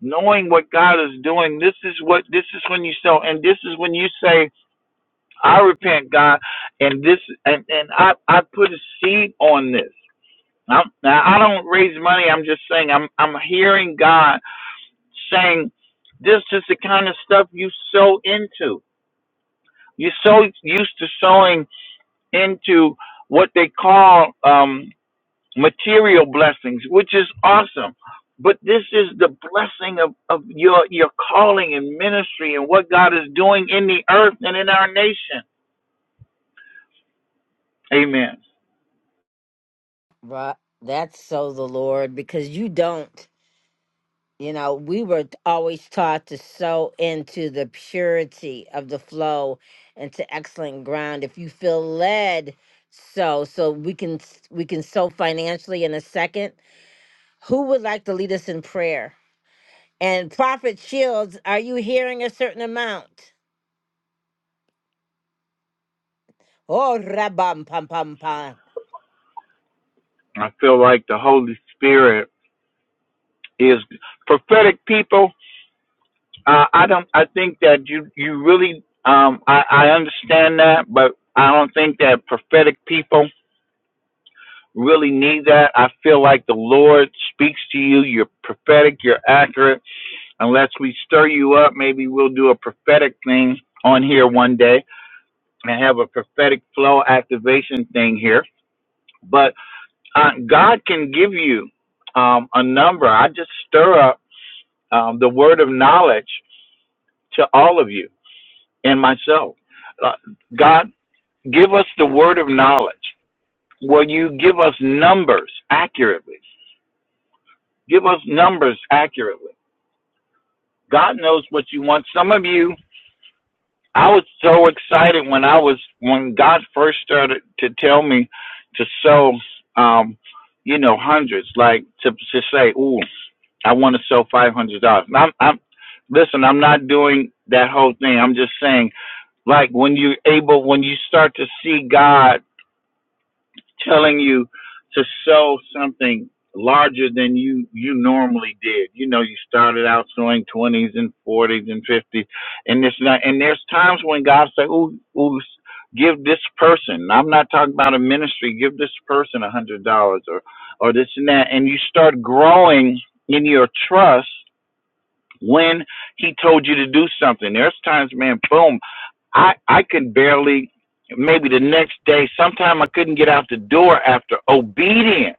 Knowing what God is doing, this is what this is when you sow, and this is when you say, "I repent, God," and this and and I I put a seed on this. I'm, now, I don't raise money. I'm just saying I'm I'm hearing God saying this is the kind of stuff you sow into. You're so used to sowing into what they call um, material blessings, which is awesome. But this is the blessing of, of your your calling and ministry and what God is doing in the earth and in our nation. Amen.
But that's so the Lord because you don't. You know, we were always taught to sow into the purity of the flow into excellent ground. If you feel led, so so we can s- we can sow financially in a second. Who would like to lead us in prayer? And Prophet Shields, are you hearing a certain amount? Oh, rabam pam pam pam.
I feel like the Holy Spirit is prophetic people Uh, I don't. I think that you you really. Um, I I understand that, but I don't think that prophetic people really need that. I feel like the Lord speaks to you. You're prophetic. You're accurate. Unless we stir you up, maybe we'll do a prophetic thing on here one day and have a prophetic flow activation thing here. But uh, God can give you um, a number. I just stir up um, the word of knowledge to all of you and myself. Uh, God, give us the word of knowledge. Will you give us numbers accurately? Give us numbers accurately. God knows what you want. Some of you, I was so excited when I was when God first started to tell me to sow, um, you know, hundreds, like to to say, "Ooh, I want to sow five hundred dollars." I'm, I'm listen. I'm not doing that whole thing. I'm just saying, like when you're able, when you start to see God telling you to sow something larger than you you normally did. You know, you started out sowing twenties and forties and fifties, and this and that. And there's times when God say, "Ooh, ooh, give this person." I'm not talking about a ministry. Give this person a hundred dollars or or this and that, and you start growing in your trust when He told you to do something. There's times, man, boom. I I could barely maybe the next day sometime I couldn't get out the door after obedience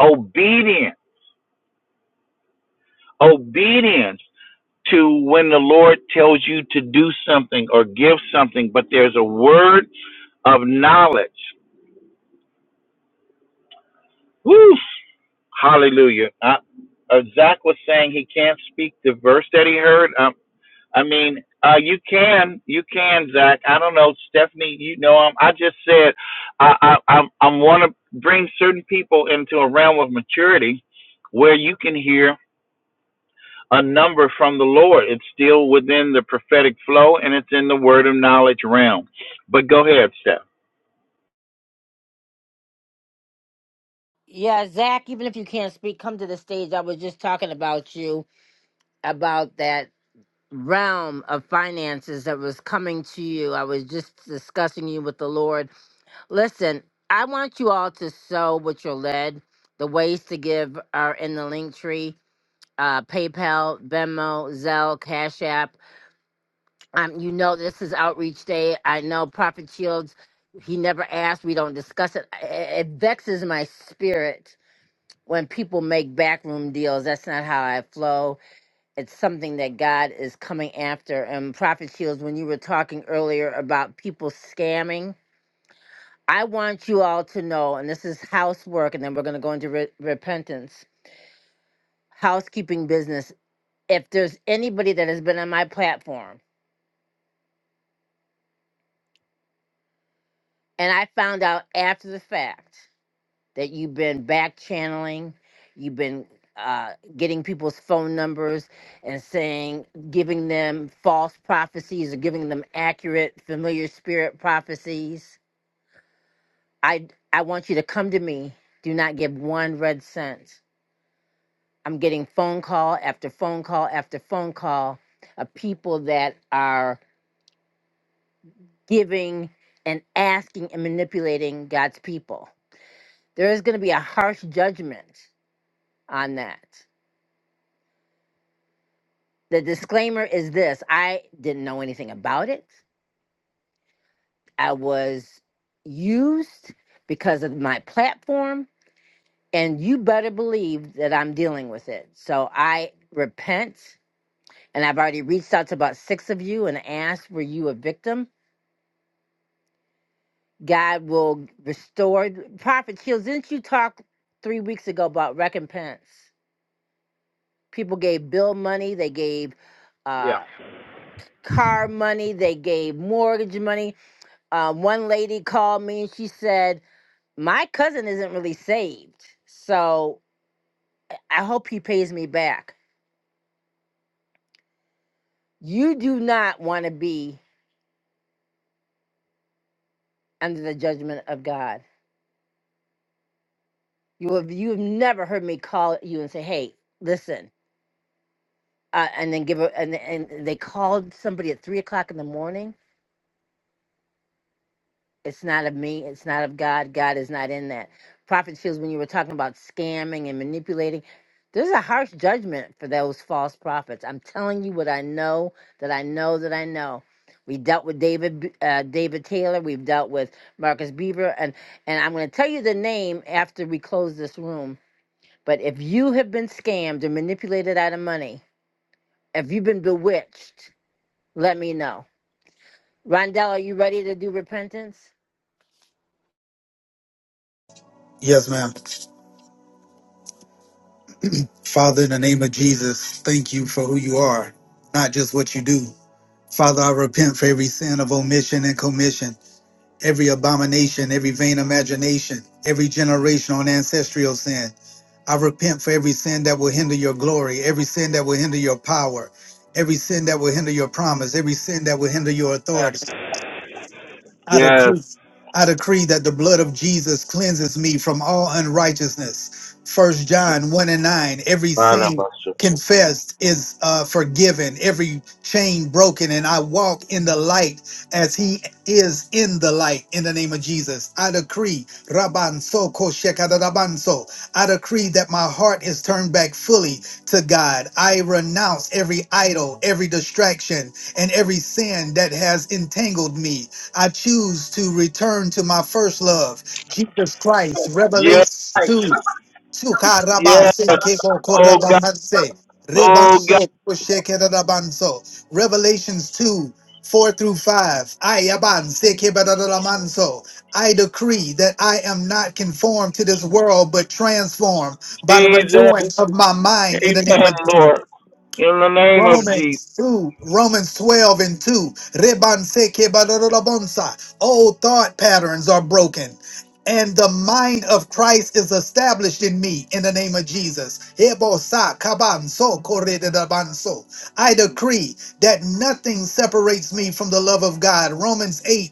obedience obedience to when the Lord tells you to do something or give something but there's a word of knowledge Woo! hallelujah I, uh, Zach was saying he can't speak the verse that he heard Um, I mean, uh, you can, you can, Zach. I don't know, Stephanie. You know, i I just said I, I, I'm, I'm want to bring certain people into a realm of maturity where you can hear a number from the Lord. It's still within the prophetic flow, and it's in the word of knowledge realm. But go ahead, Steph.
Yeah, Zach. Even if you can't speak, come to the stage. I was just talking about you about that realm of finances that was coming to you. I was just discussing you with the Lord. Listen, I want you all to sow what you're led. The ways to give are in the link tree. Uh, PayPal, Venmo, Zelle, Cash App. Um, you know this is Outreach Day. I know Prophet Shields. He never asked. We don't discuss it. I- It vexes my spirit when people make backroom deals. That's not how I flow it's something that God is coming after. And Prophet Shields, when you were talking earlier about people scamming, I want you all to know, and this is housework, and then we're going to go into re- repentance, housekeeping business. If there's anybody that has been on my platform, and I found out after the fact that you've been back channeling, you've been uh, getting people's phone numbers and saying, giving them false prophecies or giving them accurate familiar spirit prophecies I I want you to come to me. Do not give one red cent. I'm getting phone call after phone call after phone call of people that are giving and asking and manipulating God's people. There is going to be a harsh judgment on that. The disclaimer is this I didn't know anything about it. I was used because of my platform, and you better believe that I'm dealing with it. So I repent and I've already reached out to about six of you and asked, were you a victim? God will restore. Prophet Shields, didn't you talk three weeks ago about recompense? People gave bill money, they gave
Yeah.
uh, car money, they gave mortgage money. Uh, one lady called me and she said, My cousin isn't really saved, so I hope he pays me back. You do not want to be under the judgment of God You have you have never heard me call you and say, "Hey, listen," uh, and then give a and and they called somebody at three o'clock in the morning. It's not of me. It's not of God. God is not in that. Prophet Shields, when you were talking about scamming and manipulating, there's a harsh judgment for those false prophets. I'm telling you what I know that I know that I know. We dealt with David B- uh, David Taylor. We've dealt with Marcus Beaver, and and I'm going to tell you the name after we close this room But if you have been scammed and manipulated out of money, if you've been bewitched, let me know. Rondell, are you ready to do repentance?
Yes, ma'am. Father, in the name of Jesus, thank you for who you are, not just what you do. Father, I repent for every sin of omission and commission, every abomination, every vain imagination, every generational and ancestral sin. I repent for every sin that will hinder your glory, every sin that will hinder your power, every sin that will hinder your promise, every sin that will hinder your authority. I
Yes,
decree, I decree that the blood of Jesus cleanses me from all unrighteousness. First John 1 and 9. Every
Father
sin
Pastor.
confessed is uh, forgiven, every chain broken, and I walk in the light as he is in the light in the name of Jesus. I decree, Rabanso Koshekadarabanso. I decree that my heart is turned back fully to God. I renounce every idol, every distraction, and every sin that has entangled me. I choose to return to my first love, Jesus Christ.
Yes,
Revelations 2.
yes.
Sukarabase,
Oh God,
kekokorabanse,
oh God,
rebanso, kushekeradabanso. Revelations 2. 4 through 5. Ayabanse, kebadadadamanso. I decree that I am not conformed to this world, but transformed by the
Jesus.
renewing of my mind in the name
Amen,
of Jesus.
Lord. In the name of Jesus.
Romans 2, Romans 12 and 2. Rebanseke badododobonsa. Old thought patterns are broken. And the mind of Christ is established in me in the name of Jesus. Ebosa kabanso korededabanso. I decree that nothing separates me from the love of God. Romans 8:38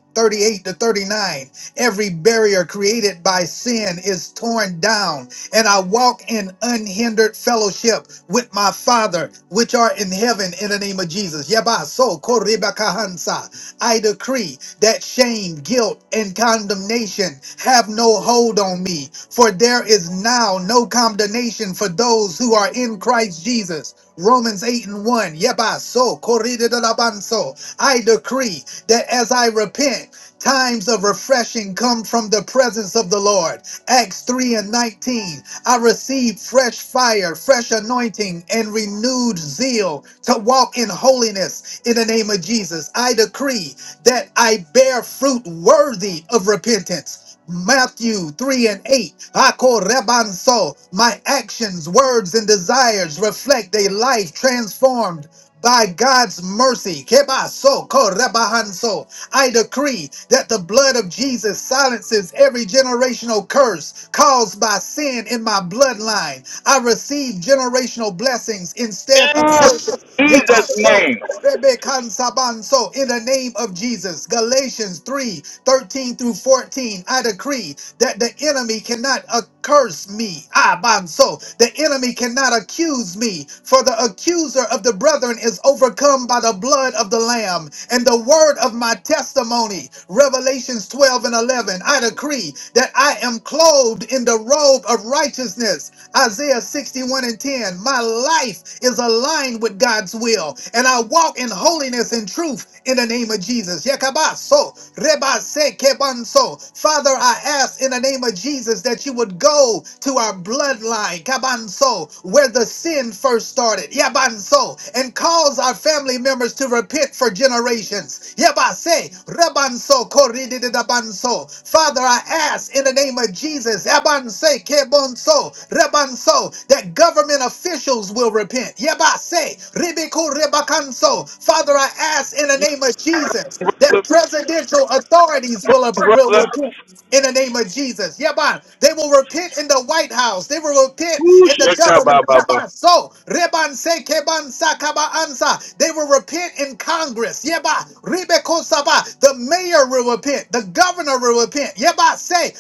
to 39. Every barrier created by sin is torn down and I walk in unhindered fellowship with my Father, which are in heaven, in the name of Jesus. Yaba so koreba kahansa. I decree that shame, guilt, and condemnation have no hold on me, for there is now no condemnation for those who are in Christ Jesus. Romans 8 and 1. Yeba so korida da la ban so. I decree that as I repent, times of refreshing come from the presence of the Lord. Acts 3 and 19. I received fresh fire, fresh anointing, and renewed zeal to walk in holiness in the name of Jesus. I decree that I bear fruit worthy of repentance. Matthew 3 and 8. Ako rebanso. My actions, words, and desires reflect a life transformed by God's mercy. Kebaso korebahanso. I decree that the blood of Jesus silences every generational curse caused by sin in my bloodline. I receive generational blessings instead of
Yes,
curses. Yep, I
Jesus'
so.
name.
Rebekansabanso, In the name of Jesus, Galatians 3 13 through 14, I decree that the enemy cannot accurse me. Abanso, The enemy cannot accuse me, for the accuser of the brethren is overcome by the blood of the Lamb and the word of my testimony. Revelations 12 and 11, I decree that I am clothed in the robe of righteousness Isaiah 61 and 10. My life is aligned with God's will, and I walk in holiness and truth in the name of Jesus. Yakabaso, rebase, kebanso. Father, I ask in the name of Jesus that you would go to our bloodline, kabanso, where the sin first started, yabanso, and cause our family members to repent for generations. Yabase, rebanso, korididabanso. Father, I ask in the name of Jesus, yabanse, kebonso, rebanso, that government officials will repent. Yebase, ribiko rebakanso. Father, I ask in the name of Jesus that presidential authorities will, will
brother.
repent in the name of Jesus. Yaban. They will repent in the White House. They will repent
Woo,
in the government. Yaban. So, Reban se keban sa ansa. They will repent in Congress. Yeba. Rebe ko saba. The mayor will repent. The governor will repent. Yeba say.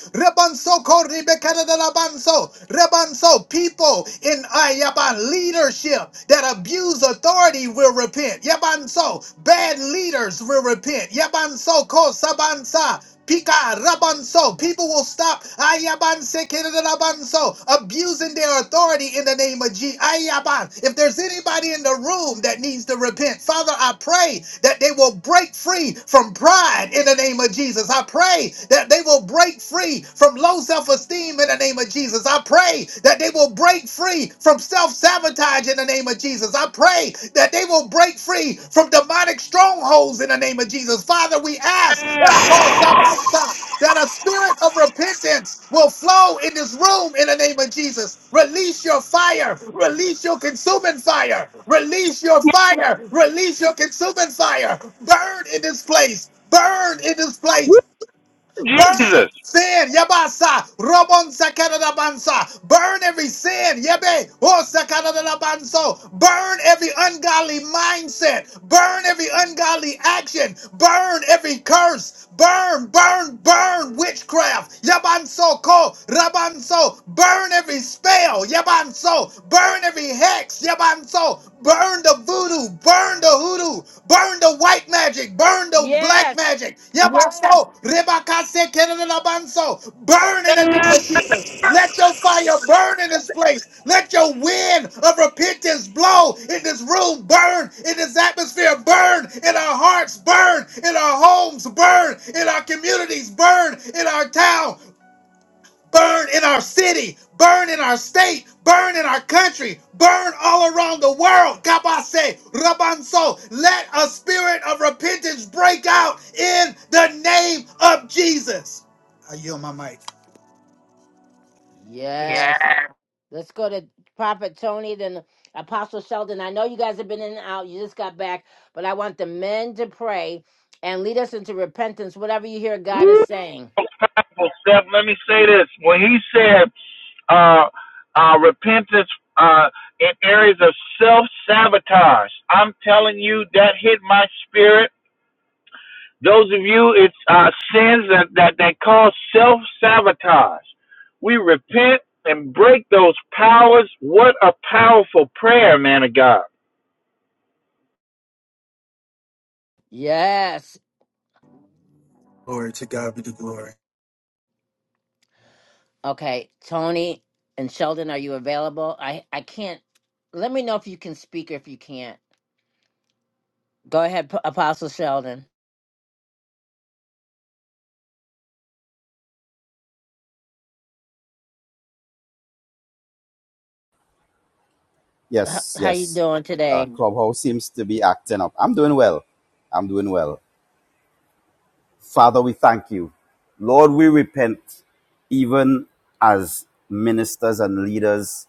Rebanso koribekadadalabanso. Rebanso people in uh, yaban leadership that abuse authority will repent. Yabanso bad leaders will repent. Yabanso kosabansa. Pika rabanso. People will stop ayabanse kedadalabanso, abusing their authority in the name of G. Ayaban. If there's anybody in the room that needs to repent, Father, I pray that they will break free from pride in the name of Jesus. I pray that they will will break free from low self esteem in the name of Jesus. I pray that they will break free from self sabotage in the name of Jesus. I pray that they will break free from demonic strongholds in the name of Jesus. Father, we ask that a spirit of repentance will flow in this room in the name of Jesus. Release your fire, release your consuming fire, release your fire, release your consuming fire. Burn in this place. Burn in this place. Burn every
Jesus.
sin. Yabasa. Robon sakadadabansa. Burn every sin. Yebe. Oh sakadadabanso. Burn every ungodly mindset. Burn every ungodly action. Burn every curse. Burn, burn, burn witchcraft. Yabanso ko. Rabanso. Burn every spell. Yabanso. Burn every hex. Yabanso. Burn. Burn the voodoo, burn the hoodoo, burn the white magic, burn the black
Yes.
magic. Yes. Yabaso, rebakase kenenelabanso. Burn in the name of Jesus. Let your fire burn in this place. Let your wind of repentance blow in this room, burn in this atmosphere, burn in our hearts, burn in our homes, burn in our communities, burn in our town burn in our city, burn in our state, burn in our country, burn all around the world. Kabase, Rabanso, let a spirit of repentance break out in the name of Jesus. I yield my mic.
Yes.
Yes.
Let's go to Prophet Tony, then Apostle Sheldon. I know you guys have been in and out. You just got back, but I want the men to pray and lead us into repentance, whatever you hear God
Woo,
is saying.
well, Steph, let me say this. When he said uh, uh, repentance uh, in areas of self sabotage, I'm telling you, that hit my spirit. Those of you, it's uh, sins that, that, that cause self sabotage. We repent and break those powers. What a powerful prayer, man of God.
Yes.
Glory to God be the glory.
Okay. Tony and Sheldon, are you available? I, I can't. Let me know if you can speak or if you can't. Go ahead, P- Apostle Sheldon. [laughs] H-
Yes,
How you
yes.
doing
Uh,
today?
Clubhouse seems to be acting up. I'm doing well. I'm doing well. Father, we thank you. Lord, we repent even as ministers and leaders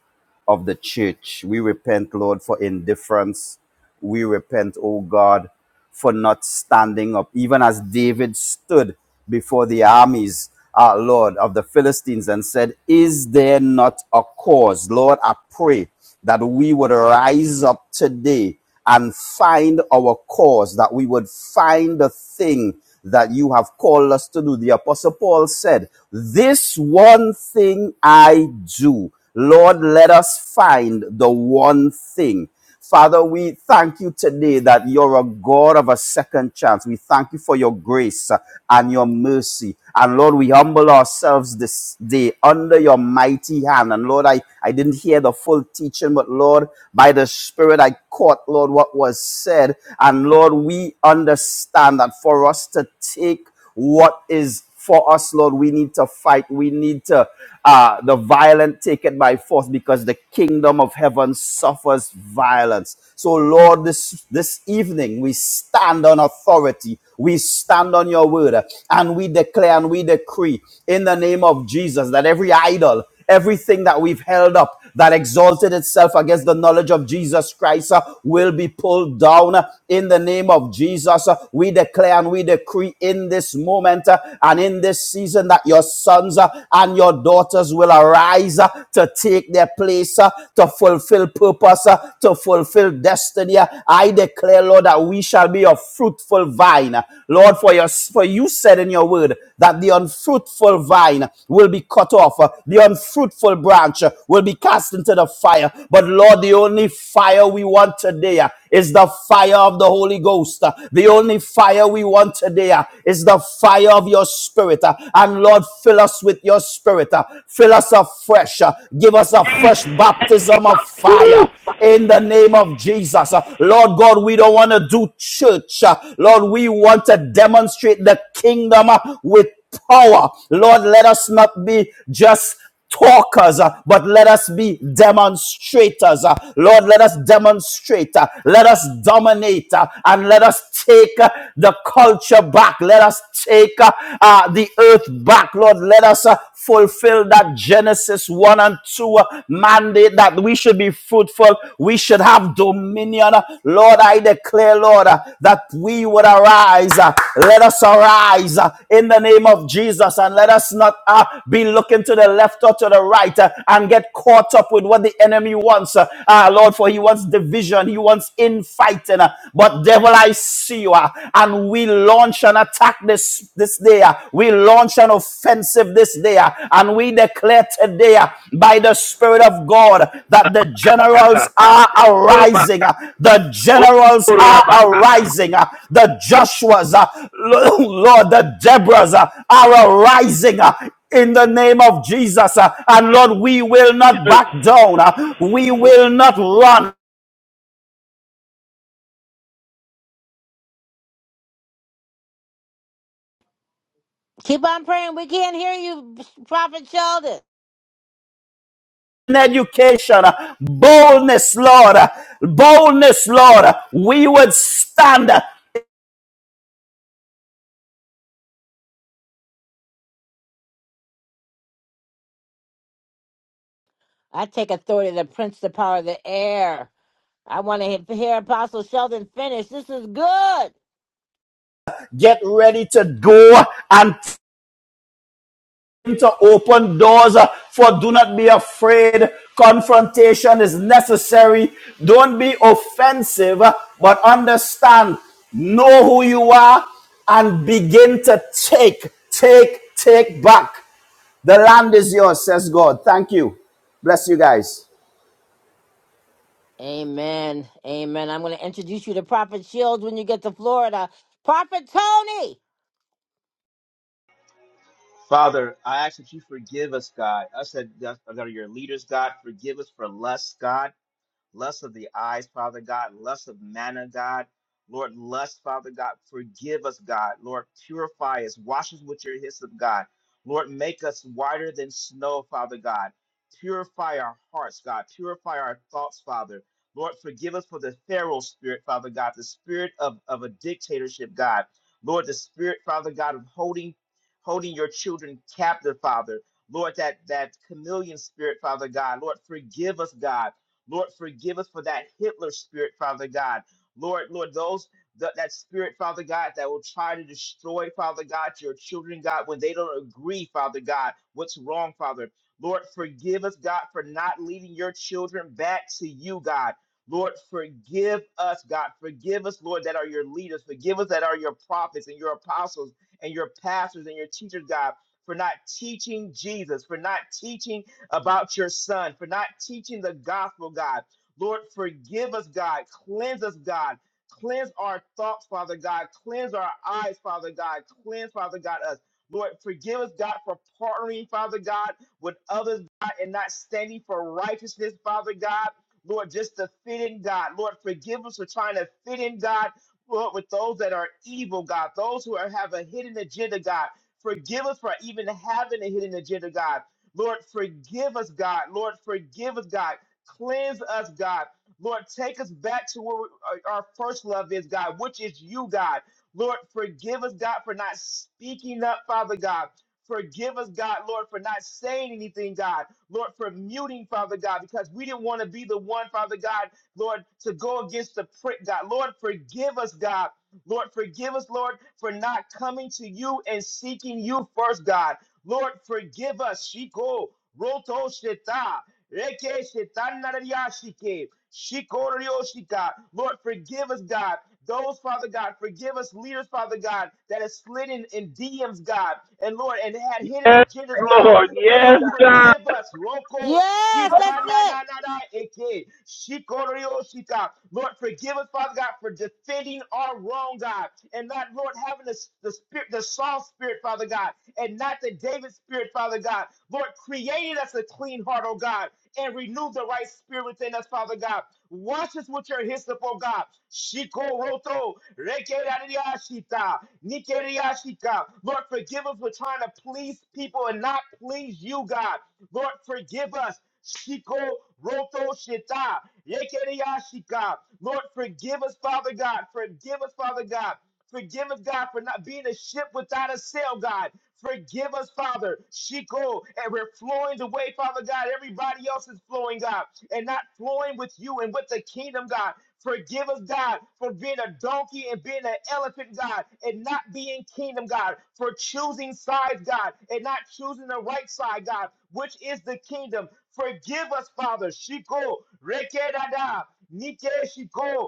of the church. We repent, Lord, for indifference. We repent, oh God, for not standing up, even as David stood before the armies, our Lord, of the Philistines and said, Is there not a cause? Lord, I pray that we would rise up today and find our cause, that we would find the thing that you have called us to do. The apostle Paul said, this one thing I do. Lord, let us find the one thing. Father, we thank you today that you're a God of a second chance. We thank you for your grace uh, and your mercy. And Lord, we humble ourselves this day under your mighty hand. And Lord, I, I didn't hear the full teaching, but Lord, by the Spirit, I caught, Lord, what was said. And Lord, we understand that for us to take what is for us, Lord. We need to fight. We need to uh, the violent take it by force because the kingdom of heaven suffers violence. So, Lord, this this evening we stand on authority. We stand on your word uh, and we declare and we decree in the name of Jesus that every idol Everything that we've held up that exalted itself against the knowledge of Jesus Christ uh, will be pulled down uh, in the name of Jesus. Uh, we declare and we decree in this moment uh, and in this season that your sons uh, and your daughters will arise uh, to take their place, uh, to fulfill purpose, uh, to fulfill destiny. Uh, I declare, Lord, that we shall be a fruitful vine. Lord, for your for you said in your word that the unfruitful vine will be cut off, uh, the unfruitful branch uh, will be cast into the fire. But Lord, the only fire we want today uh, is the fire of the Holy Ghost. uh, The only fire we want today uh, is the fire of your spirit. uh, And Lord, fill us with your spirit. uh, Fill us afresh. uh, Give us a
Jesus.
fresh baptism of
Woo!
fire in the the name of Jesus. Uh, Lord God, we don't want to do church. Uh, Lord, we want to demonstrate the kingdom uh, with power. Lord, let us not be just talkers, uh, but let us be demonstrators. uh. Lord, let us demonstrate, uh, let us dominate, uh, and let us take uh, the culture back. Let us take uh, uh, the earth back. Lord, let us uh, fulfill that Genesis 1 and 2 uh, mandate that we should be fruitful. We should have dominion. Lord, I declare, Lord, uh, that we would arise. uh, Let us arise uh, in the name of Jesus and let us not uh, be looking to the left or to the right uh, and get caught up with what the enemy wants. Uh, ah, Lord, for he wants division. He wants infighting. uh, But devil, I see you. uh, And we launch an attack this, this day. uh, We launch an offensive this day. uh, And we declare today uh, by the Spirit of God that the generals
Katata.
are
Ruba.
arising. uh, The
Oh,
generals are
Rabba.
arising. uh, The Joshuas, uh, Lord, the Deborahs uh, are arising. uh, in the name of Jesus. uh, And Lord, we will not back down. uh, We will not run.
Keep on praying. We can't hear you, Prophet Sheldon.
education, uh, boldness, Lord, uh, boldness, Lord. uh, We would stand, uh,
I take authority to prince the power of the air. I want to hear Apostle Sheldon finish. This is good.
get ready to go uh, and to open doors. uh, For do not be afraid. Confrontation is necessary. Don't be offensive, uh, but understand, know who you are, and begin to take, take, take back. The land is yours, says God. Thank you. Bless you guys.
Amen. Amen. I'm going to introduce you to Prophet Shields when you get to Florida. Prophet Tony.
Father, I ask that you forgive us, God. Us that, that are your leaders, God, forgive us for lust, God lust of the eyes, Father God, lust of manna, God. Lord, lust, Father God, forgive us, God. Lord, purify us, wash us with your hyssop, God. Lord, make us whiter than snow, Father God. Purify our hearts, God. Purify our thoughts, Father. Lord, forgive us for the Pharaoh spirit, Father God, the spirit of, of a dictatorship, God. Lord, the spirit, Father God, of holding holding your children captive, Father. Lord, that that chameleon spirit, Father God. Lord, forgive us, God. Lord, forgive us for that Hitler spirit, Father God. Lord, Lord, those that, that spirit, Father God, that will try to destroy, Father God, your children, God, when they don't agree, Father God, what's wrong, Father. Lord, forgive us, God, for not leading your children back to you, God. Lord, forgive us, God. Forgive us, Lord, that are your leaders. Forgive us that are your prophets and your apostles and your pastors and your teachers, God, for not teaching Jesus, for not teaching about your son for not teaching the gospel, God. Lord, forgive us, God. Cleanse us, God. Cleanse our thoughts, Father God. Cleanse our eyes, Father God. Cleanse, Father God, us. Lord, forgive us, God, for partnering, Father God, with others, God, and not standing for righteousness, Father God. Lord, just to fit in, God. Lord, forgive us for trying to fit in, God, Lord, with those that are evil, God, those who are, have a hidden agenda, God. Forgive us for even having a hidden agenda, God. Lord, forgive us, God. Lord, forgive us, God. Cleanse us, God. Lord, take us back to where we- our our first love is, God, which is you, God. Lord, forgive us, God, for not speaking up, Father God. Forgive us, God, Lord, for not saying anything, God. Lord, for muting, Father God, because we didn't want to be the one, Father God, Lord, to go against the prick, God. Lord, forgive us, God. Lord, forgive us, Lord, for not coming to you and seeking you first, God. Lord, forgive us. Shiko, roto shita. Rekeshe tanarariashike, shikororioshika. Lord, forgive us, God. Those, Father God, forgive us, leaders, Father God, that has slid in, in DMs, God, and Lord, and had hidden
Yes,
agendas, God.
Lord.
Lord,
Yes, God.
forgive us. Roko
Yes,
shita
that's
na
it.
na na na eke shikororioshika. Lord, forgive us, Father God, for defending our wrong, God, and not Lord having the, the spirit, the Saul spirit, Father God, and not the David spirit, Father God. Lord, created us a clean heart, oh God and renew the right spirit within us, Father God. Wash us with your hyssop, oh God. Shiko roto, rekerariashita, nikeriashika. Lord, forgive us for trying to please people and not please you, God. Lord, forgive us. Shiko roto shita, rekerariashika. Lord, forgive us, Father God. Forgive us, Father God. Forgive us, God, for not being a ship without a sail, God. Forgive us, Father. Shiko, and we're flowing the way, Father God. Everybody else is flowing, God, and not flowing with you and with the kingdom, God. Forgive us, God, for being a donkey and being an elephant, God, and not being kingdom, God, for choosing sides, God, and not choosing the right side, God, which is the kingdom. Forgive us, Father. Shiko, rekedada. Nike Shiko,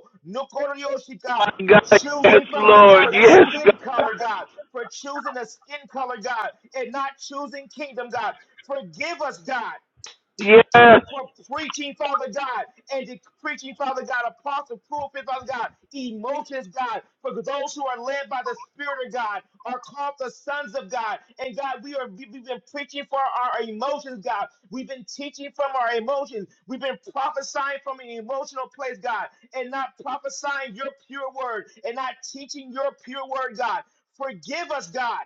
Oh,
Nokoryoshika,
My
for
God. Yes,
choosing, Father God,
Lord.
a
Yes, God.
skin color, God, for choosing a skin color, God, and not choosing kingdom, God. Forgive us, God
Yes.
for preaching, Father God, and de- preaching, Father God, apostle, prophet, Father God, emotions, God, for those who are led by the Spirit of God are called the sons of God. And God, we are we- we've been preaching for our emotions, God. We've been teaching from our emotions. We've been prophesying from an emotional place, God, and not prophesying your pure word and not teaching your pure word, God. Forgive us, God.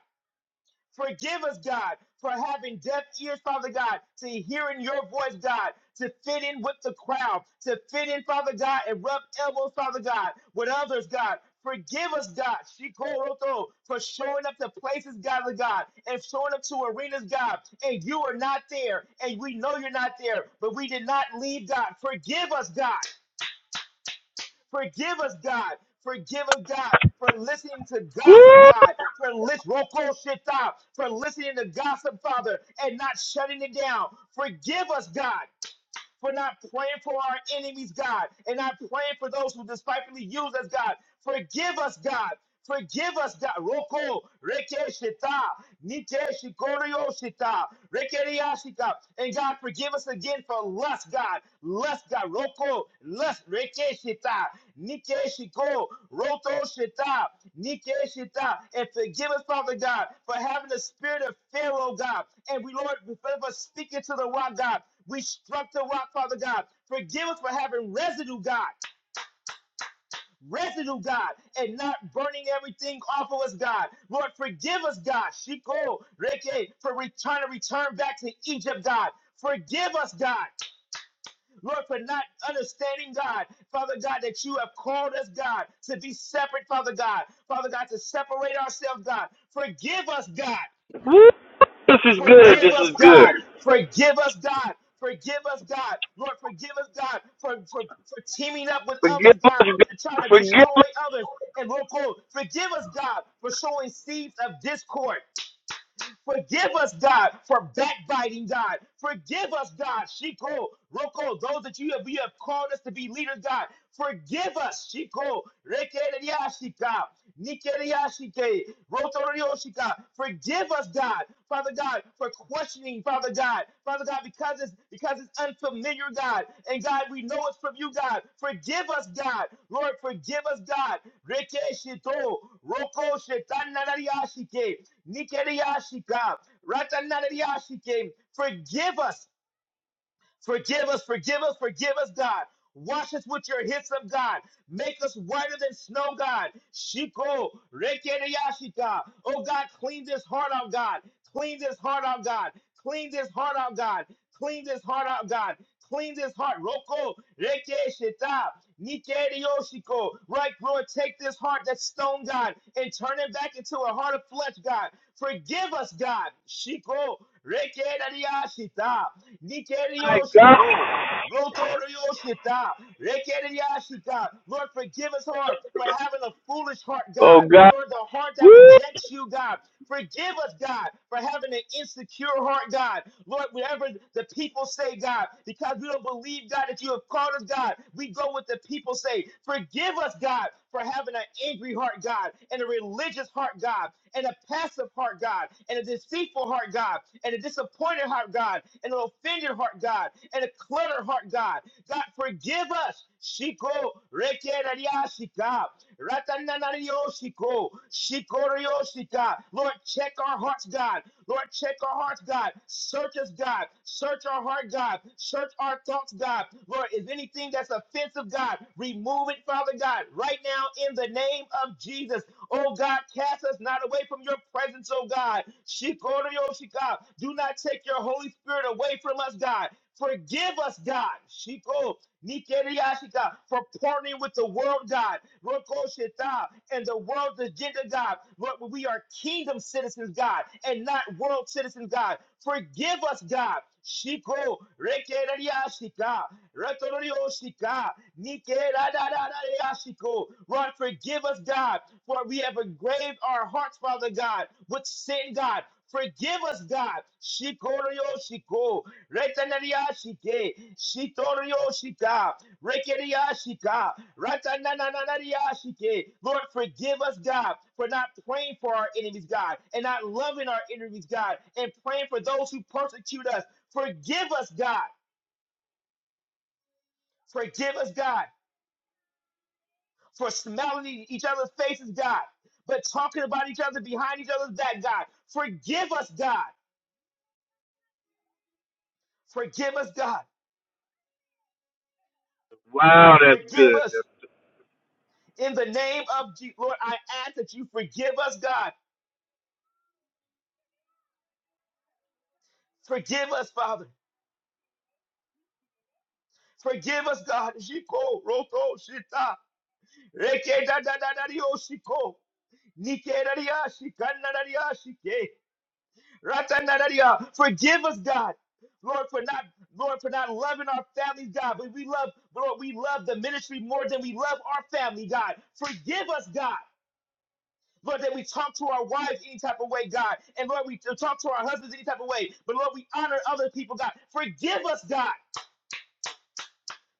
Forgive us, God, for having deaf ears, Father God, to hearing your voice, God, to fit in with the crowd, to fit in, Father God, and rub elbows, Father God, with others, God. Forgive us, God, Shikoroto, for showing up to places, God, oh God, and showing up to arenas, God, and you are not there, and we know you're not there, but we did not leave, God. Forgive us, God. Forgive us, God. Forgive us, God, for listening to gossip, God, for lis- roko shita, for listening to gossip, Father, and not shutting it down. Forgive us, God for not praying for our enemies, God, and not praying for those who despitefully use us, God. Forgive us, God. Forgive us, God. Roko, Reke Shita, Nike Shikorio Shita, Rekeria Shita. And God, forgive us again for lust, God. Lust, God. Roko, lust, Reke Shita, Nike Shiko, Roto Shita, Nike Shita. And forgive us, Father God, for having the spirit of Pharaoh, God. And we, Lord, forgive us speaking to the rock, God. We struck the rock, Father God. Forgive us for having residue, God. Residue, God, and not burning everything off of us, God. Lord, forgive us, God. Shiko, Reke, for return to return back to Egypt, God. Forgive us, God. Lord, for not understanding, God, Father God, that you have called us, God, to be separate, Father God. Father God, to separate ourselves, God. Forgive us, God.
This is good.
Forgive
This
us,
is good.
God. Forgive us, God. Forgive us, God. Lord, forgive us, God, for, for, for teaming up with
Forgive.
others,
me.
God, to try to
Forgive
destroy others. And Lord, Lord, forgive us, God, for showing seeds of discord. Forgive us, God, for backbiting, God. Forgive us, God. Shiko, Roko, those that you have, you have called us to be leaders, God. Forgive us, Shiko, Rekereyashika, Nikereyashike, Rotoryoshika. Forgive us, God, Father God, for questioning listening, Father God. Father God, because it's because it's unfamiliar, God. And God, we know it's from you, God. Forgive us, God. Lord, forgive us, God. Rekeshito, Roko Shetanariashike, Nikeriashika, Ratanariashike. Forgive us. Forgive us, forgive us, forgive us, God. Wash us with your hyssop, God. Make us whiter than snow, God. Shiko, rekereyashika. Oh, God, clean this heart out, God. Clean this heart out, God. Clean this heart out, God. Clean this heart out, God. Clean this heart. Roko, rekeshita. Nikeriyoshiko. Right, Lord, take this heart that's stone, God, and turn it back into a heart of flesh, God. Forgive us, God. Shiko, rekereyashita.
my God.
Nikeriyoshiko. Rotorioshita, Rekeriashita. Lord, forgive us, Lord, for having a foolish heart,
Oh,
God.
God.
Lord, the heart that
Woo.
rejects you, God. Forgive us, God, for having an insecure heart, God. Lord, whatever the people say, God, because we don't believe, God, that you have called us, God, we go with the people say. Forgive us, God, for having an angry heart, God, and a religious heart, God, and a passive heart, God, and a deceitful heart, God, and a disappointed heart, God, and an offended heart, God, and a cluttered heart, God. God, forgive us. Shiko, rekerariashika. Ratananarioshiko, shikoriosika. Lord, check our hearts, God. Lord, check our hearts, God. Search us, God. Search our heart, God. Search our thoughts, God. Lord, is anything that's offensive, God, remove it, Father God, right now in the name of Jesus. Oh God, cast us not away from your presence, oh God. Shikoriosika. Do not take your Holy Spirit away from us, God. Forgive us, God. Shiko. Nikeriashi, God, for partnering with the world, God, Rokoshita, and the world's agenda, God. Lord, we are kingdom citizens, God, and not world citizens, God. Forgive us, God. Shiko, Rekerariashi, God, Retorioshi, God, Nikeradadadariashi, God. Lord, forgive us, God, for we have engraved our hearts, Father God, with sin, God. Forgive us, God. Shikorio Shiko. Retanariashike, Shitorioshika, Rekeriashika, Ratananariashike. Lord, forgive us, God, for not praying for our enemies, God, and not loving our enemies, God, and praying for those who persecute us. Forgive us, God. Forgive us, God, for smelling each other's faces, God, but talking about each other behind each other's back, God. Forgive us, God. Forgive us, God.
Wow. That's
Forgive us. In the name of Jesus, Lord, I ask that you forgive us, God. Forgive us, Father. Forgive us, God. Shiko, roto, shita. Reke da da da da dio, shiko. Nike da dia, shikana da dia, shike. Ratana da dia. Forgive us, God. Lord, for not Lord, for not loving our family, God. But we love, Lord, we love the ministry more than we love our family, God. Forgive us, God. Lord, that we talk to our wives any type of way, God. And Lord, we talk to our husbands any type of way. But Lord, we honor other people, God. Forgive us, God,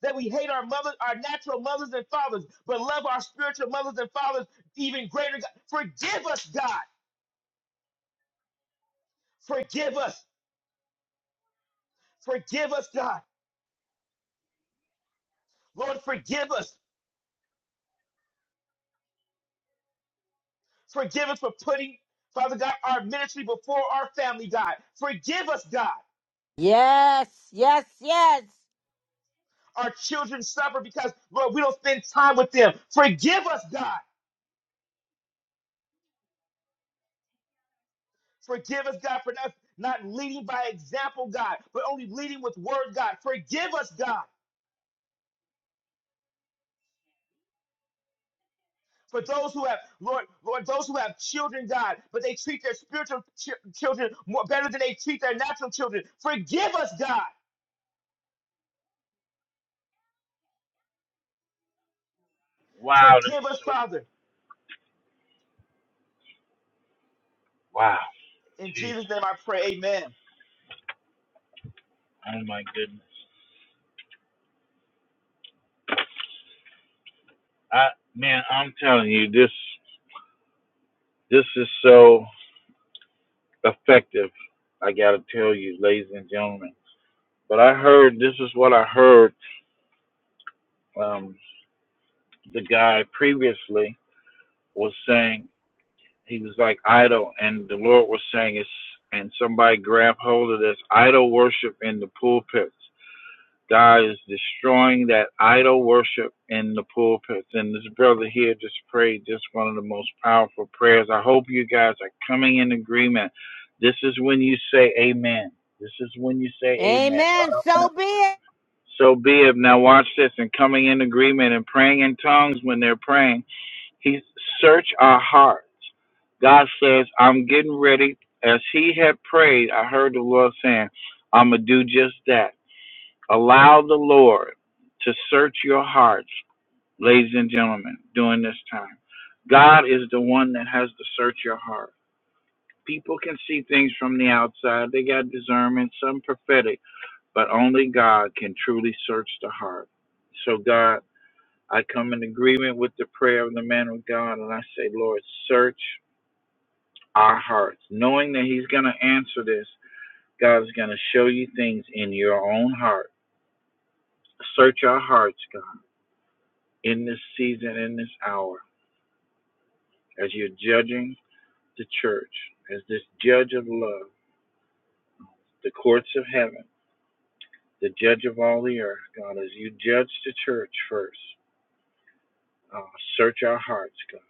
that we hate our mothers, our natural mothers and fathers, but love our spiritual mothers and fathers even greater. God. Forgive us, God. Forgive us. Forgive us, God. Lord, forgive us. Forgive us for putting, Father God, our ministry before our family, God. Forgive us, God.
Yes, yes, yes.
Our children suffer because, Lord, we don't spend time with them. Forgive us, God. Forgive us, God, for not, not leading by example, God, but only leading with word, God. Forgive us, God. For those who have, Lord, Lord, those who have children, God, but they treat their spiritual chi- children more better than they treat their natural children. Forgive us, God.
wow. This
Forgive
is
us,
so
Father.
wow.
In
Jesus.
Jesus' name, I pray. Amen.
Oh my goodness. I man, I'm telling you, this this is so effective. Like, I gotta tell you, ladies and gentlemen. But I heard this is what I heard. Um, the guy previously was saying he was like idol, and the Lord was saying it's and somebody grab hold of this idol worship in the pulpits. God is destroying that idol worship in the pulpits. And this brother here just prayed just one of the most powerful prayers. I hope you guys are coming in agreement. This is when you say amen. This is when you say amen.
Amen. So be it.
So be it. Now watch this and coming in agreement and praying in tongues when they're praying He search our hearts. God says, I'm getting ready. As he had prayed, I heard the Lord saying, I'm going to do just that. Allow the Lord to search your hearts, ladies and gentlemen, during this time. God is the one that has to search your heart. People can see things from the outside. They got discernment, some prophetic, but only God can truly search the heart. So, God, I come in agreement with the prayer of the man of God, and I say, Lord, search our hearts, knowing that He's going to answer this. God is going to show you things in your own heart. Search our hearts, God, in this season, in this hour, as you're judging the church, as this judge of love, the courts of heaven, the judge of all the earth, God, as you judge the church first. Uh, search our hearts, God.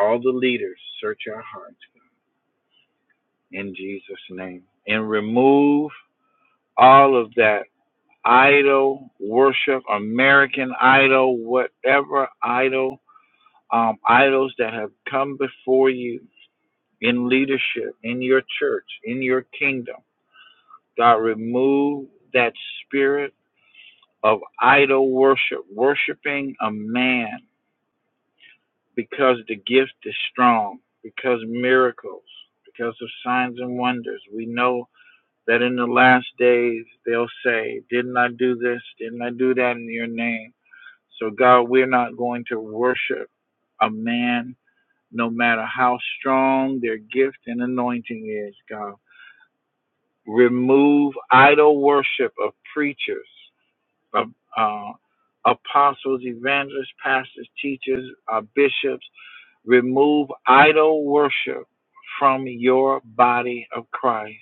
All the leaders, search our hearts God, in Jesus' name. And remove all of that idol worship, American idol, whatever idol, um, idols that have come before you in leadership, in your church, in your kingdom. God, remove that spirit of idol worship, worshiping a man because the gift is strong, because miracles, because of signs and wonders. We know that in the last days they'll say, Didn't I do this? Didn't I do that in your name? So, God, we're not going to worship a man, no matter how strong their gift and anointing is, God. Remove idol worship of preachers, of uh, apostles, evangelists, pastors, teachers, uh, bishops. Remove idol worship from your body of Christ,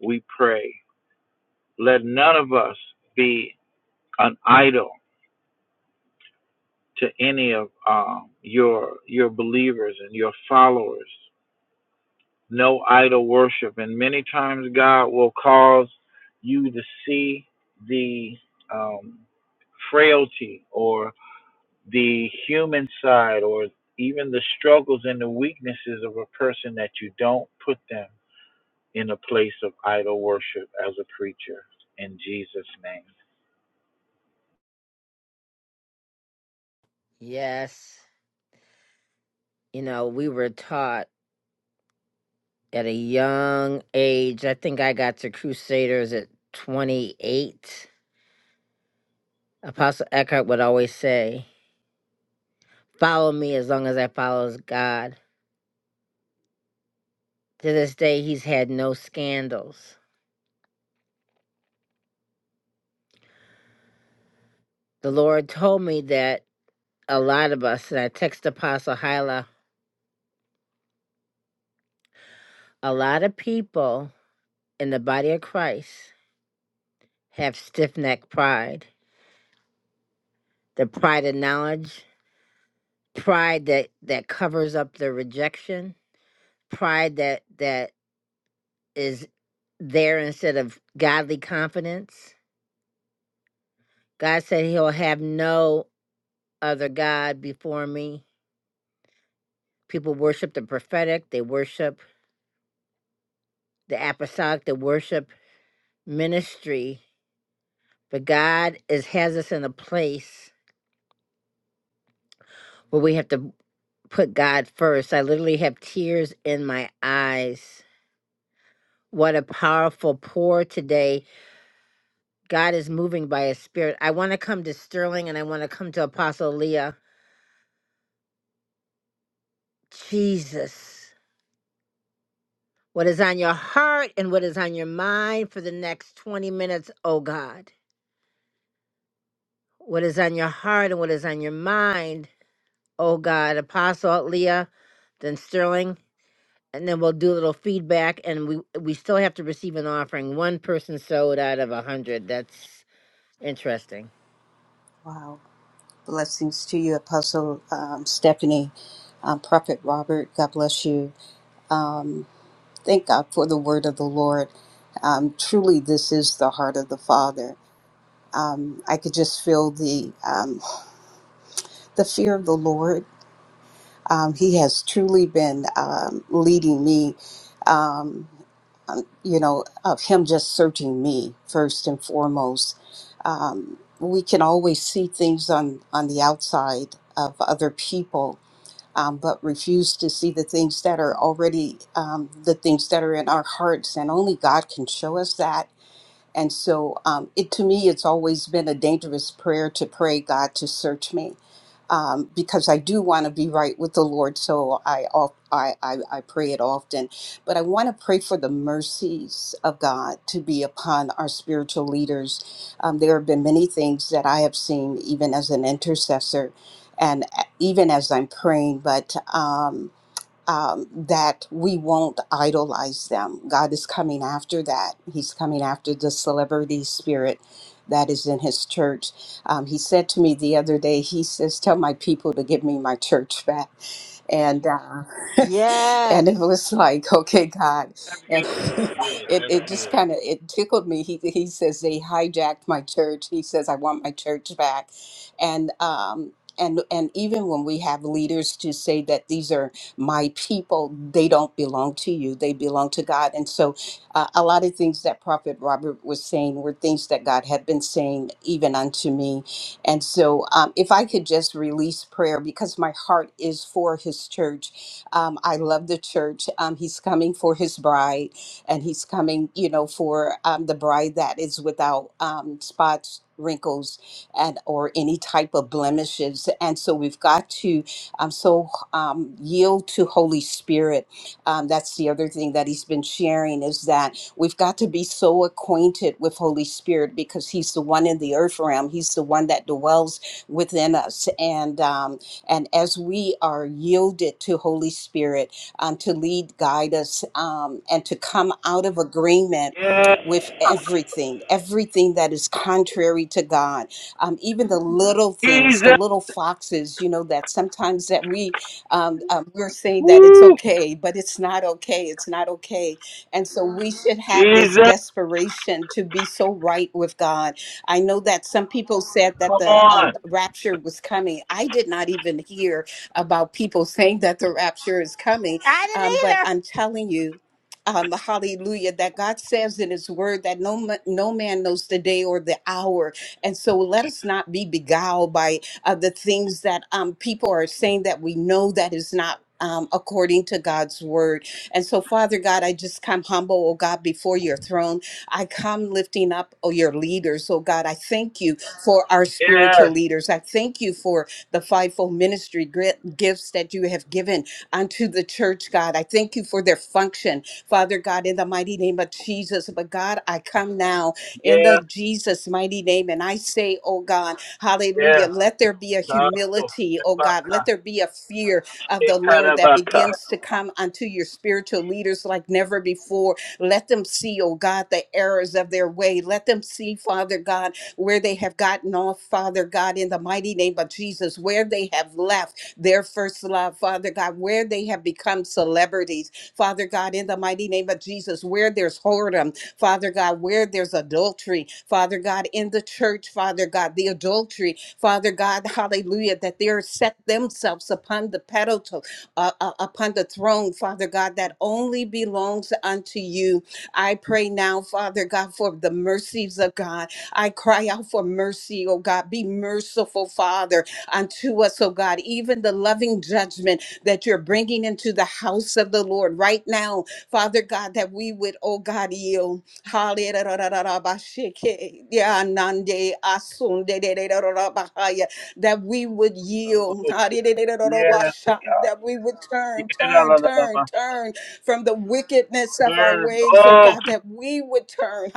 we pray. Let none of us be an idol to any of um, your your believers and your followers. no idol worship. And many times God will cause you to see the um, frailty or the human side or even the struggles and the weaknesses of a person that you don't put them in a place of idol worship as a preacher. In Jesus' name.
Yes. You know, we were taught. at a young age. I think I got to Crusaders at 28. Apostle Eckhart would always say, Follow me as long as I follow God. To this day, he's had no scandals. The Lord told me that a lot of us, and I text Apostle Hyla, a lot of people in the body of Christ have stiff necked pride. The pride of knowledge, pride that, that covers up the rejection, pride that, that is there instead of godly confidence. God said he'll have no other God before me. People worship the prophetic, they worship the apostolic, they worship ministry. But God is has us in a place where we have to put God first. I literally have tears in my eyes. What a powerful pour today. God is moving by his spirit. I want to come to Sterling and I want to come to Apostle Leah. Jesus. what is on your heart and what is on your mind for the next 20 minutes, oh God. What is on your heart and what is on your mind, oh God. Apostle Leah, then Sterling, and then we'll do a little feedback and we we still have to receive an offering. One person sold out of a hundred. That's interesting.
Wow. Blessings to you, Apostle um, Stephanie, um, Prophet Robert. God bless you. Um, thank God for the word of the Lord. Um, truly, this is the heart of the Father. Um, I could just feel the um, the fear of the Lord. Um, he has truly been um, leading me. Um, um, you know, of him just searching me first and foremost. Um, we can always see things on on the outside of other people, um, but refuse to see the things that are already um, the things that are in our hearts. And only God can show us that and so, um, it to me, it's always been a dangerous prayer to pray, God, to search me, um, because I do want to be right with the Lord. So I, of- I, I, I pray it often, but I want to pray for the mercies of God to be upon our spiritual leaders. Um, there have been many things that I have seen, even as an intercessor, and uh, even as I'm praying, but. Um, um, that we won't idolize them. God is coming after that. He's coming after the celebrity spirit that is in his church. Um, he said to me the other day, he says, Tell my people to give me my church back and uh, [laughs] and it
Yes.
was like okay god and [laughs] it, it just kind of it tickled me he, he says they hijacked my church he says i want my church back and um and and even when we have leaders to say that these are my people they don't belong to you they belong to god and so uh, a lot of things that prophet robert was saying were things that god had been saying even unto me and so, um, if I could just release prayer because my heart is for his church. Um, I love the church. Um, he's coming for his bride, and he's coming, you know, for um, the bride that is without um, spots wrinkles and or any type of blemishes and so we've got to um, so um, yield to holy spirit um, that's the other thing that he's been sharing is that We've got to be so acquainted with Holy Spirit because He's the one in the earth realm. He's the one that dwells within us. And um, and as we are yielded to Holy Spirit um, to lead, guide us, um, and to come out of agreement.
Yeah,
With everything, everything that is contrary to God, um, even the little things, the
Jesus.
little foxes, you know, that sometimes that we um, um, we're saying that it's okay, but it's not okay. It's not okay and so we should have this
Jesus,
desperation to be so right with God. I know that some people said that
come
the
on.
um, rapture was coming. I did not even hear about people saying that the rapture is coming.
I
Um, but
didn't either.
I'm telling you, um, hallelujah, that God says in His Word that no ma- no man knows the day or the hour, and so let us not be beguiled by uh, the things that um, people are saying that we know that is not. Um, according to God's word, and so, Father God, I just come humble, oh God, before your throne. I come lifting up, oh, your leaders, oh God. I thank you for our spiritual
Yes,
leaders. I thank you for the fivefold ministry gri- gifts that you have given unto the church, God. I thank you for their function, Father God, in the mighty name of Jesus. But God, I come now in
yes,
the Jesus mighty name and I say, oh God,
yes.
hallelujah, let there be a
Yes,
humility, oh God, let there be a fear of the Lord that
yes.
begins to come unto your spiritual leaders like never before. Let them see, oh God, the errors of their way. Let them see, Father God, where they have gotten off, Father God, in the mighty name of Jesus, where they have left their first love, Father God, where they have become celebrities, Father God, in the mighty name of Jesus, where there's whoredom, Father God, where there's adultery, Father God, in the church, Father God, the adultery, Father God, hallelujah, that they are set themselves upon the pedestal, uh, uh, upon the throne, Father God, that only belongs unto you. I pray now, Father God, for the mercies of God. I cry out for mercy, oh God. Be merciful, Father, unto us, oh God. Even the loving judgment that you're bringing into the house of the Lord right now, Father God, that we would, oh God, yield. Yeah, That we would yield.
Yes,
That we would turn, turn, turn, turn from the wickedness of our
Turn
ways, oh
oh
God, that we would turn.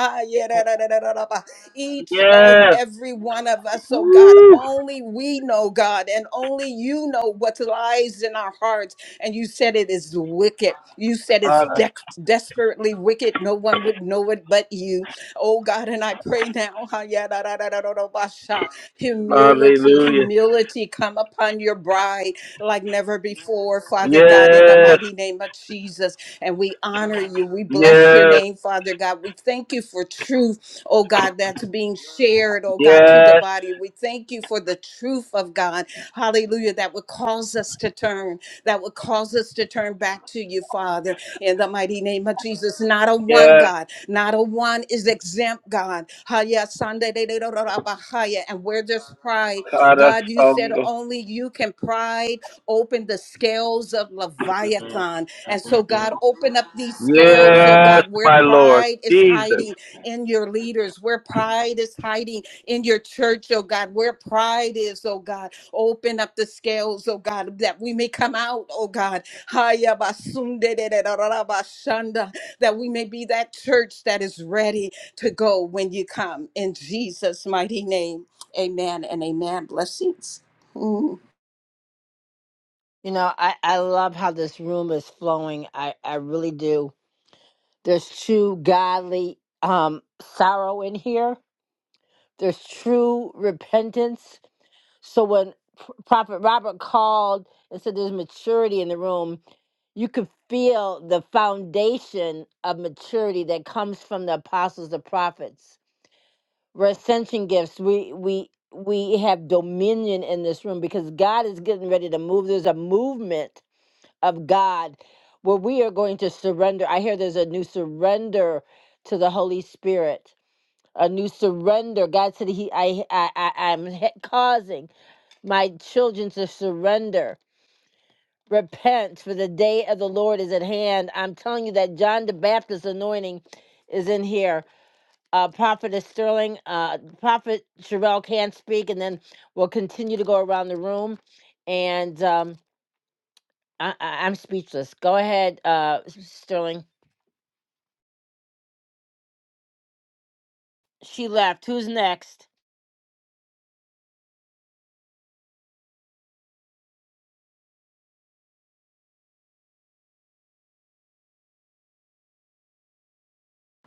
Each and
Yes.
every one of us, oh God,
Woo.
only we know, God, and only you know what lies in our hearts and you said it is wicked. You said it's
Hallelujah.
dec desperately wicked. No one would know it but you. Oh God, and I pray now, ha, ya, da, da, da, da, da, da, ba, sha. humility, humility come upon your bride like never before, Father God, in the
Yes.
mighty name of Jesus. And we honor you. We bless your
Yes.
name, Father God. We thank you for truth, oh God, that's being shared, oh God, to the
Yes.
body. We thank you for the truth of God, hallelujah, that would cause us to turn that would cause us to turn back to you, Father, in the mighty name of Jesus. Not a one,
Yes.
God. Not a one is exempt, God. Haya sande And where there's pride, God, you said
Karasongo.
only you can pride open the scales of Leviathan. And so, God, open up these scales, oh
Yes,
God, where
my Lord.
pride is
Jesus.
hiding
Let
in your leaders, where pride is hiding in your church, oh God, where pride is, oh God. Open up the scales, oh God, that we may come out, oh God. Haya basunde de de da da da bashanda, That we may be that church that is ready to go when you come. In Jesus' mighty name, amen and amen. Blessings. Mm.
You know, I, I love how this room is flowing. I, I really do. There's true godly um sorrow in here There's true repentance. So when P- Prophet Robert called and said there's maturity in the room, you could feel the foundation of maturity that comes from the apostles, the prophets. We're ascension gifts. We we we have dominion in this room because God is getting ready to move. There's a movement of God where we are going to surrender. I hear there's a new surrender to the Holy Spirit a new surrender. God said he I I, I I'm he- causing my children to surrender. Repent for the day of the Lord is at hand. I'm telling you that John the Baptist anointing is in here. Uh, Prophetess Sterling, uh, Prophet Sherelle can speak, and then we'll continue to go around the room. And um, I, I, I'm speechless. Go ahead, uh, Sterling. She left. Who's next?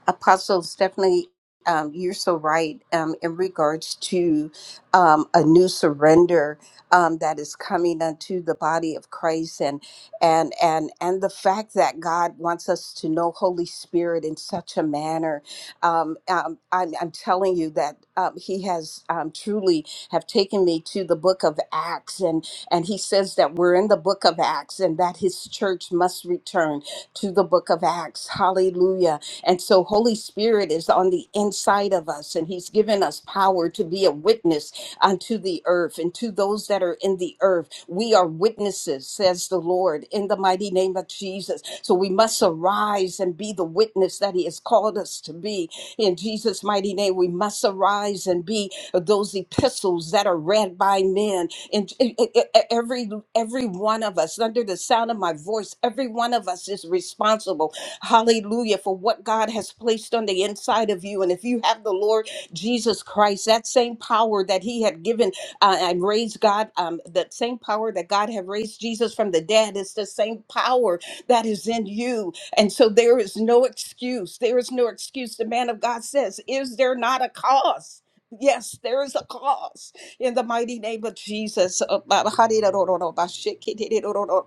Apostle Stephanie, um, you're so right um, in regards to um, a new surrender um, that is coming unto the body of Christ, and and and and the fact that God wants us to know Holy Spirit in such a manner. Um, um, I'm, I'm telling you that um, He has um, truly have taken me to the book of Acts, and and He says that we're in the book of Acts, and that His church must return to the book of Acts. Hallelujah and so, Holy Spirit is on the inside of us, and He's given us power to be a witness unto the earth and to those that are in the earth. We are witnesses, says the Lord, in the mighty name of Jesus. So, we must arise and be the witness that He has called us to be. In Jesus' mighty name, we must arise and be those epistles that are read by men. And e, e, e, every every one of us, under the sound sound of my voice, every one of us is responsible, hallelujah, for what God has placed on the inside of you. And if you have the Lord Jesus Christ, that same power that He had given uh, and raised God, um, that same power that God had raised Jesus from the dead is the same power that is in you. And so there is no excuse. There is no excuse. The man of God says, Is there not a cause? Yes, there is a cause. In the mighty name of Jesus. uh, ba- ba- hadi do do do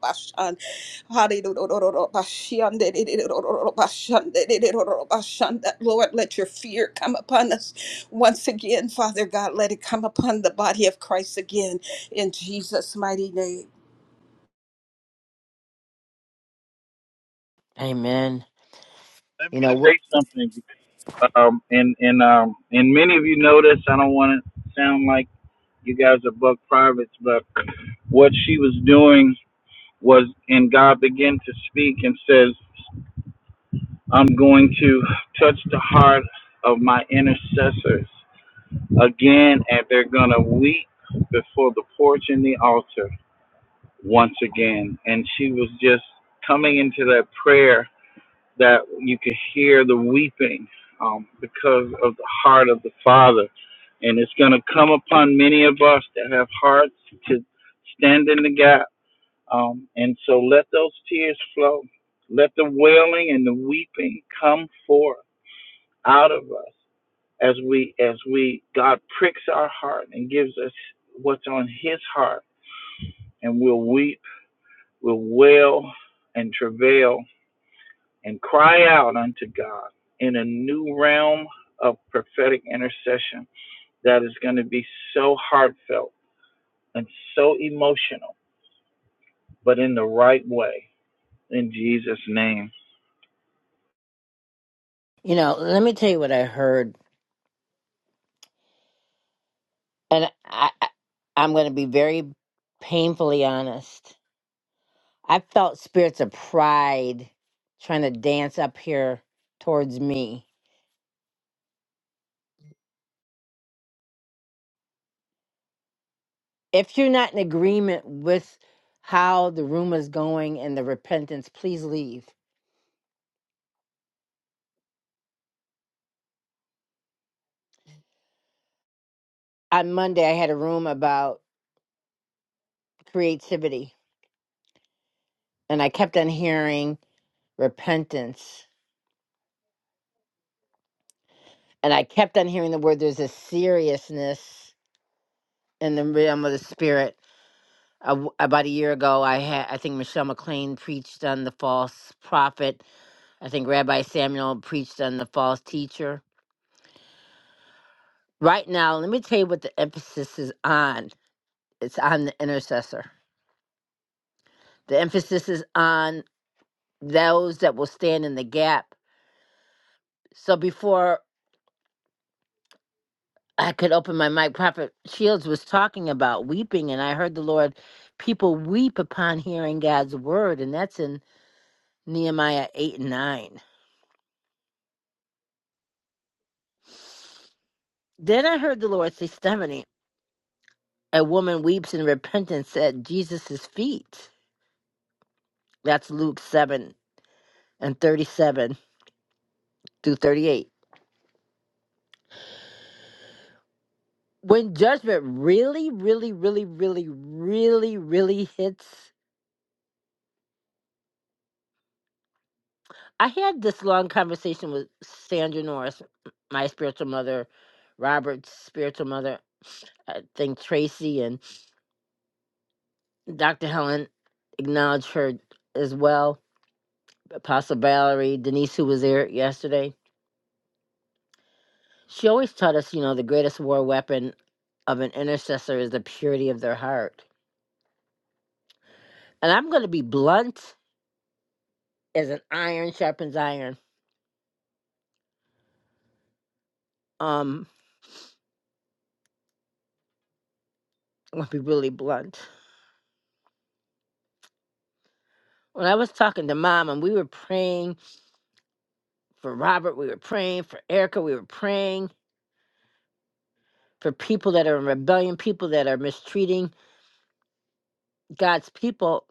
Lord, let your fear come upon us once again, Father God. Let it come upon the body of Christ again in Jesus' mighty name.
Amen. You
me
know, wh-
say something. Um, and, and, um, and many of you know this. I don't want to sound like you guys are buck privates, but what she was doing was, and God began to speak and says, I'm going to touch the heart of my intercessors again, and they're going to weep before the porch and the altar once again. And she was just coming into that prayer that you could hear the weeping um, because of the heart of the Father. And it's going to come upon many of us that have hearts to stand in the gap. Um, and so let those tears flow. Let the wailing and the weeping come forth out of us as we as we God pricks our heart and gives us what's on his heart and we'll weep, we'll wail and travail and cry out unto God in a new realm of prophetic intercession that is going to be so heartfelt and so emotional, but in the right way. In Jesus' name.
you know. Let me tell you what I heard And I, I- I'm going to be very painfully honest. I felt spirits of pride trying to dance up here towards me. If you're not in agreement with how the room is going and the repentance, please leave. On Monday, I had a room about creativity, and I kept on hearing repentance. And I kept on hearing the word there's a seriousness in the realm of the spirit a w about a year ago, I had I think Michelle McLean preached on the false prophet. I think Rabbi Samuel preached on the false teacher. Right now, let me tell you what the emphasis is on. It's on the intercessor. The emphasis is on those that will stand in the gap. So before I could open my mic, Prophet Shields was talking about weeping, and I heard the Lord, people weep upon hearing God's word, and that's in Nehemiah eight and nine. Then I heard the Lord say, Stephanie. A woman weeps in repentance at Jesus' feet. That's Luke 7 and 37 through 38. When judgment really, really, really, really, really, really hits, I had this long conversation with Sandra Norris, my spiritual mother, Robert's spiritual mother, I think Tracy, and Dr. Helen acknowledged her as well, Apostle Valerie, Denise, who was there yesterday. She always taught us, you know, the greatest war weapon of an intercessor is the purity of their heart. And I'm going to be blunt as an iron sharpens iron. Um, I'm going to be really blunt. When I was talking to mom and we were praying for Robert, we were praying for Erica, we were praying for people that are in rebellion, people that are mistreating God's people,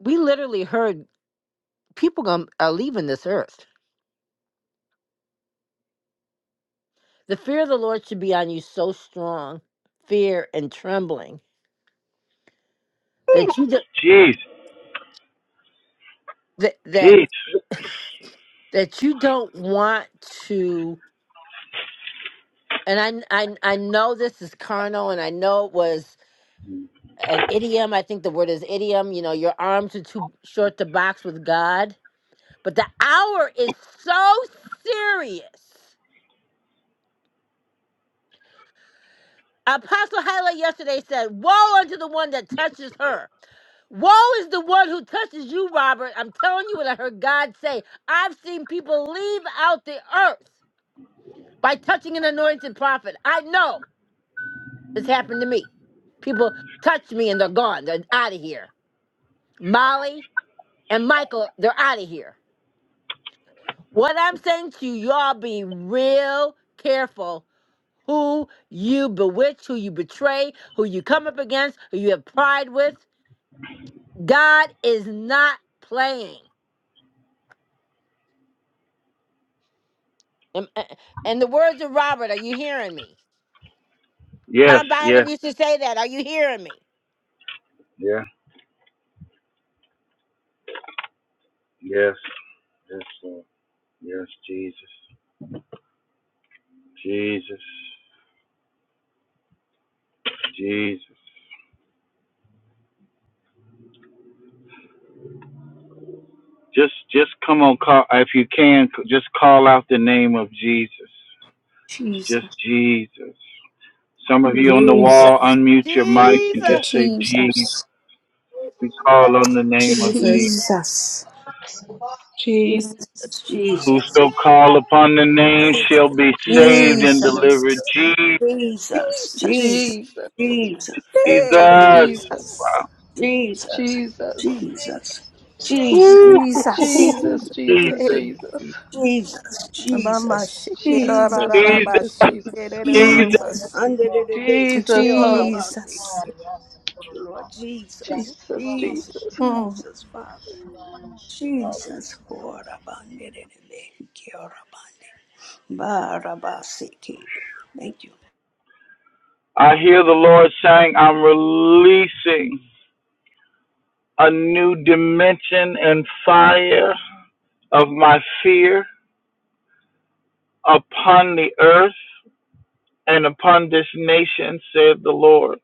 we literally heard people gon- are leaving this earth. The fear of the Lord should be on you so strong, fear and trembling, that you, do,
Jesus,
that that
Jesus,
that you don't want to and I, I i know this is carnal and i know it was an idiom i think the word is idiom you know your arms are too short to box with god but the hour is so serious apostle Hala yesterday said woe unto the one that touches her woe is the one who touches you robert i'm telling you what i heard god say i've seen people leave out the earth by touching an anointed prophet i know It's happened to me. People touch me and they're gone. They're out of here. Molly and Michael, they're out of here. What I'm saying to you, y'all be real careful who you bewitch, who you betray, who you come up against, who you have pride with. God is not playing. Am- uh, And the words of Robert, are you hearing me?
Yes,
Tom
yes,
Bynum used to say that. Are you hearing me?
yeah, yes, yes, Lord. yes, Jesus. Jesus. Jesus. Just just come on call if you can just call out the name of Jesus. Just
Jesus,
Jesus. Some of you on the
Jesus.
wall
Jesus,
unmute your mic and just say Jesus.
Jesus,
We call on the name of
Jesus.
Jesus.
Jesus.
Jesus,
Jesus.
Jesus, Jesus,
Whoso call upon the name shall be saved and
Jesus.
delivered.
Jesus,
Jesus,
Jesus.
Jesus, Jesus,
Jesus.
Jesus,
Jesus,
Hey,
Jesus,
Jesus,
Wow.
Jesus,
Jesus,
Jesus, Jesus,
Jesus.
Jesus.
Ooh,
Jesus,
Jesus.
Jesus,
Hey.
Jesus,
Jesus,
Mama
Jesus,
shake it, ra
Jesus,
ra ra,
Jesus,
ra ba,
Jesus.
Jesus,
shake it,
Jesus,
ra ra,
Jesus.
Jesus,
shikerararabashikererorobashe.
under the base,
Jesus, holy
Rabasi,
Jesus.
Lord Jesus,
Jesus,
Jesus,
Jesus.
Mm.
Jesus, Father, Jesus, Horabandi, Barabasi, Thank you.
I hear the Lord saying, I'm releasing. a new dimension and fire of my fear upon the earth and upon this nation, said the Lord.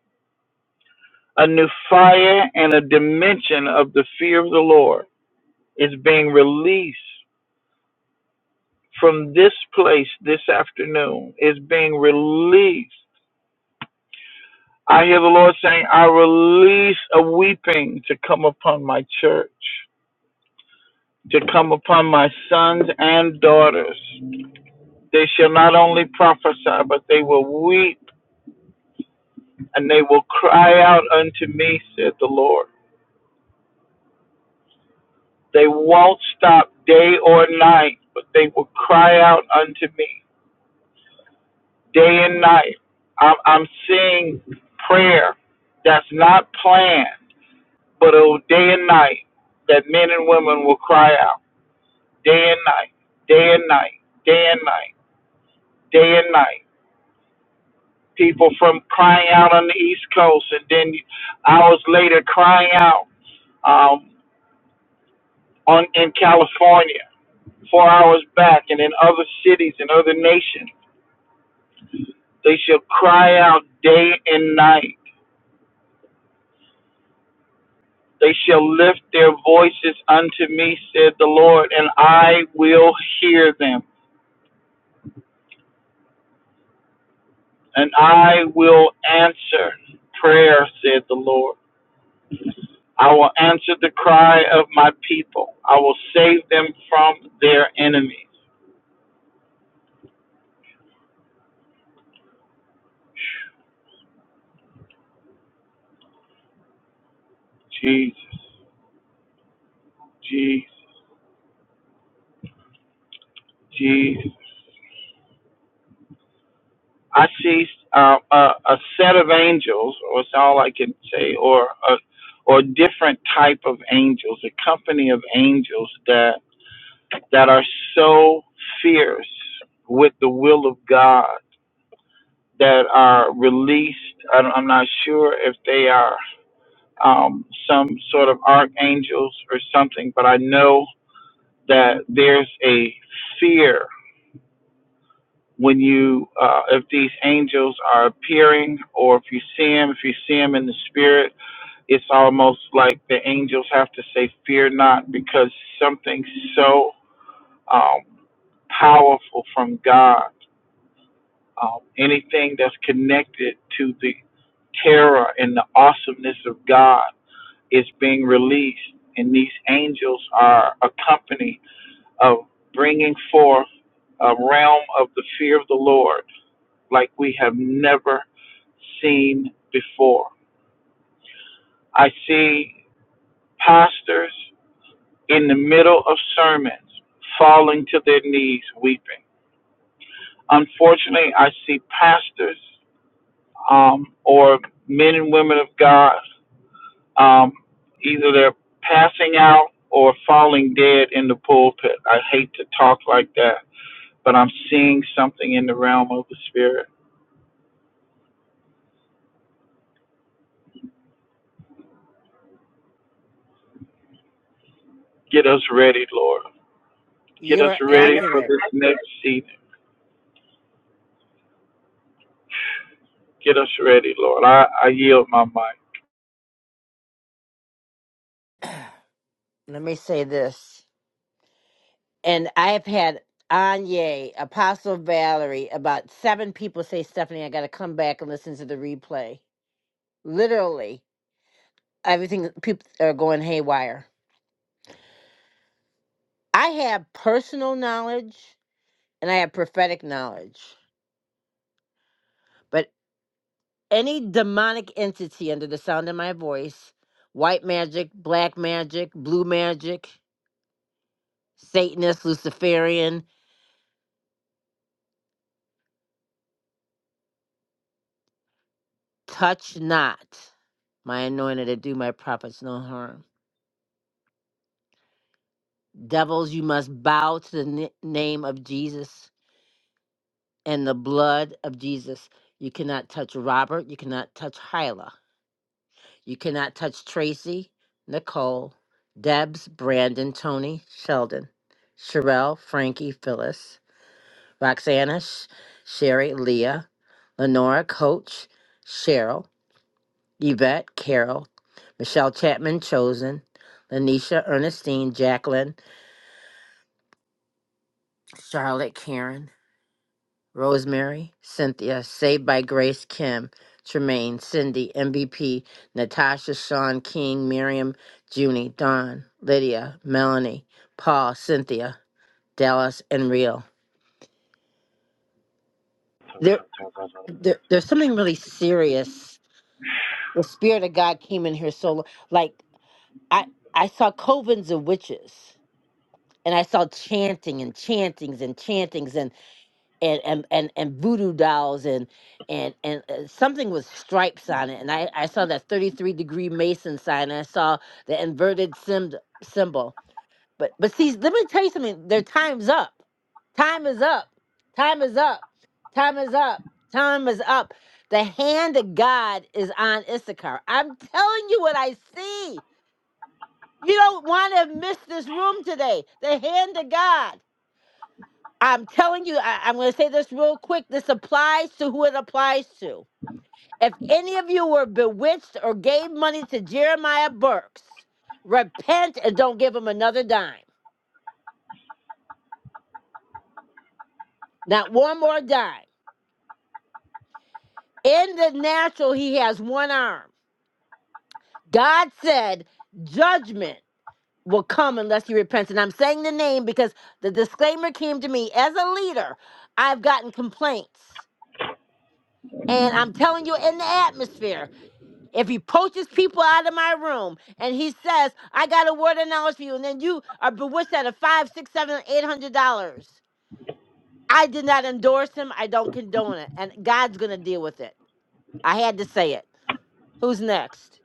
A new fire and a dimension of the fear of the Lord is being released from this place this afternoon. It's being released. I hear the Lord saying, I release a weeping to come upon my church, to come upon my sons and daughters. They shall not only prophesy, but they will weep and they will cry out unto me, said the Lord. They won't stop day or night, but they will cry out unto me day and night. I'm, I'm seeing prayer that's not planned, but oh, day and night, that men and women will cry out day and night, day and night, day and night, day and night. People from crying out on the East Coast and then hours later crying out um, on in California four hours back, and in other cities and other nations. They shall cry out day and night. They shall lift their voices unto me, said the Lord, and I will hear them, and I will answer prayer, said the Lord. I will answer the cry of my people. I will save them from their enemies. Jesus, Jesus, Jesus. I see uh, a, a set of angels, or it's all I can say, or a or different type of angels, a company of angels that that are so fierce with the will of God that are released. I don't- I'm not sure if they are um, some sort of archangels or something, but I know that there's a fear when you uh, if these angels are appearing or if you see them if you see them in the spirit it's almost like the angels have to say fear not because something so um, powerful from god um, anything that's connected to the terror and the awesomeness of god is being released and these angels are a company of bringing forth a realm of the fear of the lord like we have never seen before. I see pastors in the middle of sermons falling to their knees weeping. Unfortunately, I see pastors um, or men and women of God um, either they're passing out or falling dead in the pulpit. I hate to talk like that, but I'm seeing something in the realm of the spirit. Get us ready, Lord. Get us
You're
ready for
accurate.
this next season. Get us ready, Lord. I, I yield my mic.
Let me say this. and I've had Anya, Apostle Valerie, about seven people say, Stephanie, I got to come back and listen to the replay. Literally, everything, people are going haywire. I have personal knowledge and I have prophetic knowledge, but any demonic entity under the sound of my voice, white magic, black magic, blue magic, Satanist, Luciferian, touch not my anointed to do my prophets no harm. Devils, you must bow to the ni- name of Jesus and the blood of Jesus. You cannot touch Robert. You cannot touch Hyla. You cannot touch Tracy, Nicole, Debs, Brandon, Tony, Sheldon, Sherelle, Frankie, Phyllis, Roxana, Sh- Sherry, Leah, Lenora, Coach, Cheryl, Yvette, Carol, Michelle Chapman, Chosen, Lanisha, Ernestine, Jacqueline, Charlotte, Karen, Rosemary, Cynthia, Saved by Grace, Kim, Tremaine, Cindy, MVP, Natasha, Sean, King, Miriam, Junie, Don, Lydia, Melanie, Paul, Cynthia, Dallas, and Real. There, there, there's something really serious. The Spirit of God came in here so, like, I, I saw covens of witches. And I saw chanting and chantings and chantings and and and, and voodoo dolls and and and uh, something with stripes on it and i i saw that 33 degree mason sign and i saw the inverted sim symbol but but see let me tell you something their time's up time is up time is up time is up time is up the hand of god is on issachar i'm telling you what i see you don't want to miss this room today the hand of god I'm telling you, I, I'm going to say this real quick. This applies to who it applies to. If any of you were bewitched or gave money to Jeremiah Burks, repent and don't give him another dime. Not one more dime. In the natural, he has one arm. God said judgment will come unless he repents. And I'm saying the name because the disclaimer came to me as a leader. I've gotten complaints. And I'm telling you, in the atmosphere, If he poaches people out of my room and he says, I got a word of knowledge for you, and then you are bewitched out of five, six, seven, eight hundred dollars. I did not endorse him. I don't condone it. And God's gonna deal with it. I had to say it. Who's next?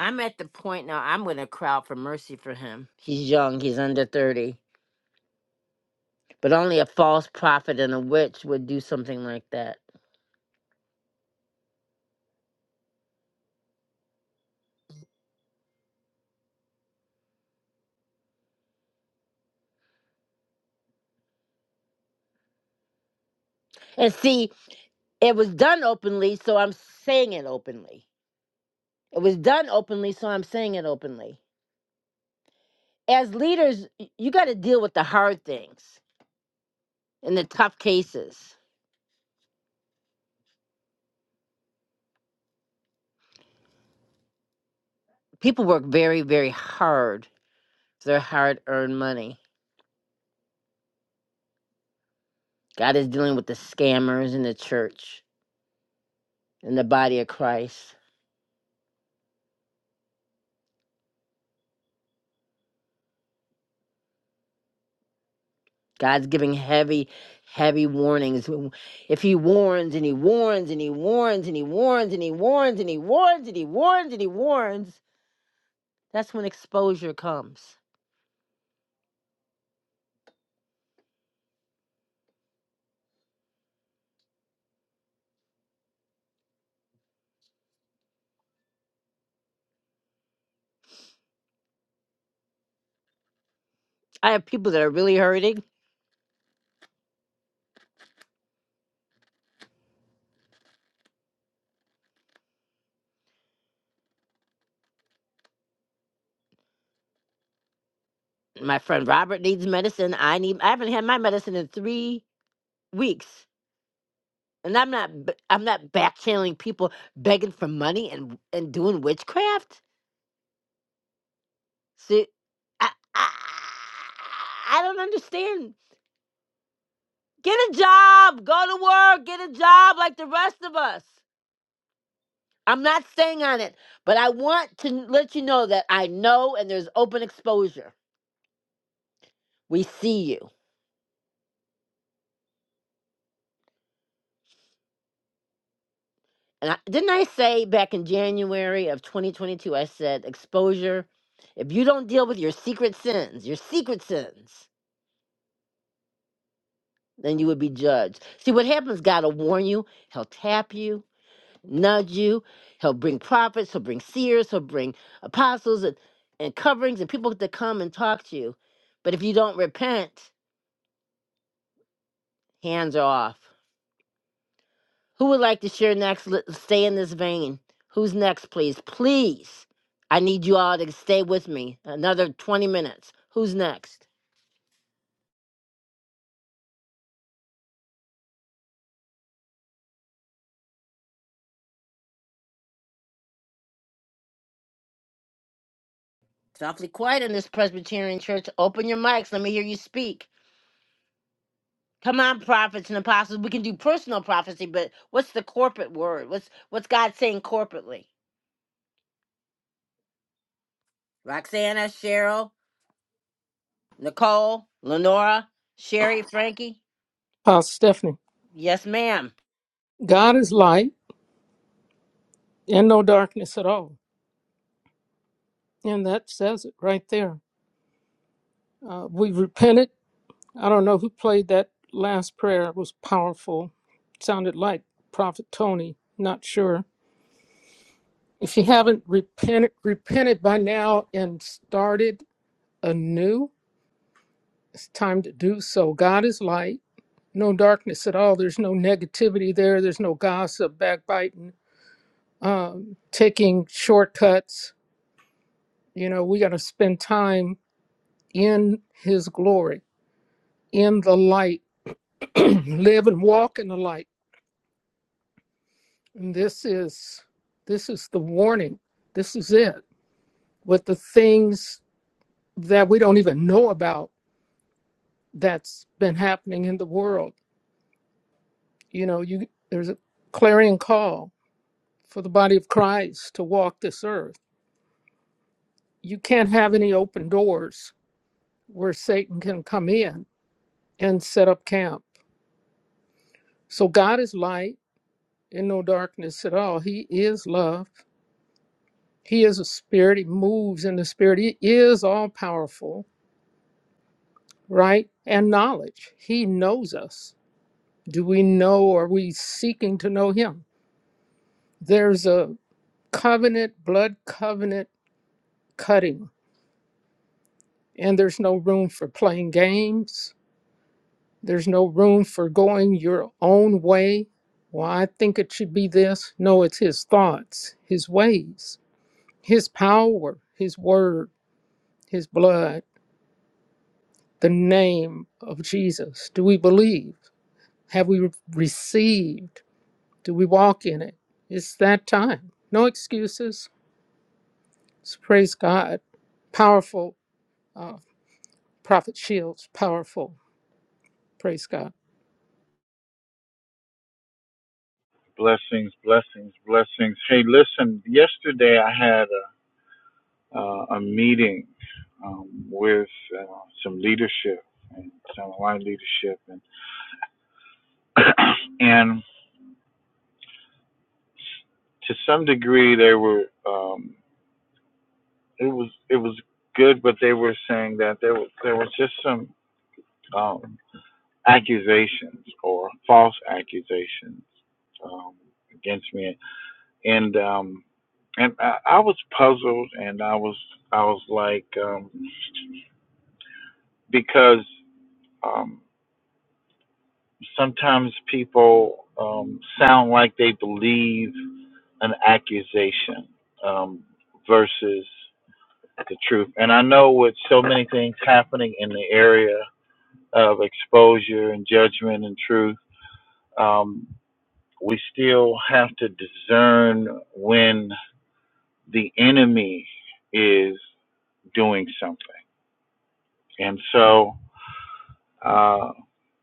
I'm at the point now I'm gonna crowd for mercy for him. He's young, he's under thirty. But only a false prophet and a witch would do something like that. And see, it was done openly, so I'm saying it openly. It was done openly, so I'm saying it openly. as leaders, y- you got to deal with the hard things and the tough cases. People work very, very hard for their hard earned money. God is dealing with the scammers in the church and the body of Christ. God's giving heavy, heavy warnings. W- If He warns and He warns and He warns and He warns and He warns and He warns and He warns and He warns, that's when exposure comes. I have people that are really hurting. My friend Robert needs medicine. I need. I haven't had my medicine in three weeks. And I'm not b- I'm not back channeling people begging for money and and doing witchcraft. See, I, I I don't understand. Get a job, go to work, get a job like the rest of us. I'm not staying on it, but I want to n- let you know that I know and there's open exposure. We see you. And I, didn't I say back in January of 2022 I said exposure if you don't deal with your secret sins, your secret sins then you would be judged. See, what happens, God will warn you, He'll tap you, nudge you, He'll bring prophets, He'll bring seers, He'll bring apostles and, and coverings and people to come and talk to you. But if you don't repent, hands are off. Who would like to share next? Let- Stay in this vein. Who's next, please? Please. I need you all to stay with me another 20 minutes. Who's next? It's awfully quiet in this Presbyterian church. Open your mics. Let me hear you speak. Come on, prophets and apostles. We can do personal prophecy, but what's the corporate word? What's what's God saying corporately? Roxana, Cheryl, Nicole, Lenora, Sherry, Frankie.
Pastor Stephanie,
Yes, ma'am.
God is light and no darkness at all. And that says it right there. Uh, we repented. I don't know who played that last prayer. It was powerful. It Sounded like Prophet Tony. Not sure If you haven't repented, repented by now and started anew, it's time to do so. God is light, no darkness at all. There's no negativity there. There's no gossip, backbiting, um, taking shortcuts. You know, we got to spend time in His glory, in the light, [clears throat] live and walk in the light. And this is this is the warning. This is it. With the things that we don't even know about that's been happening in the world. You know, you there's a clarion call for the body of Christ to walk this earth. You can't have any open doors where Satan can come in and set up camp. So God is light and no darkness at all. He is love. He is a spirit. He moves in the spirit. He is all powerful, right? And knowledge. He knows us. Do we know? Are we seeking to know him? There's a covenant, blood covenant cutting. And there's no room for playing games. There's no room for going your own way. Well, I think it should be this. No, it's his thoughts, his ways, his power, his word, his blood, the name of Jesus. Do we believe? Have we received? Do we walk in it? It's that time. No excuses. So praise God. Powerful. Uh, Prophet Shields, powerful. Praise God.
Blessings, blessings, blessings. Hey, listen, yesterday I had a, uh, a meeting um, with uh, some leadership and some line leadership, and [clears throat] and to some degree they were um, it was it was good, but they were saying that there was there was just some um, accusations or false accusations um, against me, and um, and I, I was puzzled, and I was I was like um, because um, sometimes people um, sound like they believe an accusation um, versus the truth, and I know with so many things happening in the area of exposure and judgment and truth. Um, we still have to discern when the enemy is doing something. And so, uh,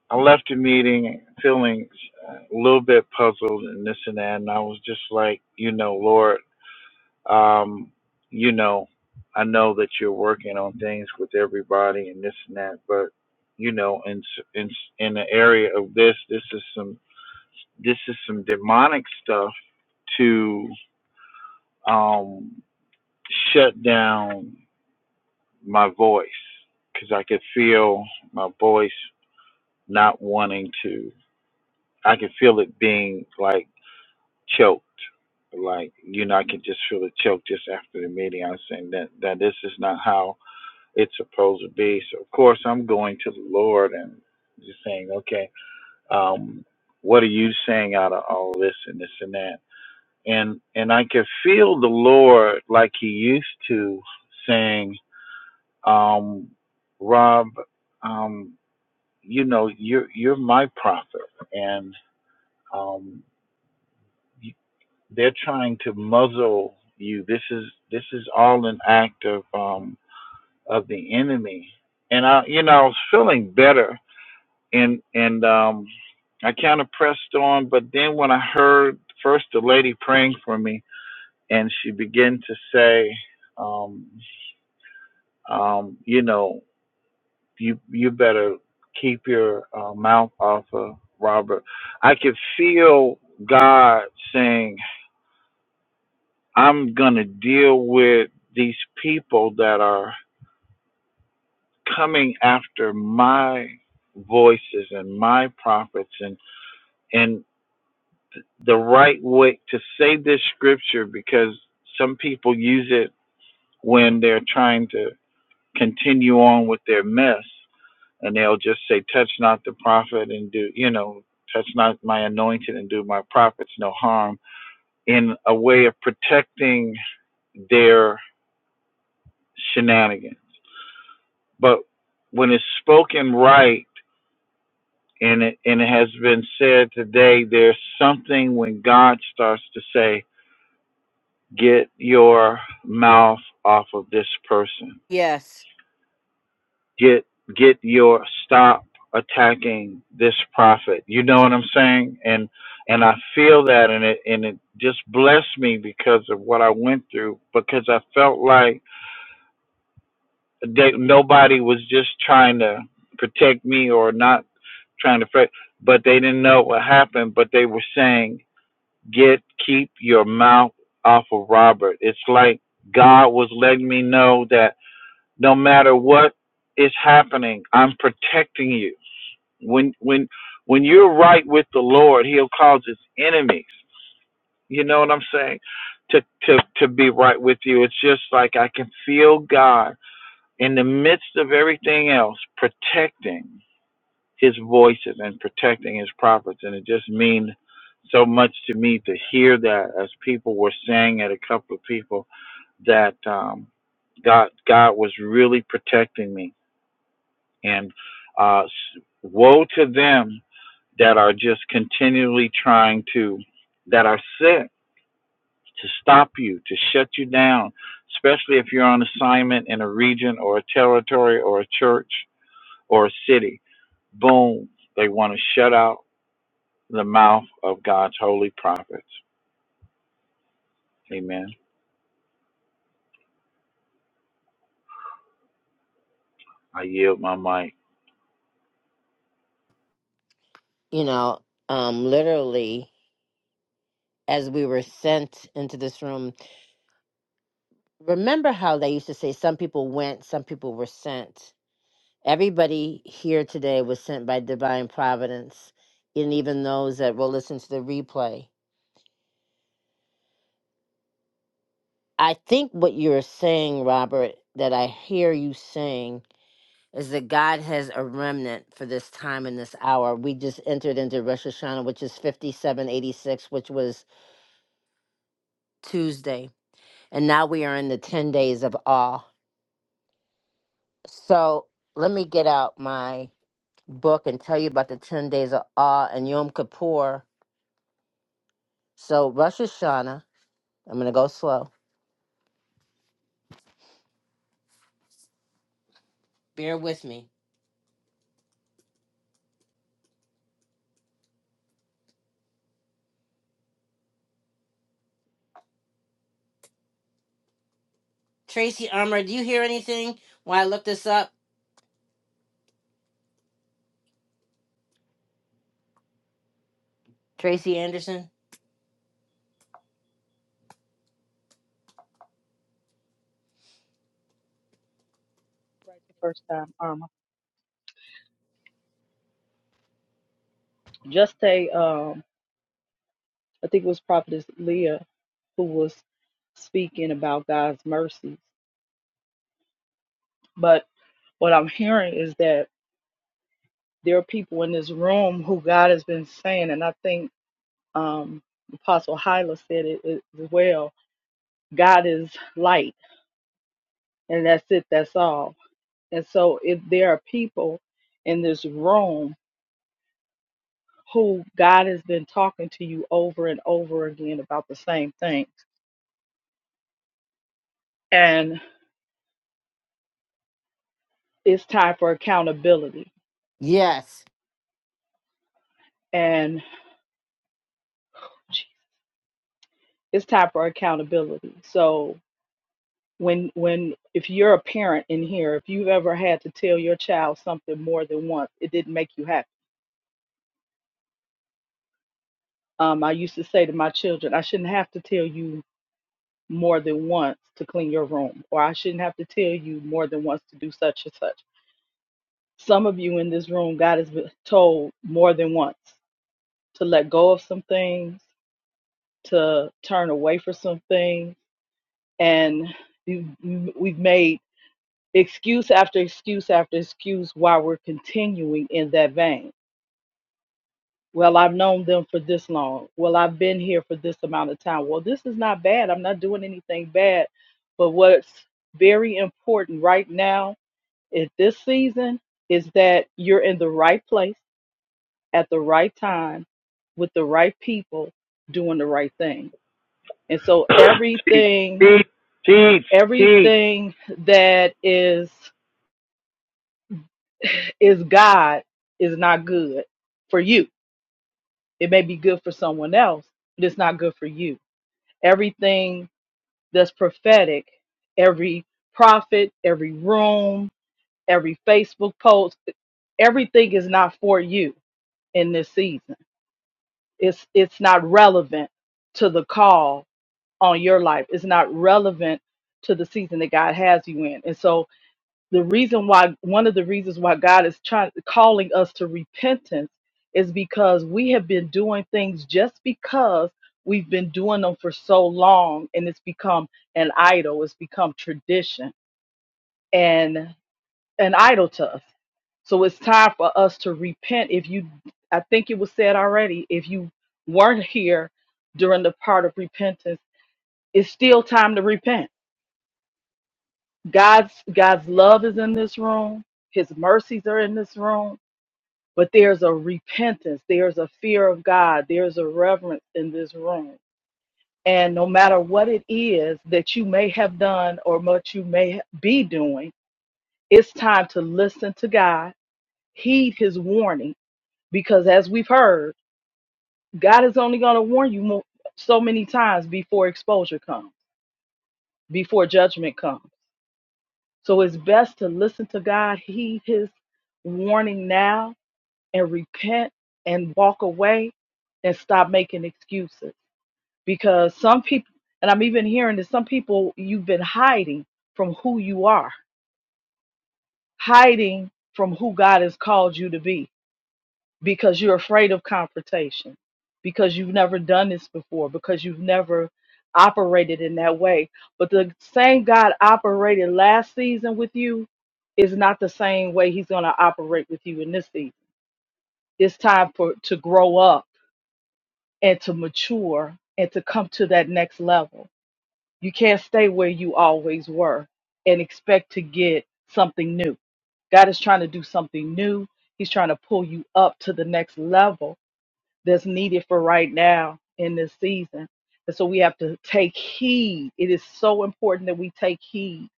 I left the meeting feeling uh, a little bit puzzled and this and that, and I was just like, you know, Lord, um, you know, I know that you're working on things with everybody and this and that, but you know, in s- in s- in the area of this, this is some this is some demonic stuff to um, shut down my voice because I could feel my voice not wanting to. I could feel it being like choked. Like, you know, I could just feel the choke just after the meeting. I was saying that, that this is not how it's supposed to be. So, of course, I'm going to the Lord and just saying, okay, um, what are you saying out of all this and this and that? And, and I could feel the Lord like he used to saying, um, Rob, um, you know, you're, you're my prophet and, um, They're trying to muzzle you. This is this is all an act of um, of the enemy. And I, you know, I was feeling better, and and um, I kind of pressed on. But then when I heard first the lady praying for me, and she began to say, um, um, you know, you you better keep your uh, mouth off of Robert. I could feel God saying. I'm going to deal with these people that are coming after my voices and my prophets and and the right way to say this scripture because some people use it when they're trying to continue on with their mess and they'll just say touch not the prophet and do you know touch not my anointed and do my prophets no harm in a way of protecting their shenanigans But when it's spoken right and it, and it has been said today, there's something when God starts to say, "Get your mouth off of this person.
Yes.
Get get your stop attacking this prophet." You know what I'm saying? And and I feel that, and it and it just blessed me because of what I went through, because I felt like that nobody was just trying to protect me or not trying to pray, but they didn't know what happened. But they were saying, "Get keep your mouth off of Robert." It's like God was letting me know that no matter what is happening, I'm protecting you. When when when you're right with the Lord, He'll cause His enemies. You know what I'm saying? To to to be right with you. It's just like I can feel God in the midst of everything else protecting his voice and, and protecting his prophets. And it just means so much to me to hear that as people were saying at a couple of people that um, God God was really protecting me. And uh, s- woe to them that are just continually trying to that are set to stop you, to shut you down, especially if you're on assignment in a region or a territory or a church or a city. Boom, they want to shut out the mouth of God's holy prophets. Amen. I yield my mic.
You know, um, literally, as we were sent into this room, remember how they used to say some people went, some people were sent. Everybody here today was sent by divine providence, and even those that will listen to the replay. I think what you're saying, Robert, that I hear you saying is that God has a remnant for this time and this hour. We just entered into Rosh Hashanah, which is 5786, which was Tuesday. And now we are in the 10 days of awe. So let me get out my book and tell you about the 10 days of awe and Yom Kippur. So, Rosh Hashanah, I'm going to go slow. Bear with me. Tracy Armour, do you hear anything while I look this up? Tracy Anderson?
Right the first time, Irma. Just a, um, I think it was Prophetess Leah who was speaking about God's mercies. But what I'm hearing is that there are people in this room who God has been saying, and I think um, Apostle Hyla said it it as well. God is light, and that's it. That's all. And so, if there are people in this room who God has been talking to you over and over again about the same thing, and it's time for accountability,
Yes.
and it's time for accountability. So when when if you're a parent in here, if you've ever had to tell your child something more than once, it didn't make you happy Um, I used to say to my children, I shouldn't have to tell you more than once to clean your room, or I shouldn't have to tell you more than once to do such and such. Some of you in this room, God has been told more than once to let go of some things, to turn away from some things, and you- you- we've made excuse after excuse after excuse while we're continuing in that vein. Well, I've known them for this long. Well, I've been here for this amount of time. Well, this is not bad. I'm not doing anything bad. But what's very important right now at this season is that you're in the right place at the right time with the right people doing the right thing. And so
[coughs] teach,
everything,
teach, teach, teach.
everything that is is God is not good for you. It may be good for someone else, but it's not good for you. everything that's prophetic, every prophet, every room, every Facebook post, everything is not for you in this season. It's it's not relevant to the call on your life. It's not relevant to the season that God has you in. And so the reason why one of the reasons why God is trying calling us to repentance is because we have been doing things just because we've been doing them for so long and it's become an idol it's become tradition and an idol to us so it's time for us to repent if you i think it was said already if you weren't here during the part of repentance it's still time to repent god's god's love is in this room his mercies are in this room but there's a repentance, there's a fear of God, there's a reverence in this room. And no matter what it is that you may have done or what you may be doing, it's time to listen to God, heed his warning, because as we've heard, God is only going to warn you mo- so many times before exposure comes, before judgment comes. So it's best to listen to God, heed his warning now, and repent and walk away and stop making excuses. Because some people, and I'm even hearing that some people, you've been hiding from who you are, hiding from who God has called you to be because you're afraid of confrontation, because you've never done this before, because you've never operated in that way. But the same God operated last season with you is not the same way he's going to operate with you in this season. It's time for to grow up and to mature and to come to that next level. You can't stay where you always were and expect to get something new. God is trying to do something new. He's trying to pull you up to the next level that's needed for right now in this season. And so we have to take heed. It is so important that we take heed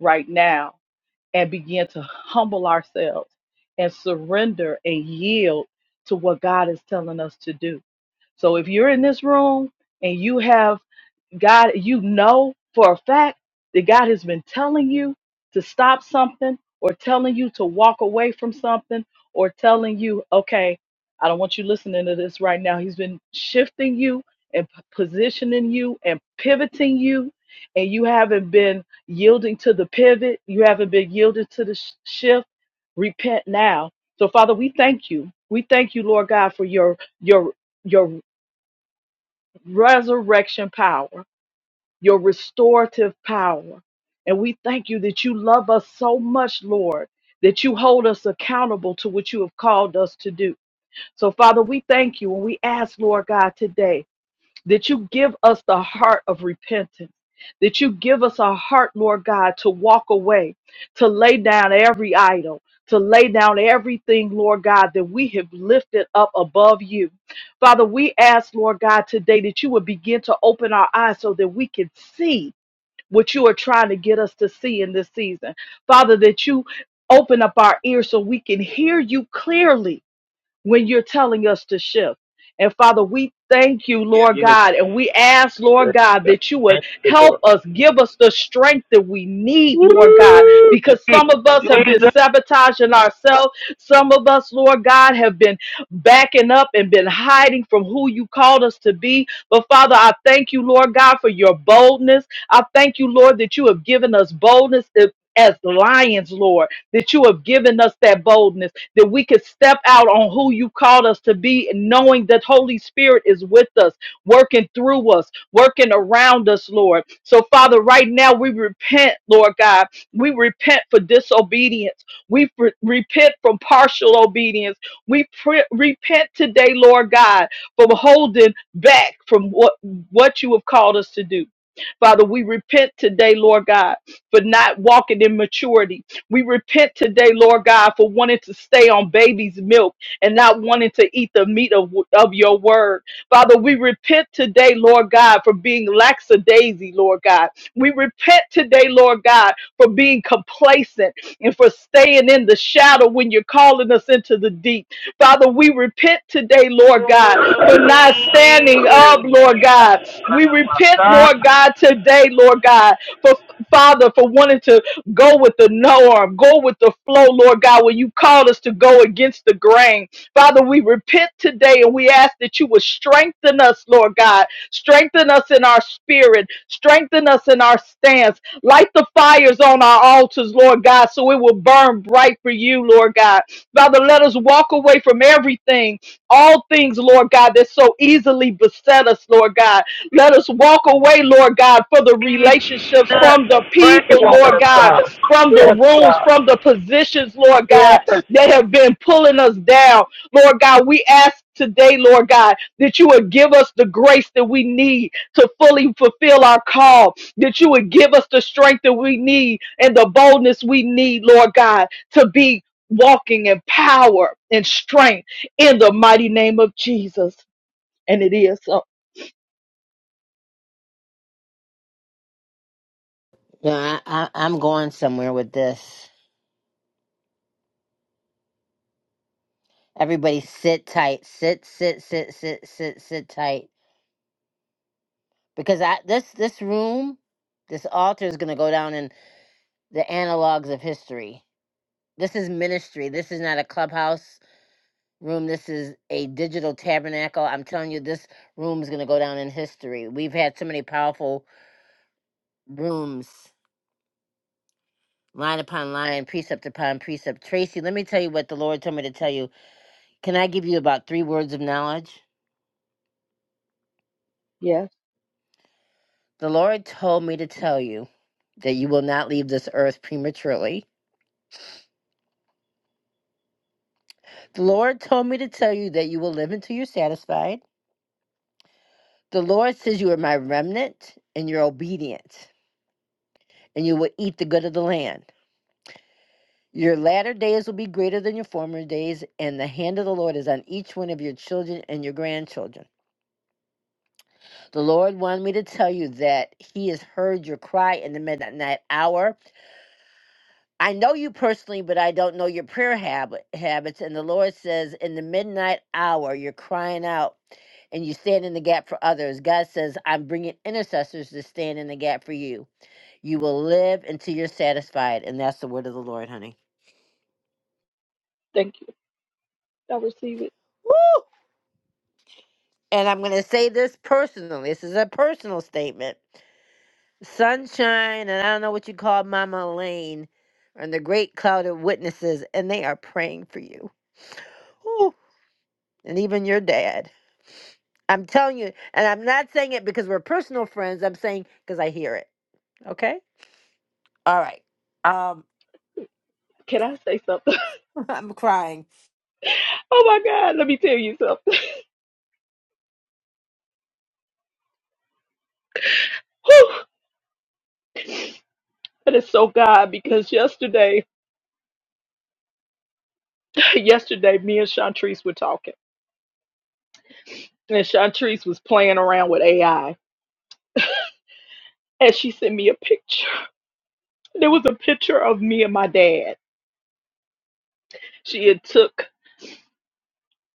right now and begin to humble ourselves and surrender and yield to what God is telling us to do so if you're in this room and you have God, you know for a fact that God has been telling you to stop something or telling you to walk away from something or telling you, okay, I don't want you listening to this right now. He's been shifting you and p- positioning you and pivoting you, and you haven't been yielding to the pivot. You haven't been yielded to the sh- shift. Repent now. So, Father, we thank you. We thank you, Lord God, for your your your resurrection power, your restorative power. And we thank you that you love us so much, Lord, that you hold us accountable to what you have called us to do. So, Father, we thank you and we ask, Lord God, today that you give us the heart of repentance, that you give us a heart, Lord God, to walk away, to lay down every idol, to lay down everything, Lord God, that we have lifted up above you. Father, we ask, Lord God, today that you would begin to open our eyes so that we can see what you are trying to get us to see in this season. Father, that you open up our ears so we can hear you clearly when you're telling us to shift. And Father, we thank you, Lord God, and we ask, Lord God, that you would
Yes.
help us, give us the strength that we need, Lord God,
Woo!
because
Teach,
some of us have been
Jesus.
sabotaging ourselves. Some of us, Lord God, have been backing up and been hiding from who you called us to be. But Father, I thank you, Lord God, for your boldness. I thank you, Lord, that you have given us boldness eh, as lions, Lord, that you have given us that boldness that we could step out on who you called us to be, knowing that Holy Spirit is with us, working through us, working around us, Lord. So, Father, right now we repent, Lord God. We repent for disobedience. We fr- repent from partial obedience. We pr- repent today, Lord God, from holding back from what, what you have called us to do. Father, we repent today, Lord God, for not walking in maturity. We repent today, Lord God, for wanting to stay on baby's milk and not wanting to eat the meat of, of your word. Father, we repent today, Lord God, for being lackadaisy, Lord God. We repent today, Lord God, for being complacent and for staying in the shadow when you're calling us into the deep. Father, we repent today, Lord God, for not standing up, Lord God. We repent, Lord God, today, Lord God, for Father, for wanting to Go with the no arm. Go with the flow, Lord God, when you called us to go against the grain. Father, we repent today and we ask that you would strengthen us, Lord God. Strengthen us in our spirit. Strengthen us in our stance. Light the fires on our altars, Lord God, so it will burn bright for you, Lord God. Father, let us walk away from everything, all things, Lord God, that so easily beset us, Lord God. Let us walk away, Lord God, for the relationships from the
Pray,
people,
woman
Lord
of
God,
God.
from the
Yes,
rooms,
God.
from the positions, Lord God,
Yes.
that have been pulling us down. Lord God, we ask today, Lord God, that you would give us the grace that we need to fully fulfill our call, that you would give us the strength that we need and the boldness we need, Lord God, to be walking in power and strength in the mighty name of Jesus. And it is so.
No, I, I, I'm going somewhere with this. Everybody sit tight. Sit, sit, sit, sit, sit, sit tight. Because I this this room, this altar is gonna go down in the analogs of history. This is ministry. This is not a clubhouse room. This is a digital tabernacle. I'm telling you, this room is gonna go down in history. We've had so many powerful rooms, line upon line, precept upon precept. Tracy, let me tell you what the Lord told me to tell you Can I give you about three words of knowledge?
Yes,
The Lord told me to tell you that you will not leave this earth prematurely. The Lord told me to tell you that you will live until you're satisfied. The Lord says you are my remnant and you're obedient and you will eat the good of the land. Your latter days will be greater than your former days, and the hand of the Lord is on each one of your children and your grandchildren. The Lord wanted me to tell you that He has heard your cry in the midnight hour I know you personally, but I don't know your prayer habit, habits. And the Lord says, in the midnight hour, you're crying out and you stand in the gap for others. God says, I'm bringing intercessors to stand in the gap for you. You will live until you're satisfied. And that's the word of the Lord, honey.
thank you. I receive it.
Woo! And I'm going to say this personally. This is a personal statement. Sunshine, and I don't know what you call Mama Elaine, and the great cloud of witnesses, and they are praying for you. Woo! And even your dad. I'm telling you, and I'm not saying it because we're personal friends. I'm saying because I hear it. Okay. All right. Um,
Can I say something? [laughs]
[laughs] I'm crying,
Oh my God, let me tell you something. [laughs] Whew. That is so God because yesterday, [laughs] yesterday, me and Shantrice were talking, and Shantrice was playing around with AI, and she sent me a picture. [laughs] There was a picture of me and my dad. She had took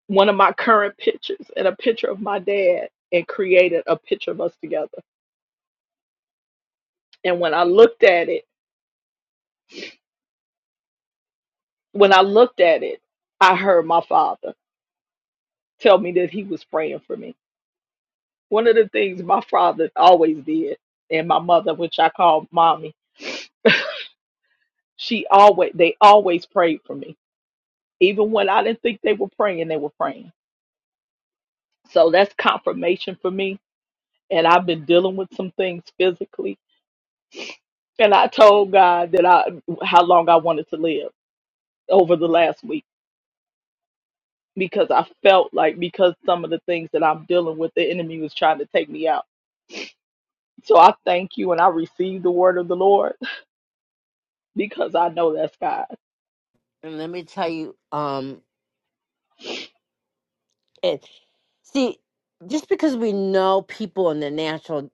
one of my current pictures and a picture of my dad and created a picture of us together. And when I looked at it, when I looked at it, I heard my father tell me that he was praying for me. One of the things my father always did, and my mother, which I call mommy She always they always prayed for me. Even when I didn't think they were praying, they were praying. So that's confirmation for me. And I've been dealing with some things physically. And I told God that I how long I wanted to live over the last week because I felt like because some of the things that I'm dealing with, the enemy was trying to take me out. So I thank you and I receive the word of the Lord [laughs] because I know that's God.
and let me tell you. Um, it see, just because we know people in the natural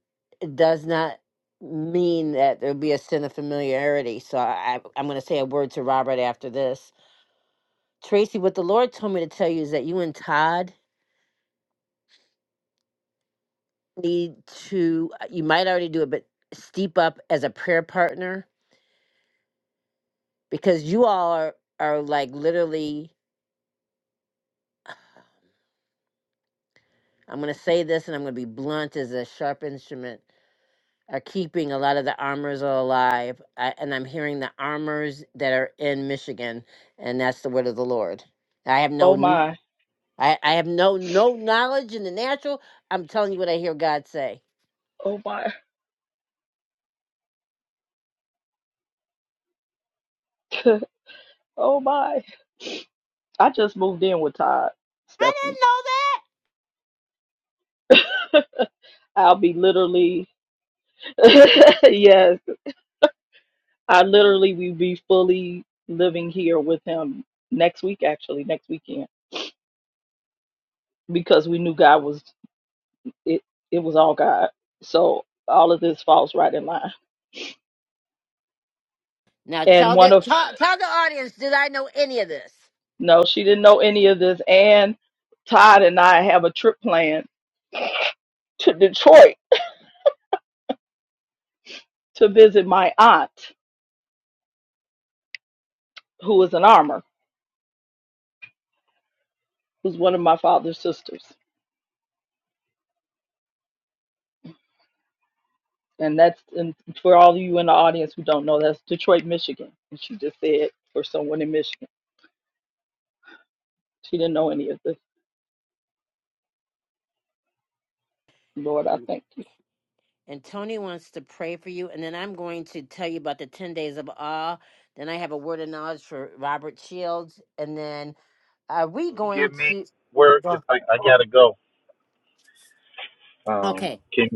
does not mean that there'll be a sin of familiarity. So I, I'm going to say a word to Robert after this. Tracy, what the Lord told me to tell you is that you and Todd need to. You might already do it, but steep up as a prayer partner because you all are, are like literally i'm going to say this and i'm going to be blunt as a sharp instrument are keeping a lot of the armors alive I, and i'm hearing the armors that are in michigan and that's the word of the lord i have no
Oh
kn-
my.
I, I have no no knowledge in the natural i'm telling you what i hear god say
Oh my. Oh my. I just moved in with Todd,
i didn't
Stephanie.
know that
[laughs] I'll be literally, [laughs] yes, I literally will be fully living here with him next week, actually, next weekend, because we knew God was, it, it was all God. So all of this falls right in line.
now
And
tell
one
the
of,
tell, tell the audience did i know any of this
no, she didn't know any of this. And Todd and I have a trip planned to Detroit to visit my aunt, who is an armor, who's one of my father's sisters. and that's and for all of you in the audience who don't know, that's Detroit, Michigan. And she just said for someone in Michigan, she didn't know any of this. Lord, I thank
and Tony wants to pray for you. And then I'm going to tell you about the 10 days of awe. Then I have a word of knowledge for Robert Shields. And then are we
Give
going
me
to
word 'cause
well,
I, I gotta go. Um,
okay.
can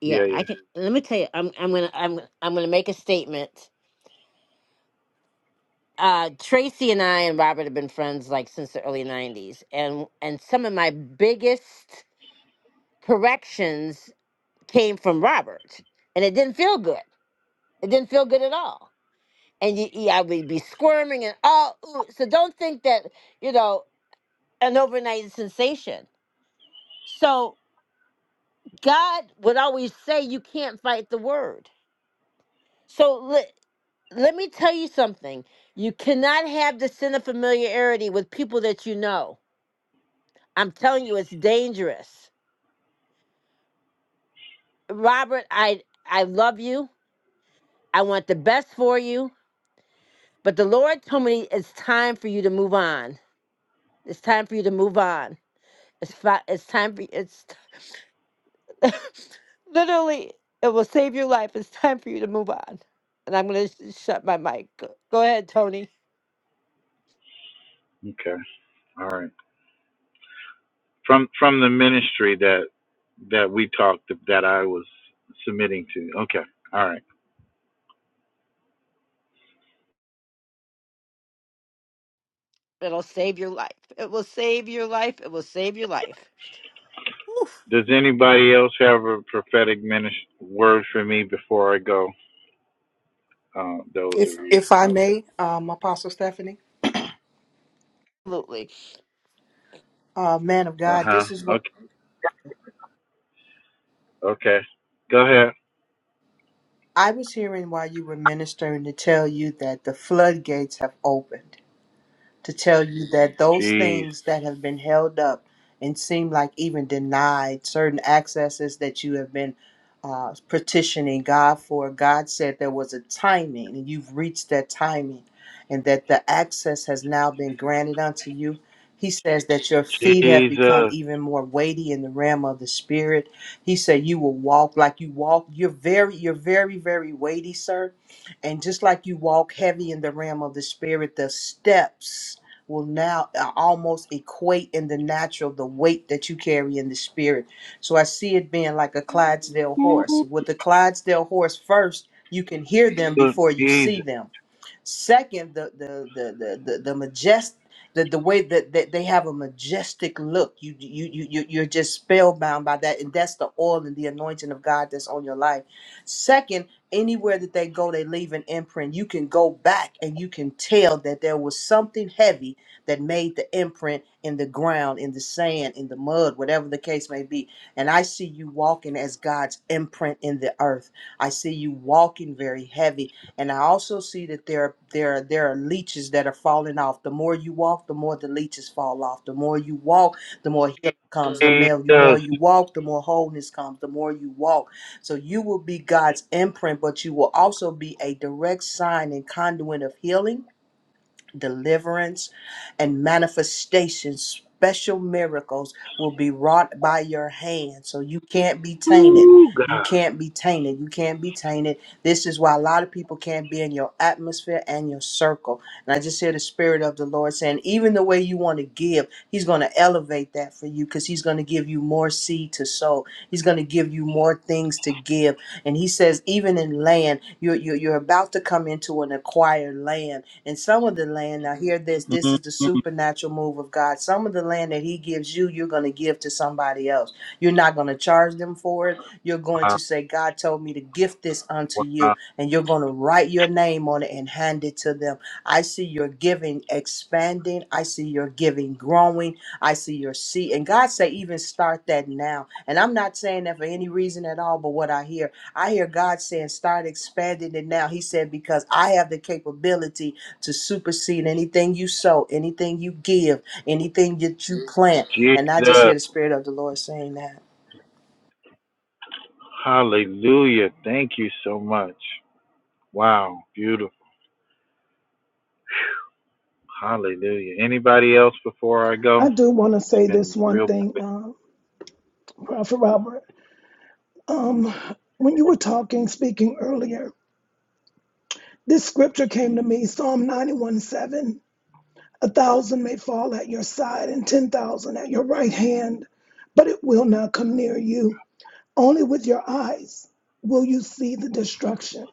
Yeah,
yeah,
I can
yeah.
let me tell you, I'm I'm gonna I'm I'm gonna make a statement. Uh Tracy and I and Robert have been friends like since the early nineties and and some of my biggest corrections came from Robert. And it didn't feel good. It didn't feel good at all and you, you I would be squirming and all. Ooh. So don't think that you know an overnight sensation. So God would always say you can't fight the word. So let let me tell you something. You cannot have the sin of familiarity with people that you know. I'm telling you, it's dangerous. Robert, I I love you. I want the best for you. But the Lord told me it's time for you to move on. It's time for you to move on. It's fi- it's time for it's [laughs] Literally, it will save your life. It's time for you to move on. And I'm going to shut my mic. Go go ahead, Tony.
Okay, all right. From from the ministry that that we talked that I was submitting to. Okay, all right.
It'll save your life. It will save your life. It will save your life. Oof.
Does anybody else have a prophetic ministry word for me before I go? Uh, those of
If
you
if I
out
may,
there.
um, Apostle Stephanie,
Absolutely.
uh, man of
Uh
God,
huh.
this is
Okay.
what
Okay. Go ahead.
I was hearing while you were ministering to tell you that the floodgates have opened. to tell you that those
Jeez.
things that have been held up and seem like even denied, certain accesses that you have been uh, petitioning God for, God said there was a timing and you've reached that timing and that the access has now been granted unto you. He says that your feet have become
Jesus.
even more weighty in the realm of the spirit. He said you will walk like you walk. You're very, you're very, very weighty, sir and just like you walk heavy in the realm of the spirit, the steps will now uh, almost equate in the natural the weight that you carry in the spirit. So I see it being like a Clydesdale horse. With the Clydesdale horse first, you can hear them before you see
Jesus.
them. Second, the the the the the, the majestic the, the way that, that they have a majestic look you you you you- you're just spellbound by that and that's the oil and the anointing of god that's on your life second anywhere that they go they leave an imprint you can go back and you can tell that there was something heavy that made the imprint in the ground in the sand in the mud whatever the case may be and i see you walking as god's imprint in the earth i see you walking very heavy and I also see that there there there are leeches that are falling off. The more you walk, the more the leeches fall off. The more you walk, the more healing comes. The male, you more
Jesus.
you walk, the more wholeness comes. The more you walk, so you will be God's imprint, but you will also be a direct sign and conduit of healing deliverance, and manifestations, special miracles will be wrought by your hand. So you can't be tainted.
Ooh,
You
God.
can't be tainted. You can't be tainted. This is why a lot of people can't be in your atmosphere and your circle. And I just hear the Spirit of the Lord saying, even the way you want to give, He's going to elevate that for you because He's going to give you more seed to sow. He's going to give you more things to give. And He says, even in land, you're, you're, you're about to come into an acquired land and some of the land, now hear this, this
Mhm.
is the supernatural move of God. Some of the land that He gives you, you're going to give to somebody else. You're not going to charge them for it. You're going
Wow.
to say, God told me to gift this unto you.
Wow.
And you're going to write your name on it and hand it to them. I see your giving expanding. I see your giving growing. I see your seed. And God say, even start that now. And I'm not saying that for any reason at all, but what I hear, I hear God saying, start expanding it now. He said, because I have the capability to supersede anything you sow, anything you give, anything that you plant. And I just hear
Jesus.
the Spirit of the Lord saying that.
Hallelujah. Thank you so much. Wow. Beautiful. Hallelujah. Anybody else before I go?
I do want to
It's
say
been
this one
real
thing, um, Prophet Robert. Um, when you were talking, speaking earlier, this scripture came to me Psalm 91 7. A thousand may fall at your side and 10,000 at your right hand, but it will not come near you. Only with your eyes will you see the destruction.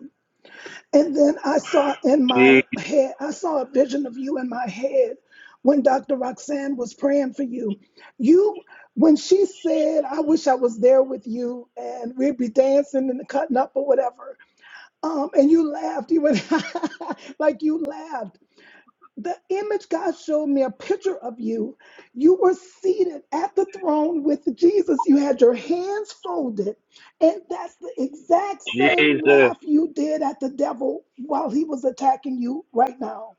And then I saw in my
Je-
head, I saw a vision of you in my head when Dr. Roxanne was praying for you. You, when she said, I wish I was there with you and we'd be dancing and cutting up or whatever. Um, and you laughed, you went [laughs] like you laughed the image God showed me a picture of you. You were seated at the throne with Jesus. You had your hands folded. And that's the exact same
Jesus,
laugh you did at the devil while he was attacking you right now.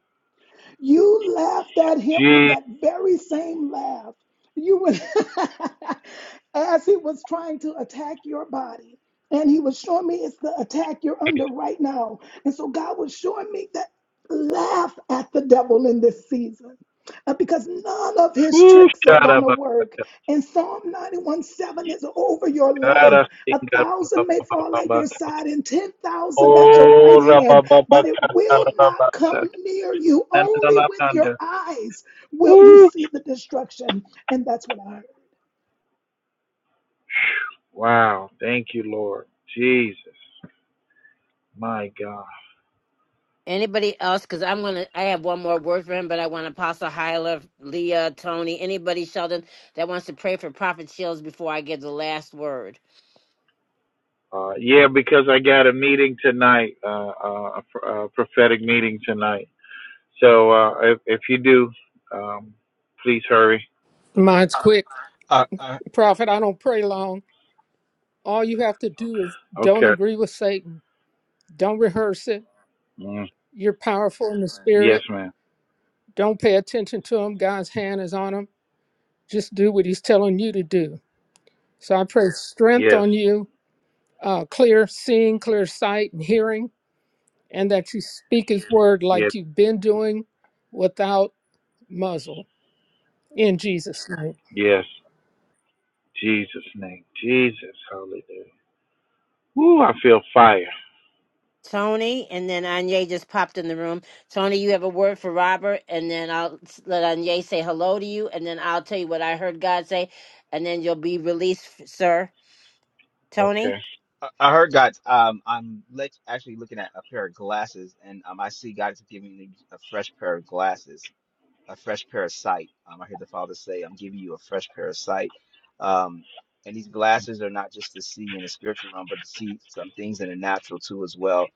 You laughed at him with that
Jesus.
very same laugh. You would, [laughs] as he was trying to attack your body. And he was showing me it's the attack you're under right now. And so God was showing me that laugh at the devil in this season. uh, because none of his
Whoo,
tricks are going to work. And Psalm 91 7 is over your life. A thousand may fall at your side and 10,000 at your right hand but it will not come near you. Only with your eyes will you see the destruction. And that's what I heard.
Wow, thank you, Lord. Jesus, my God.
Anybody else? Because I'm gonna. I have one more word for him, but I want Apostle Hyla, Leah, Tony, anybody, Sheldon, that wants to pray for Prophet Shields before I give the last word.
Uh, yeah, because I got a meeting tonight, uh, uh, a, pr- a prophetic meeting tonight. So uh, if, if you do, um, please hurry.
Mine's quick.
I, I
Prophet, I don't pray long. All you have to do is don't
Okay.
agree with Satan. Don't rehearse it.
Mm.
You're powerful in the
Yes,
spirit.
ma'am.
Don't pay attention to him. God's hand is on him. Just do what he's telling you to do. So I pray strength
Yes.
on you, uh, clear seeing, clear sight, and hearing, and that you speak his word
Yes.
like you've been doing without muzzle in Jesus' name.
Yes. Jesus' name. Jesus. Hallelujah. Woo, I feel fire.
Tony, and then Anya just popped in the room. Tony, you have a word for Robert, and then I'll s- let Anya say hello to you, and then I'll tell you what I heard God say, and then you'll be released, f- sir. Tony,
Okay.
I heard God. Um, I'm let, actually looking at a pair of glasses, and um, I see God is giving me a fresh pair of glasses. a fresh pair of sight. Um, I heard the Father say, I'm giving you a fresh pair of sight. Um, and these glasses are not just to see in the spiritual realm, but to see some things in the natural too as well.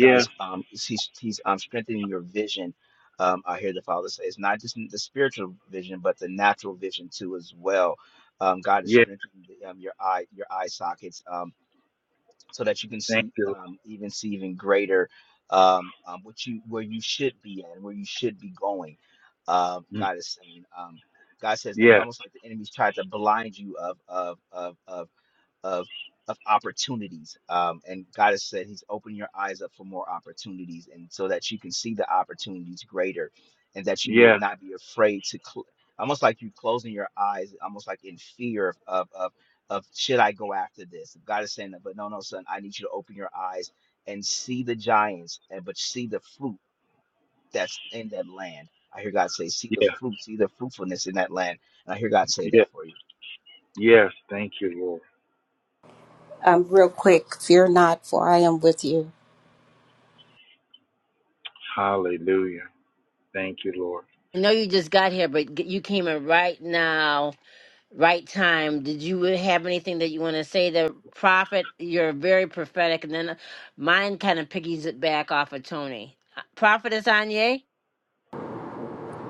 God is um he's he's um strengthening your vision. Um, I hear the Father say it's not just the spiritual vision, but the natural vision too as well. Um, God is
Yes.
strengthening the, um, your eye, your eye sockets. Um, so that you can
Thank
see
you.
um, even see even greater um, um, what you where you should be at where you should be going. Uh,
Mm.
God is saying, um, God says, I'm
Yes.
almost like the enemy's tried to blind you of of of of of of opportunities. Um, and God has said He's opened your eyes up for more opportunities, and so that you can see the opportunities greater, and that you will
Yes.
not be afraid to cl- almost like you closing your eyes, almost like in fear of of of, of should I go after this? God is saying that, but no, no, son, I need you to open your eyes and see the giants, and but see the fruit that's in that land. I hear God say, see the
Yes.
fruit, see the fruitfulness in that land. And I hear God say that
Yes.
for you.
Yes. Thank you, Lord.
Um, real quick, fear not, for I am with you.
Hallelujah. Thank you, Lord.
I know you just got here, but g- you came in right now, right time. Did you uh, have anything that you want to say? The prophet, you're very prophetic, and then uh, mine kind of piggies it back off of Tony. Uh, Prophetess Anya?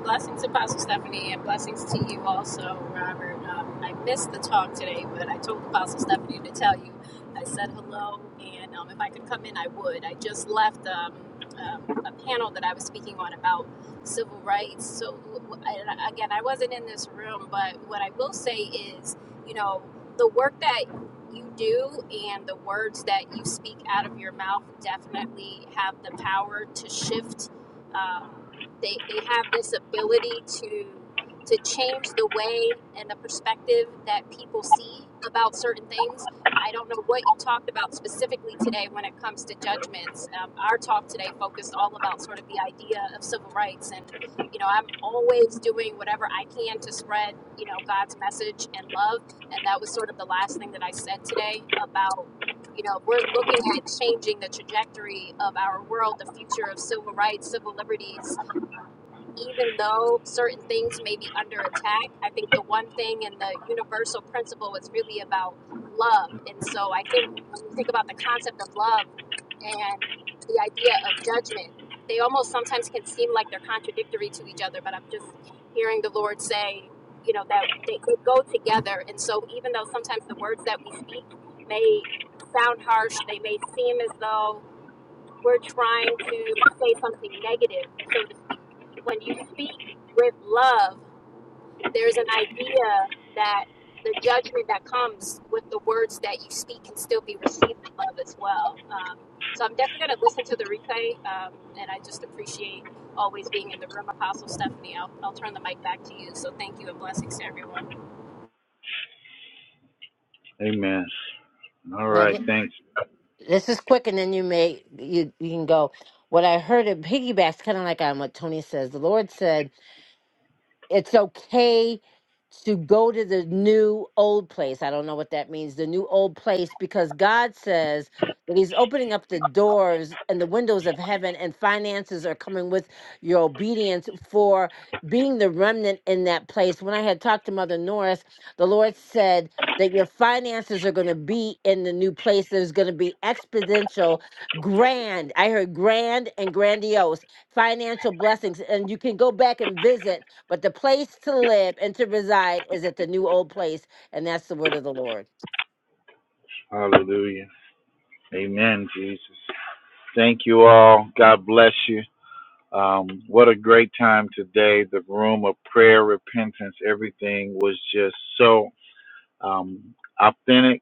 Blessings, Apostle Stephanie, and blessings to you also, Robert. Um, I missed the talk today, but I told Apostle Stephanie to tell you. I said hello, and um, if I could come in, I would. I just left um, um, a panel that I was speaking on about civil rights. So, I- again, I wasn't in this room, but what I will say is, you know, the work that you do and the words that you speak out of your mouth definitely have the power to shift. Um, they they have this ability to to change the way and the perspective that people see about certain things. I don't know what you talked about specifically today when it comes to judgments. Um, our talk today focused all about sort of the idea of civil rights, and you know, I'm always doing whatever I can to spread you know God's message and love, and that was sort of the last thing that I said today about you know, we're looking at changing the trajectory of our world, the future of civil rights, civil liberties, even though certain things may be under attack, I think the one thing and the universal principle is really about love. And so I think when you think about the concept of love and the idea of judgment, they almost sometimes can seem like they're contradictory to each other, but I'm just hearing the Lord say, you know, that they could go together. And so even though sometimes the words that we speak may sound harsh, they may seem as though we're trying to say something negative, so to speak. When you speak with love, there's an idea that the judgment that comes with the words that you speak can still be received with love as well. Um, so I'm definitely going to listen to the replay, um, and I just appreciate always being in the room, Apostle Stephanie. I'll, I'll turn the mic back to you. So thank you and blessings to everyone.
Amen. All right.
Now,
Thanks.
this is quick and then you may you, you can go what i heard it piggybacks kind of like on what tony says the lord said it's okay to go to the new old place. I don't know what that means, the new old place, because God says that He's opening up the doors and the windows of heaven, and finances are coming with your obedience for being the remnant in that place. When I had talked to Mother Norris, the Lord said, that your finances are going to be in the new place. There's going to be exponential, grand. I heard grand and grandiose financial blessings and you can go back and visit but the place to live and to reside is at the new old place and that's the word of the lord
Hallelujah. Amen, Jesus. Thank you all. God bless you. Um, what a great time today. The room of prayer, repentance, everything was just so um, authentic,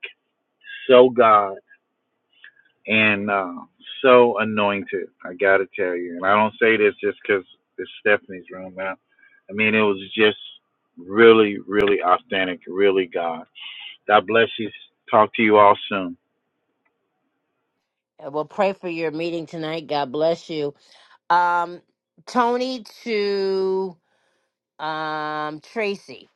so God. and uh, so annoying too. I gotta tell you, and I don't say this just 'cause it's Stephanie's room. I, I mean, it was just really, really authentic, really God. God bless you. Talk to you all soon.
and we'll pray for your meeting tonight god bless you um tony to um tracy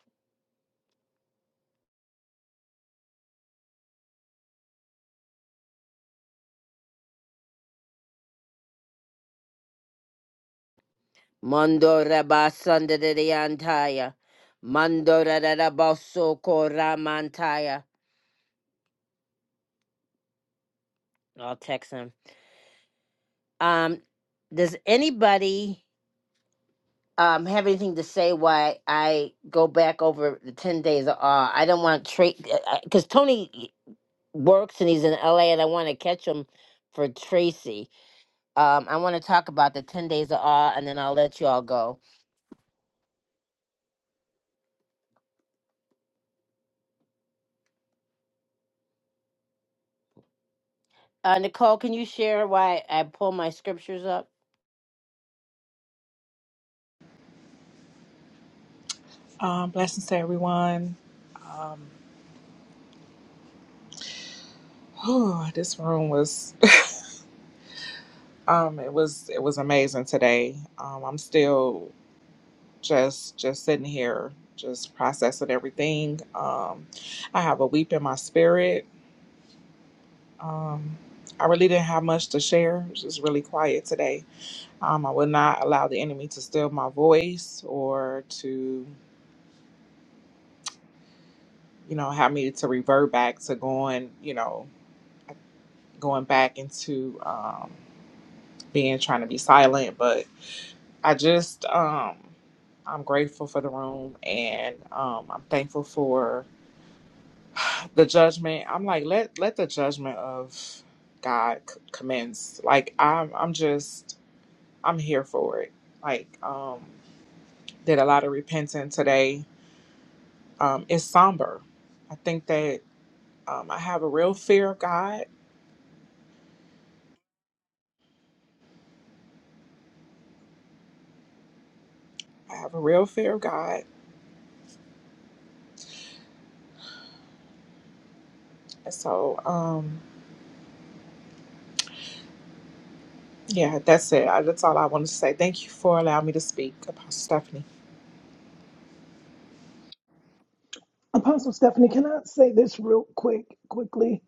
Mando raba sanda de de antaya. Mando da ra ra ba so ko ra i'll text him um does anybody um have anything to say why I go back over the 10 days of awe. I don't want to trade because Tony works and he's in LA and I want to catch him for Tracy. Um, I want to talk about the 10 days of awe and then I'll let you all go. Uh, Nicole, can you share why I pull my scriptures up?
Um, blessings to everyone. Um, [sighs] whew, this room was [laughs] um it was it was amazing today. Um I'm still just just sitting here just processing everything. Um I have a weep in my spirit. Um I really didn't have much to share. It was just really quiet today. Um I would not allow the enemy to steal my voice or to you know have me to revert back to going, you know, going back into um, being trying to be silent, but I just um, I'm grateful for the room and um, I'm thankful for [sighs] the judgment. I'm like let let the judgment of God c- commence. Like I'm I'm just I'm here for it. Like um, did a lot of repenting today. Um, it's somber. I think that um, I have a real fear of God. I have a real fear of God. And so. um, Yeah, that's it. I- That's all I wanted to say. Thank you for allowing me to speak, Apostle Stephanie.
Apostle Stephanie, can I say this real quick, quickly?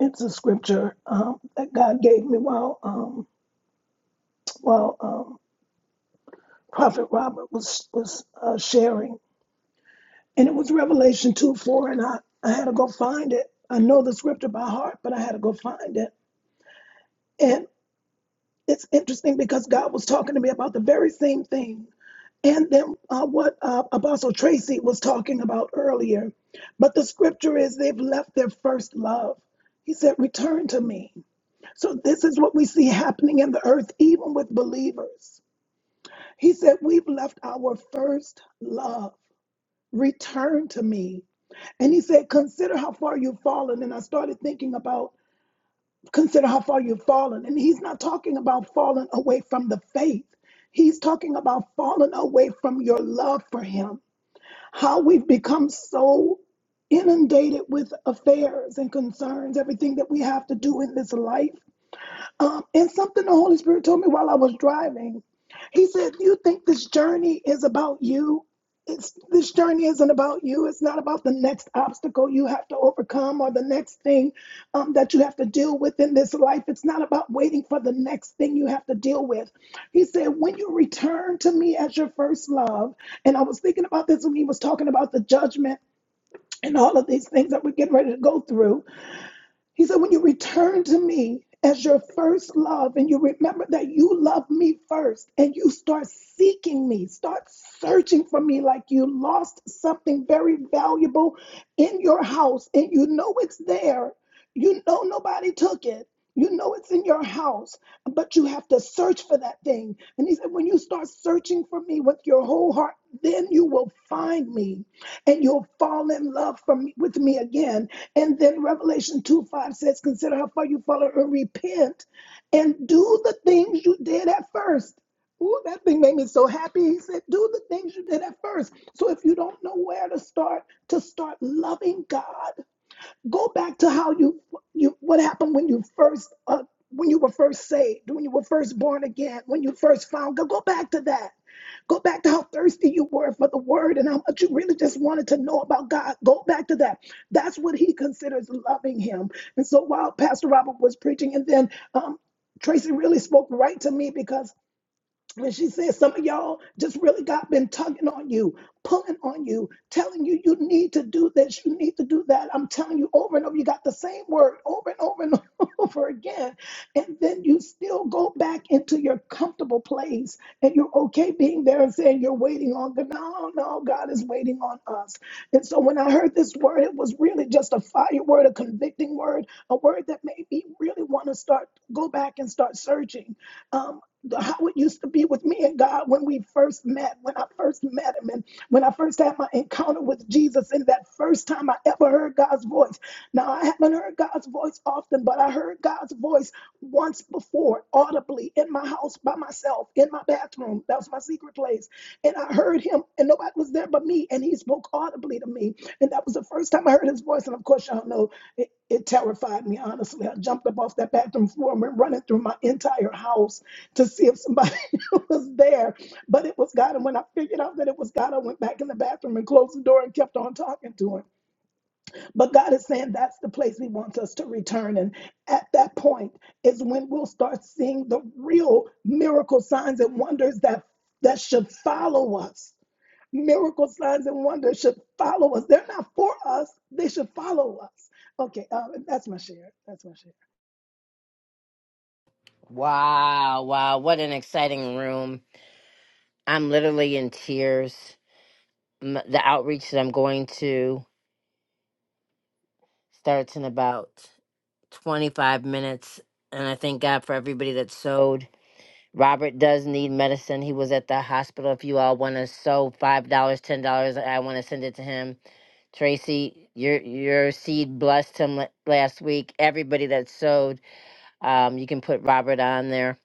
It's a scripture um, that God gave me while um, while um, Prophet Robert was was uh, sharing, and it was Revelation two four, and I I had to go find it. I know the scripture by heart, but I had to go find it. And it's interesting because God was talking to me about the very same thing And then uh, what uh, Apostle Tracy was talking about earlier. But the scripture is they've left their first love. He said, Return to me. So this is what we see happening in the earth, even with believers. He said, We've left our first love. Return to me. And he said, Consider how far you've fallen. And I started thinking about consider how far you've fallen. And he's not talking about falling away from the faith. He's talking about falling away from your love for him how we've become so inundated with affairs and concerns, everything that we have to do in this life, um, and something the Holy Spirit told me while I was driving, He said, "You think this journey is about you? It's this journey isn't about you. It's not about the next obstacle you have to overcome or the next thing um, that you have to deal with in this life. It's not about waiting for the next thing you have to deal with." He said, "When you return to me as your first love," and I was thinking about this when He was talking about the judgment and all of these things that we're getting ready to go through. He said, when you return to me as your first love and you remember that you love me first and you start seeking me, start searching for me like you lost something very valuable in your house and you know it's there. You know nobody took it. You know it's in your house, but you have to search for that thing. And he said, when you start searching for me with your whole heart, then you will find me and you'll fall in love from, with me again and then Revelation 2 5 says, Consider how far you follow and repent and do the things you did at first. Ooh, that thing made me so happy. He said, Do the things you did at first. So if you don't know where to start, to start loving God Go back to how you you what happened when you first uh, when you were first saved, when you were first born again, when you first found God. Go back to that. Go back to how thirsty you were for the word and how much you really just wanted to know about God. Go back to that. That's what he considers loving him. And so while Pastor Robert was preaching, and then um, Tracy really spoke right to me because when she said some of y'all just really got been tugging on you pulling on you telling you you need to do this you need to do that i'm telling you over and over you got the same word over and over and [laughs] over again and then you still go back into your comfortable place and you're okay being there and saying you're waiting on god no no god is waiting on us and so when i heard this word it was really just a fire word a convicting word a word that made me really want to start go back and start searching um, how it used to be with me and God when we first met, when I first met Him, and when I first had my encounter with Jesus, and that first time I ever heard God's voice. Now, I haven't heard God's voice often, but I heard God's voice once before, audibly in my house by myself, in my bathroom. That was my secret place. And I heard Him, and nobody was there but me, and He spoke audibly to me. And that was the first time I heard His voice. And of course, y'all know. it, it terrified me, honestly. I jumped up off that bathroom floor and went running through my entire house to see if somebody [laughs] was there. But it was God. And when I figured out that it was God, I went back in the bathroom and closed the door and kept on talking to him. But God is saying that's the place He wants us to return. And at that point is when we'll start seeing the real miracle signs and wonders that, that should follow us. Miracle signs and wonders should follow us. They're not for us, they should follow us. Okay, um, that's my share. That's my share.
Wow, wow, what an exciting room. I'm literally in tears. M- The outreach that I'm going to. Starts in about 25 minutes. And I thank God for everybody that sewed. Robert does need medicine. He was at the hospital. If you all want to sew $5, dollars, $10, I want to send it to him. Tracy, your your seed blessed him la- last week. Everybody that sewed, um, you can put Robert on there.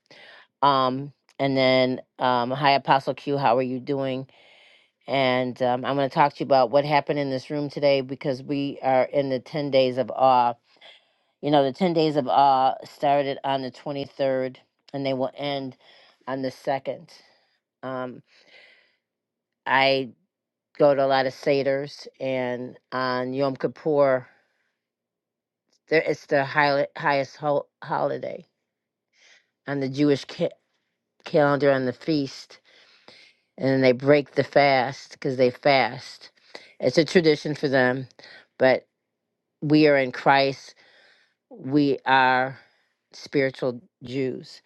Um, and then, um, hi, Apostle Q, how are you doing? And um, I'm going to talk to you about what happened in this room today because we are in the 10 days of awe you know, the 10 days of awe started on the 23rd and they will end on the 2nd. Um, I go to a lot of Seder's and on Yom Kippur, there, it's the high, highest ho- holiday on the Jewish ca- calendar on the feast. And then they break the fast because they fast. It's a tradition for them, but we are in Christ. We are spiritual Jews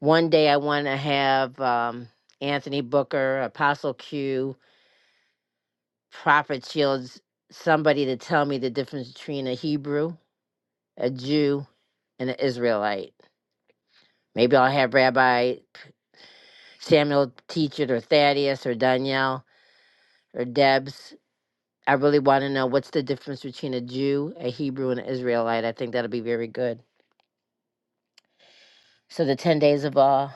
One day I want to have um, Anthony Booker, Apostle Q, Prophet Shields, somebody to tell me the difference between a Hebrew, a Jew, and an Israelite. Maybe I'll have Rabbi Samuel Teacher or Thaddeus or Danielle or Debs. I really want to know what's the difference between a Jew, a Hebrew, and an Israelite. I think that'll be very good. So the 10 days of awe,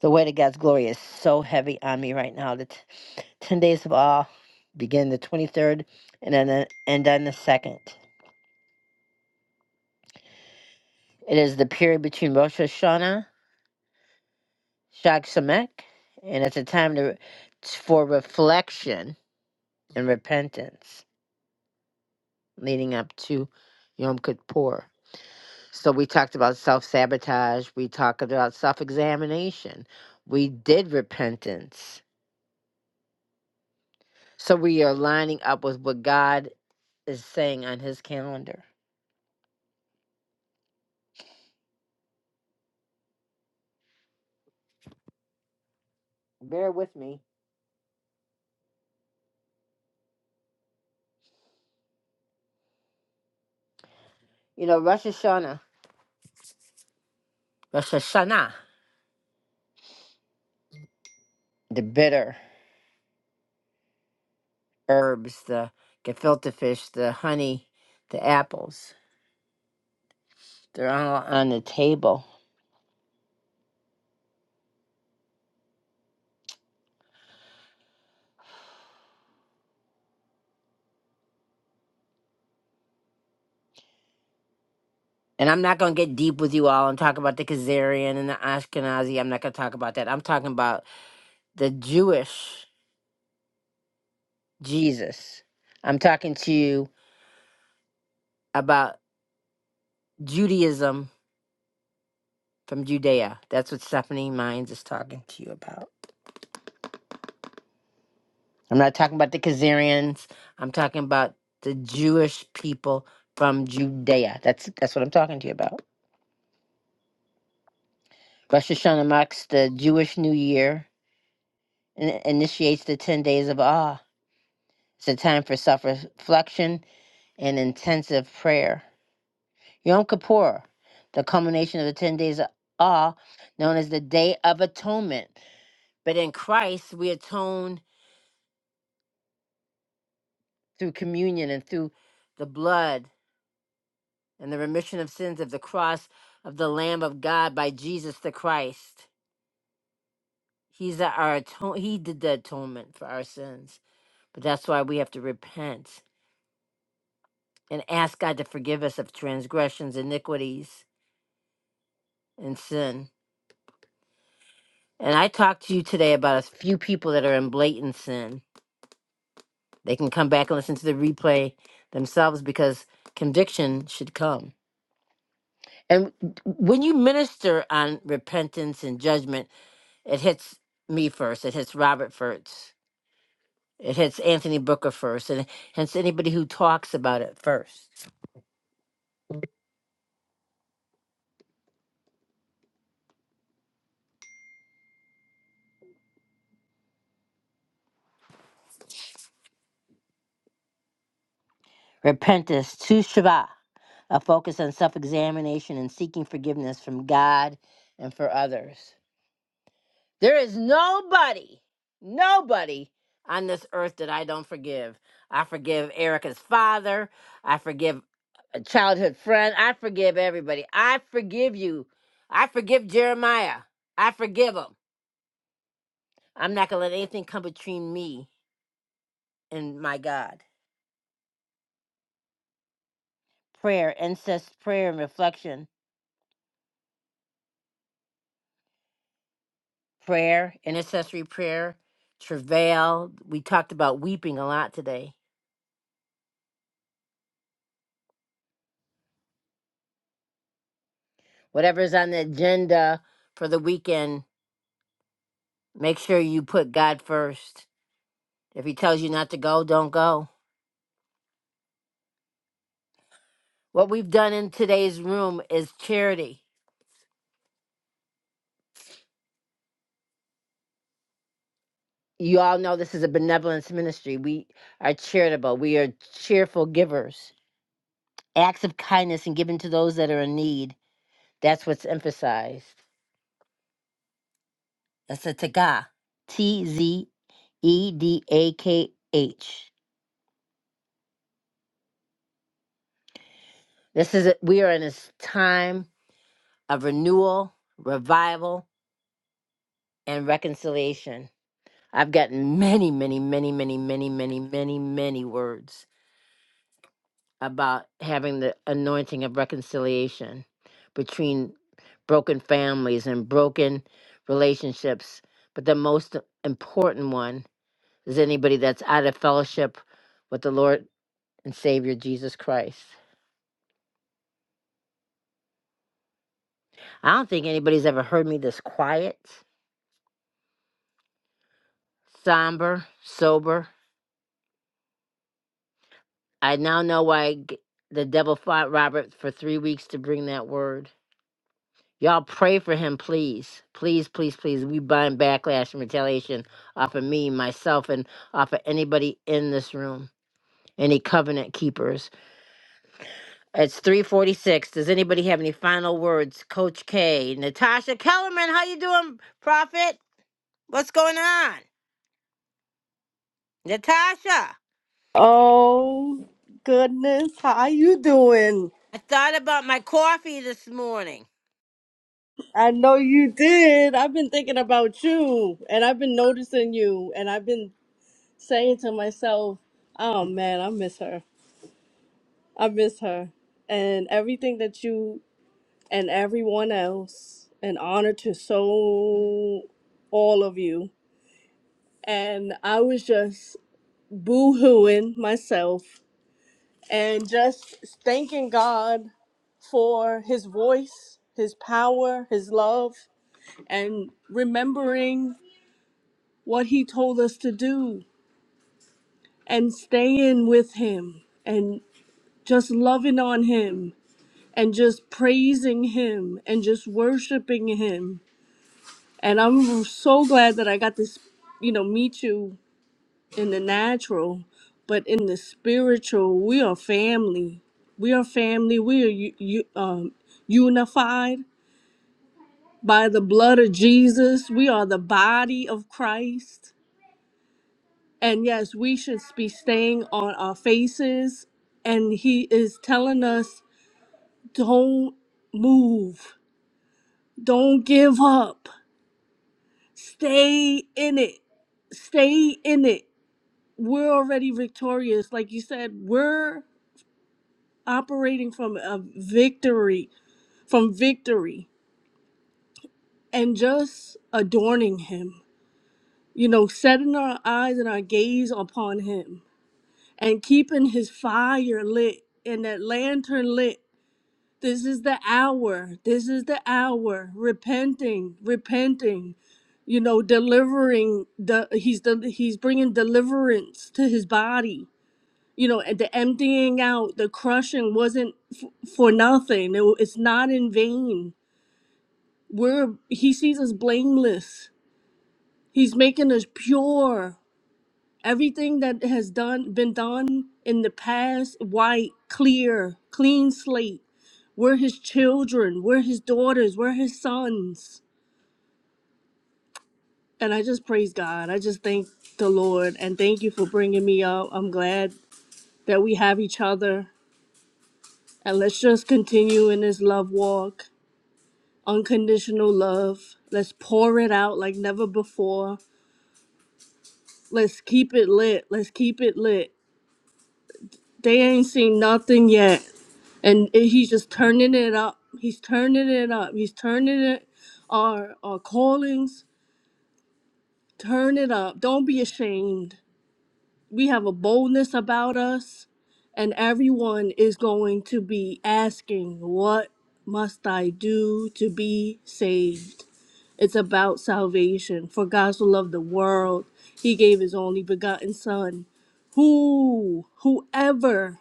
the weight of God's glory is so heavy on me right now. The t- 10 days of awe begin the 23rd and then end on the 2nd. It is the period between Rosh Hashanah, Shag Shemek, and it's a time to, for reflection and repentance leading up to Yom Kippur. So we talked about self sabotage, we talked about self examination, we did repentance. So we are lining up with what God is saying on his calendar. Bear with me. You know, Rosh Hashanah. Rosh Hashanah. the bitter herbs, the gefilte fish, the honey, the apples. They're all on the table. And I'm not going to get deep with you all and talk about the Khazarian and the Ashkenazi. I'm not going to talk about that. I'm talking about the Jewish Jesus. I'm talking to you about Judaism from Judea. That's what Stephanie Mines is talking to you about. I'm not talking about the Khazarians. I'm talking about the Jewish people from Judea. That's that's what I'm talking to you about. Rosh Hashanah marks the Jewish New Year and initiates the 10 days of awe. It's a time for self reflection and intensive prayer. Yom Kippur, the culmination of the 10 days of awe, known as the Day of Atonement. But in Christ, we atone through communion and through the blood and the remission of sins of the cross of the Lamb of God by Jesus the Christ. He's our atone- he did the atonement for our sins. But that's why we have to repent and ask God to forgive us of transgressions, iniquities, and sin. And I talked to you today about a few people that are in blatant sin. They can come back and listen to the replay themselves because conviction should come. And when you minister on repentance and judgment, it hits me first. It hits Robert first. It hits Anthony Booker first, and hence anybody who talks about it first. Repentance to Shavah. a focus on self examination and seeking forgiveness from God and for others. There is nobody, nobody on this earth that I don't forgive. I forgive Erica's father. I forgive a childhood friend. I forgive everybody. I forgive you. I forgive Jeremiah. I forgive him. I'm not going to let anything come between me and my God. Prayer, incest prayer, and reflection prayer, intercessory prayer, travail. We talked about weeping a lot today. Whatever's on the agenda for the weekend, make sure you put God first. If He tells you not to go, don't go. What we've done in today's room is charity. You all know this is a benevolence ministry. We are charitable, we are cheerful givers. Acts of kindness and giving to those that are in need. That's what's emphasized. That's a Tagah. T Z E D A K H. This is a, we are in this time of renewal, revival, and reconciliation. I've gotten many, many, many, many, many, many, many, many words about having the anointing of reconciliation between broken families and broken relationships. But the most important one is anybody that's out of fellowship with the Lord and Savior Jesus Christ. I don't think anybody's ever heard me this quiet, somber, sober. I now know why g- the devil fought Robert for three weeks to bring that word. Y'all pray for him, please. Please, please, please. We bind backlash and retaliation off of me, myself, and off of anybody in this room. Any covenant keepers. It's 346. Does anybody have any final words? Coach K, Natasha Kellerman, how you doing, Prophet? What's going on? Natasha,
Oh goodness, how you doing?
I thought about my coffee this morning.
I know you did. I've been thinking about you and I've been noticing you and I've been saying to myself, "Oh man, I miss her. I miss her." And everything that you and everyone else and honor to so all of you. And I was just boo-hooing myself and just thanking God for his voice, his power, his love, and remembering what he told us to do and staying with him and just loving on him and just praising him and just worshiping him. And I'm so glad that I got this, you know, meet you in the natural, but in the spiritual, we are family. We are family. We are u- u- um, unified by the blood of Jesus. We are the body of Christ. And yes, we should be staying on our faces. And He is telling us don't move, don't give up, stay in it, stay in it. We're already victorious. Like you said, we're operating from a victory from victory and just adorning him you know setting our eyes and our gaze upon him and keeping his fire lit and that lantern lit this is the hour this is the hour repenting repenting you know delivering the he's the he's bringing deliverance to his body you know and the emptying out the crushing wasn't f- for nothing it, it's not in vain we're he sees us blameless he's making us pure everything that has done been done in the past white clear clean slate we're his children we're his daughters we're his sons and i just praise god i just thank the lord and thank you for bringing me up i'm glad that we have each other and let's just continue in this love walk unconditional love. Let's pour it out like never before. Let's keep it lit. Let's keep it lit. They ain't seen nothing yet. And it- he's just turning it up. He's turning it up. He's turning it our our callings. Turn it up. Don't be ashamed. We have a boldness about us and everyone is going to be asking, "What must I do to be saved?" It's about salvation. For God so loved the world, he gave his only begotten Son. Who, whoever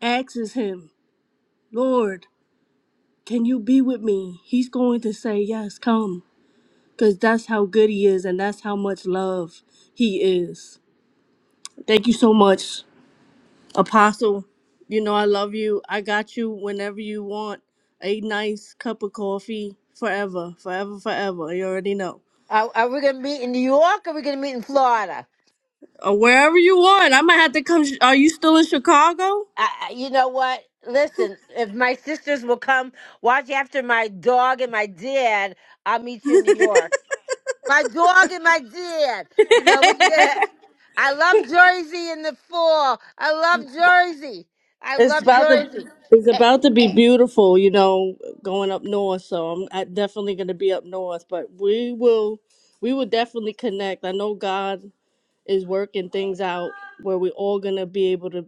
asks him, Lord, can you be with me? He's going to say, Yes, come. Because that's how good he is and that's how much love he is. Thank you so much, Apostle. You know, I love you. I got you whenever you want a nice cup of coffee forever, forever, forever. You already know.
Are, are we going to meet in New York or are we going to meet in Florida?
Uh, wherever you want. I might have to come. Sh- Are you still in Chicago?
I, I- you know what? Listen, if my sisters will come watch after my dog and my dad, I'll meet you in New York. My dog and my dad. You know, we can
[laughs]
get. I love Jersey in the fall. I love Jersey. I
It's
love
about to.
Jersey.
It's about to be beautiful, you know, going up north. So I'm I definitely going to be up north, but we will, we will definitely connect. I know God is working things out where we're all going to be able to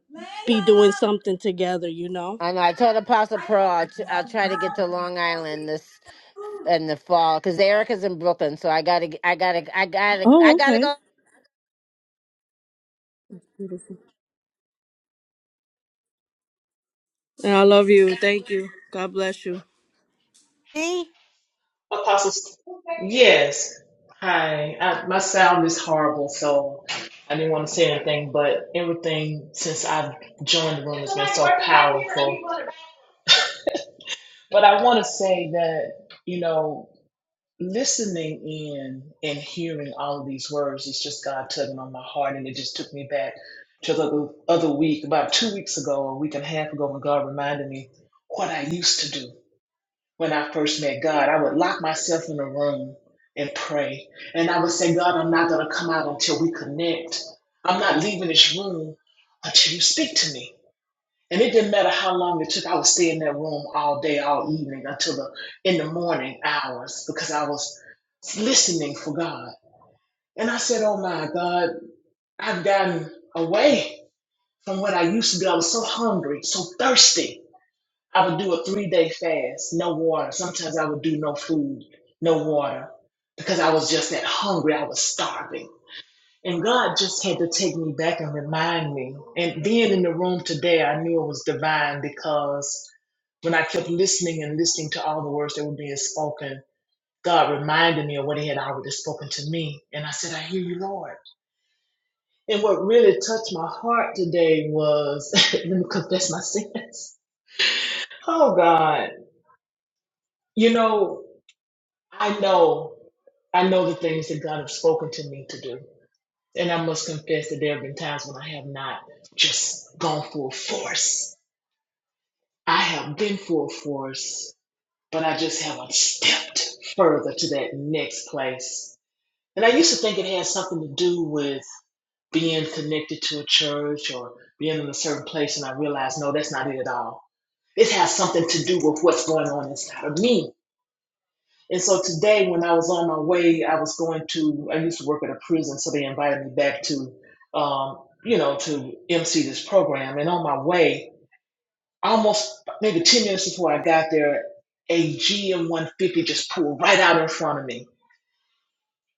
be doing something together, you know.
I know. I told Apostle Pearl I'll, tr- I'll try to get to Long Island this in the fall because Erica's in Brooklyn, so I gotta, I gotta, I gotta, [laughs] I
Oh,
gotta
okay.
go.
Beautiful. And I love you. Thank you. God bless you.
See,
Apostles. Yes. Hi. I, my sound is horrible, so I didn't want to say anything, but everything since I've joined the room has been so powerful. But I want to say that, you know. listening in and hearing all of these words is just God tugging on my heart, and it just took me back to the other week, about two weeks ago, a week and a half ago, when God reminded me what I used to do when I first met God. I would lock myself in a room and pray, and I would say, God, I'm not going to come out until we connect. I'm not leaving this room until you speak to me. And it didn't matter how long it took. I would stay in that room all day, all evening, until the in the morning hours because I was listening for God. And I said, Oh my God, I've gotten away from what I used to be. I was so hungry, so thirsty. I would do a three day fast, no water. Sometimes I would do no food, no water, because I was just that hungry. I was starving. And God just had to take me back and remind me. And being in the room today, I knew it was divine because when I kept listening and listening to all the words that were being spoken, God reminded me of what He had already spoken to me. And I said, I hear you, Lord. And what really touched my heart today was [laughs] let me confess my sins. Oh, God. You know, I know, I know the things that God has spoken to me to do. And I must confess that there have been times when I have not just gone full force. I have been full force but I just haven't stepped further to that next place. And I used to think it had something to do with being connected to a church or being in a certain place, and I realized no, that's not it at all. It has something to do with what's going on inside of me. And so today, when I was on my way, I was going to, I used to work at a prison, so they invited me back to, um, you know, to MC this program. And on my way, almost maybe 10 minutes before I got there, a GM 150 just pulled right out in front of me.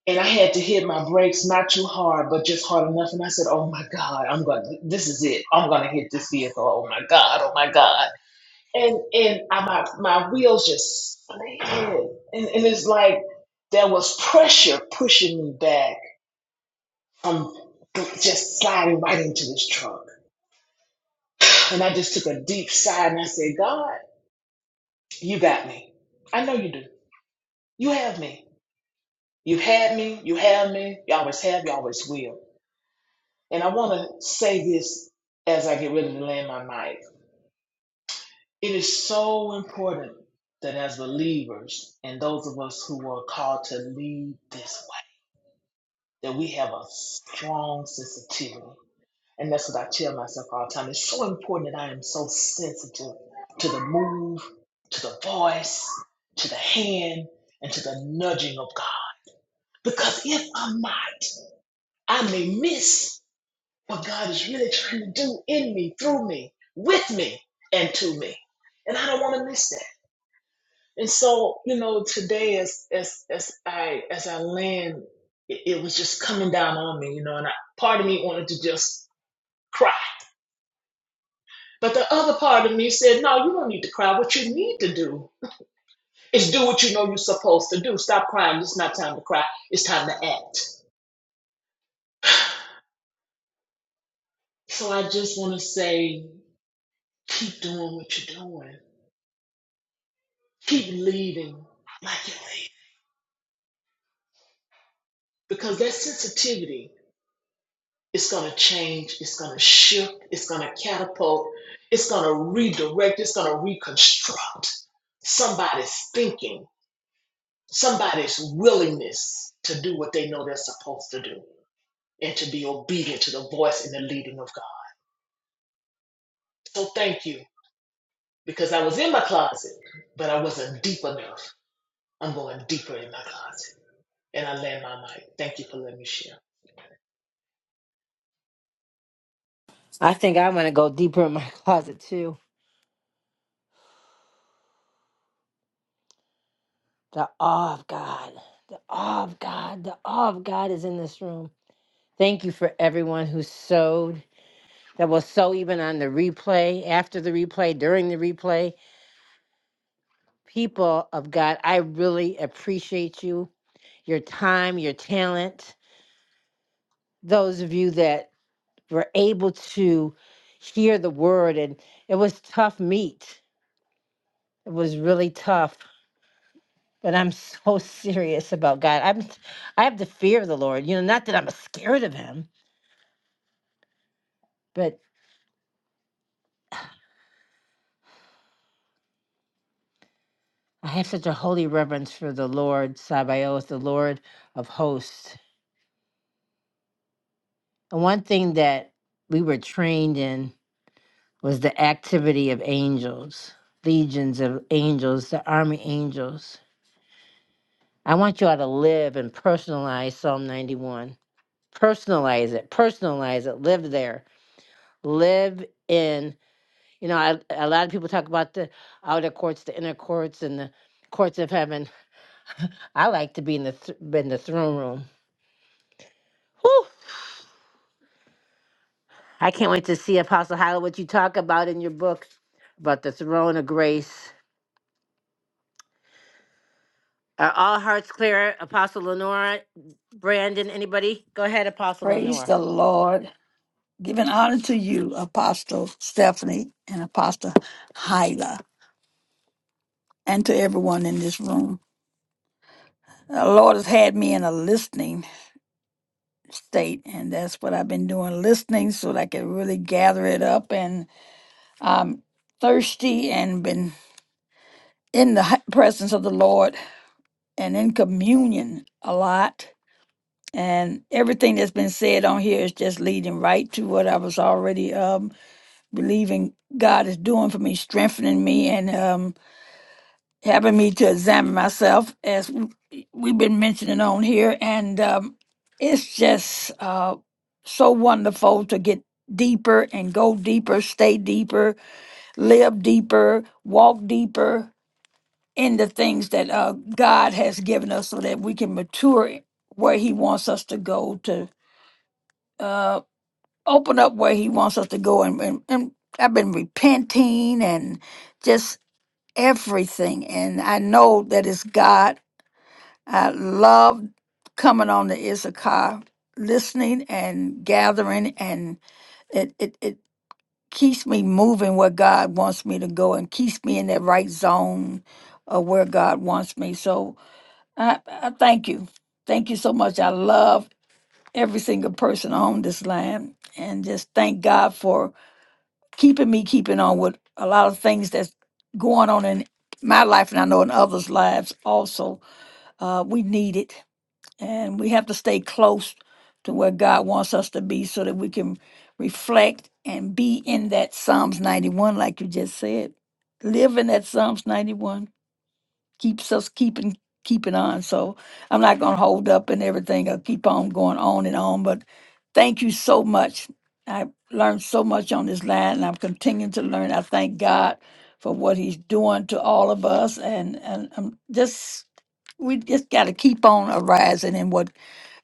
And I had to hit my brakes, not too hard, but just hard enough. And I said, Oh my God, I'm going to, this is it. I'm going to hit this vehicle. Oh my God, oh my God. And and I, my, my wheels just slid. And, and it's like there was pressure pushing me back from just sliding right into this truck. And I just took a deep sigh and I said, God, you got me. I know you do. You have me. You've had me. You have me. You always have. You always will. And I want to say this as I get ready to land my mic. It is so important that as believers and those of us who are called to lead this way, that we have a strong sensitivity. And that's what I tell myself all the time. It's so important that I am so sensitive to the move, to the voice, to the hand, and to the nudging of God. Because if I'm not, I may miss what God is really trying to do in me, through me, with me, and to me. And I don't want to miss that. And so, you know, today as as as I as I land, it, it was just coming down on me, you know, and I, part of me wanted to just cry. But the other part of me said, No, you don't need to cry. What you need to do is do what you know you're supposed to do. Stop crying. It's not time to cry. It's time to act. So I just want to say, keep doing what you're doing Keep leading like you lead. Because that sensitivity is going to change, it's going to shift, it's going to catapult, it's going to redirect, it's going to reconstruct somebody's thinking, somebody's willingness to do what they know they're supposed to do and to be obedient to the voice and the leading of God. So thank you because I was in my closet, but I wasn't deep enough. I'm going deeper in my closet. And I land my mic. Thank you for letting me share.
I think I'm gonna go deeper in my [laughs] closet too. The awe of God, the awe of God, the awe of God is in this room. Thank you for everyone who sewed, that will sew even on the replay, after the replay, during the replay. People of God, I really appreciate you, your time, your talent. Those of you that were able to hear the word and it was tough meat it was really tough but i'm so [laughs] serious about god i'm i have the fear of the lord you know not that i'm scared of him but i have such a holy reverence for the lord sabaoth the lord of hosts and one thing that we were trained in was the activity of angels legions of angels the army angels i want you all to live and personalize psalm 91 personalize it personalize it live there live in you know I, a lot of people talk about the outer courts the inner courts and the courts of heaven i like to be in the th- in the throne room Whew! i can't wait to see apostle Hyla, what you talk about in your book about the throne of grace are all hearts clear apostle lenora brandon anybody go ahead apostle
Praise
lenora
the Lord. Giving honor to you, Apostle Stephanie and Apostle Hyla, and to everyone in this room. The Lord has had me in a listening state, and that's what I've been doing listening so that I can really gather it up. And I'm thirsty and been in the hi- presence of the Lord and in communion a lot. And everything that's been said on here is just leading right to what I was already um, believing God is doing for me, strengthening me, and um, having me to examine myself, as we- we've been mentioning on here. And um, it's just uh, so wonderful to get deeper and go deeper, stay deeper, live deeper, walk deeper in the things that uh, God has given us so that we can mature where He wants us to go to. uh, open up where he wants us to go and, and, and i've been repenting and just everything and i know that it's god i love coming on the issachar listening and gathering and it, it, it keeps me moving where god wants me to go and keeps me in that right zone of where god wants me so i, I thank you thank you so much i love every single person on this land and just thank god for keeping me keeping on with a lot of things that's going on in my life and I know in others' lives also. Uh, we need it and we have to stay close to where God wants us to be so that we can reflect and be in that Psalms 91, like you just said. Live in that Psalms 91 keeps us keeping keeping on. So I'm not gonna hold up and everything. I'll keep on going on and on. But thank you so much. I learned so much on this line and I'm continuing to learn. I thank God for what he's doing to all of us and, and I'm just we just gotta keep on arising in what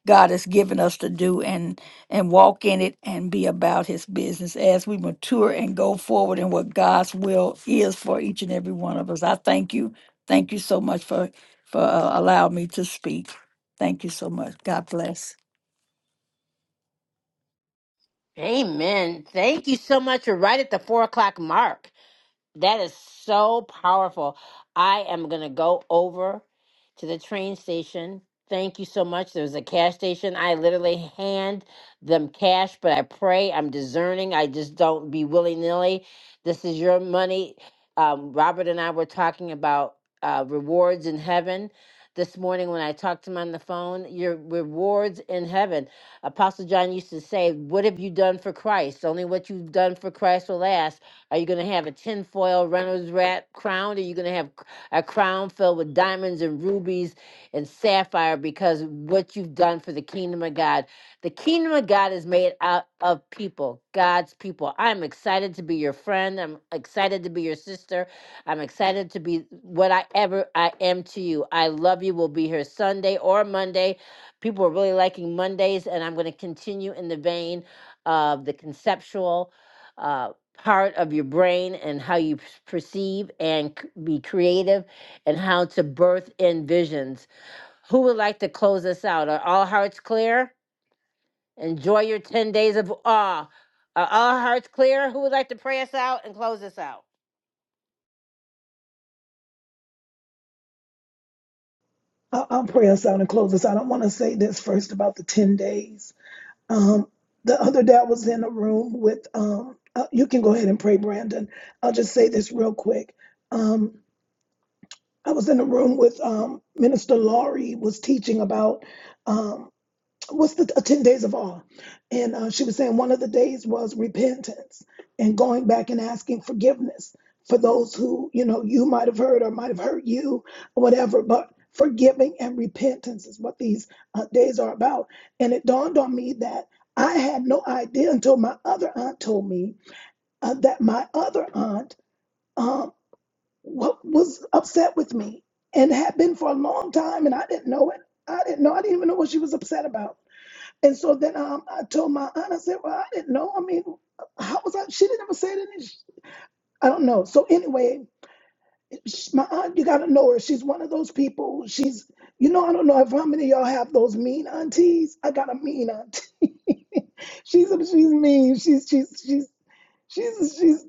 God has given us to do and and walk in it and be about his business as we mature and go forward in what God's will is for each and every one of us. I thank you Thank you so much for, for uh, allowing me to speak. Thank you so much. God bless.
amen thank you so much you're right at the four o'clock mark That is so powerful. I am going to go over to the train station. Thank you so much. There's a cash station. I literally hand them cash, but I pray. I'm discerning. I just don't be willy nilly. This is your money. Um, Robert and I were talking about uh, rewards in heaven this morning when I talked to him on the phone. Your rewards in heaven. Apostle John used to say, What have you done for Christ? Only what you've done for Christ will last are you going to have a tinfoil Reynolds wrap crown? Are you going to have a crown filled with diamonds and rubies and sapphire? Because what you've done for the kingdom of God, the kingdom of God is made out of people, God's people. I'm excited to be your friend. I'm excited to be your sister. I'm excited to be what I ever I am to you. I love you. We'll be here Sunday or Monday. People are really liking Mondays, and I'm going to continue in the vein of the conceptual. uh, part of your brain and how you p- perceive and c- be creative and how to birth in visions. Who would like to close us out? Are all hearts clear? Enjoy your 10 days of awe. Are all hearts clear? Who would like to pray us out and close us out?
I'll, I'll pray us out and close this out. I want to say this first about the 10 days. Um, the other day I was in a room with, um, uh, you can go ahead and pray, Brandon. I'll just say this real quick. Um, I was in a room with um, Minister Laurie was teaching about um, what's the uh, ten days of awe, and uh, she was saying one of the days was repentance and going back and asking forgiveness for those who you know you might have hurt or might have hurt you or whatever, but. Forgiving and repentance is what these uh, days are about. And it dawned on me that I had no idea until my other aunt told me uh, that my other aunt um, wa- was upset with me and had been for a long time and I didn't know it. I didn't know. I didn't even know what she was upset about. And so then um, I told my aunt, I said, well, I didn't know. I mean, how was I? She didn't ever say anything. I don't know. So anyway, sh- my aunt, you got to know her. She's one of those people. She's, you know, I don't know if how many of y'all have those mean aunties. I got a mean auntie. [laughs] she's she's mean. She's she's she's she's she's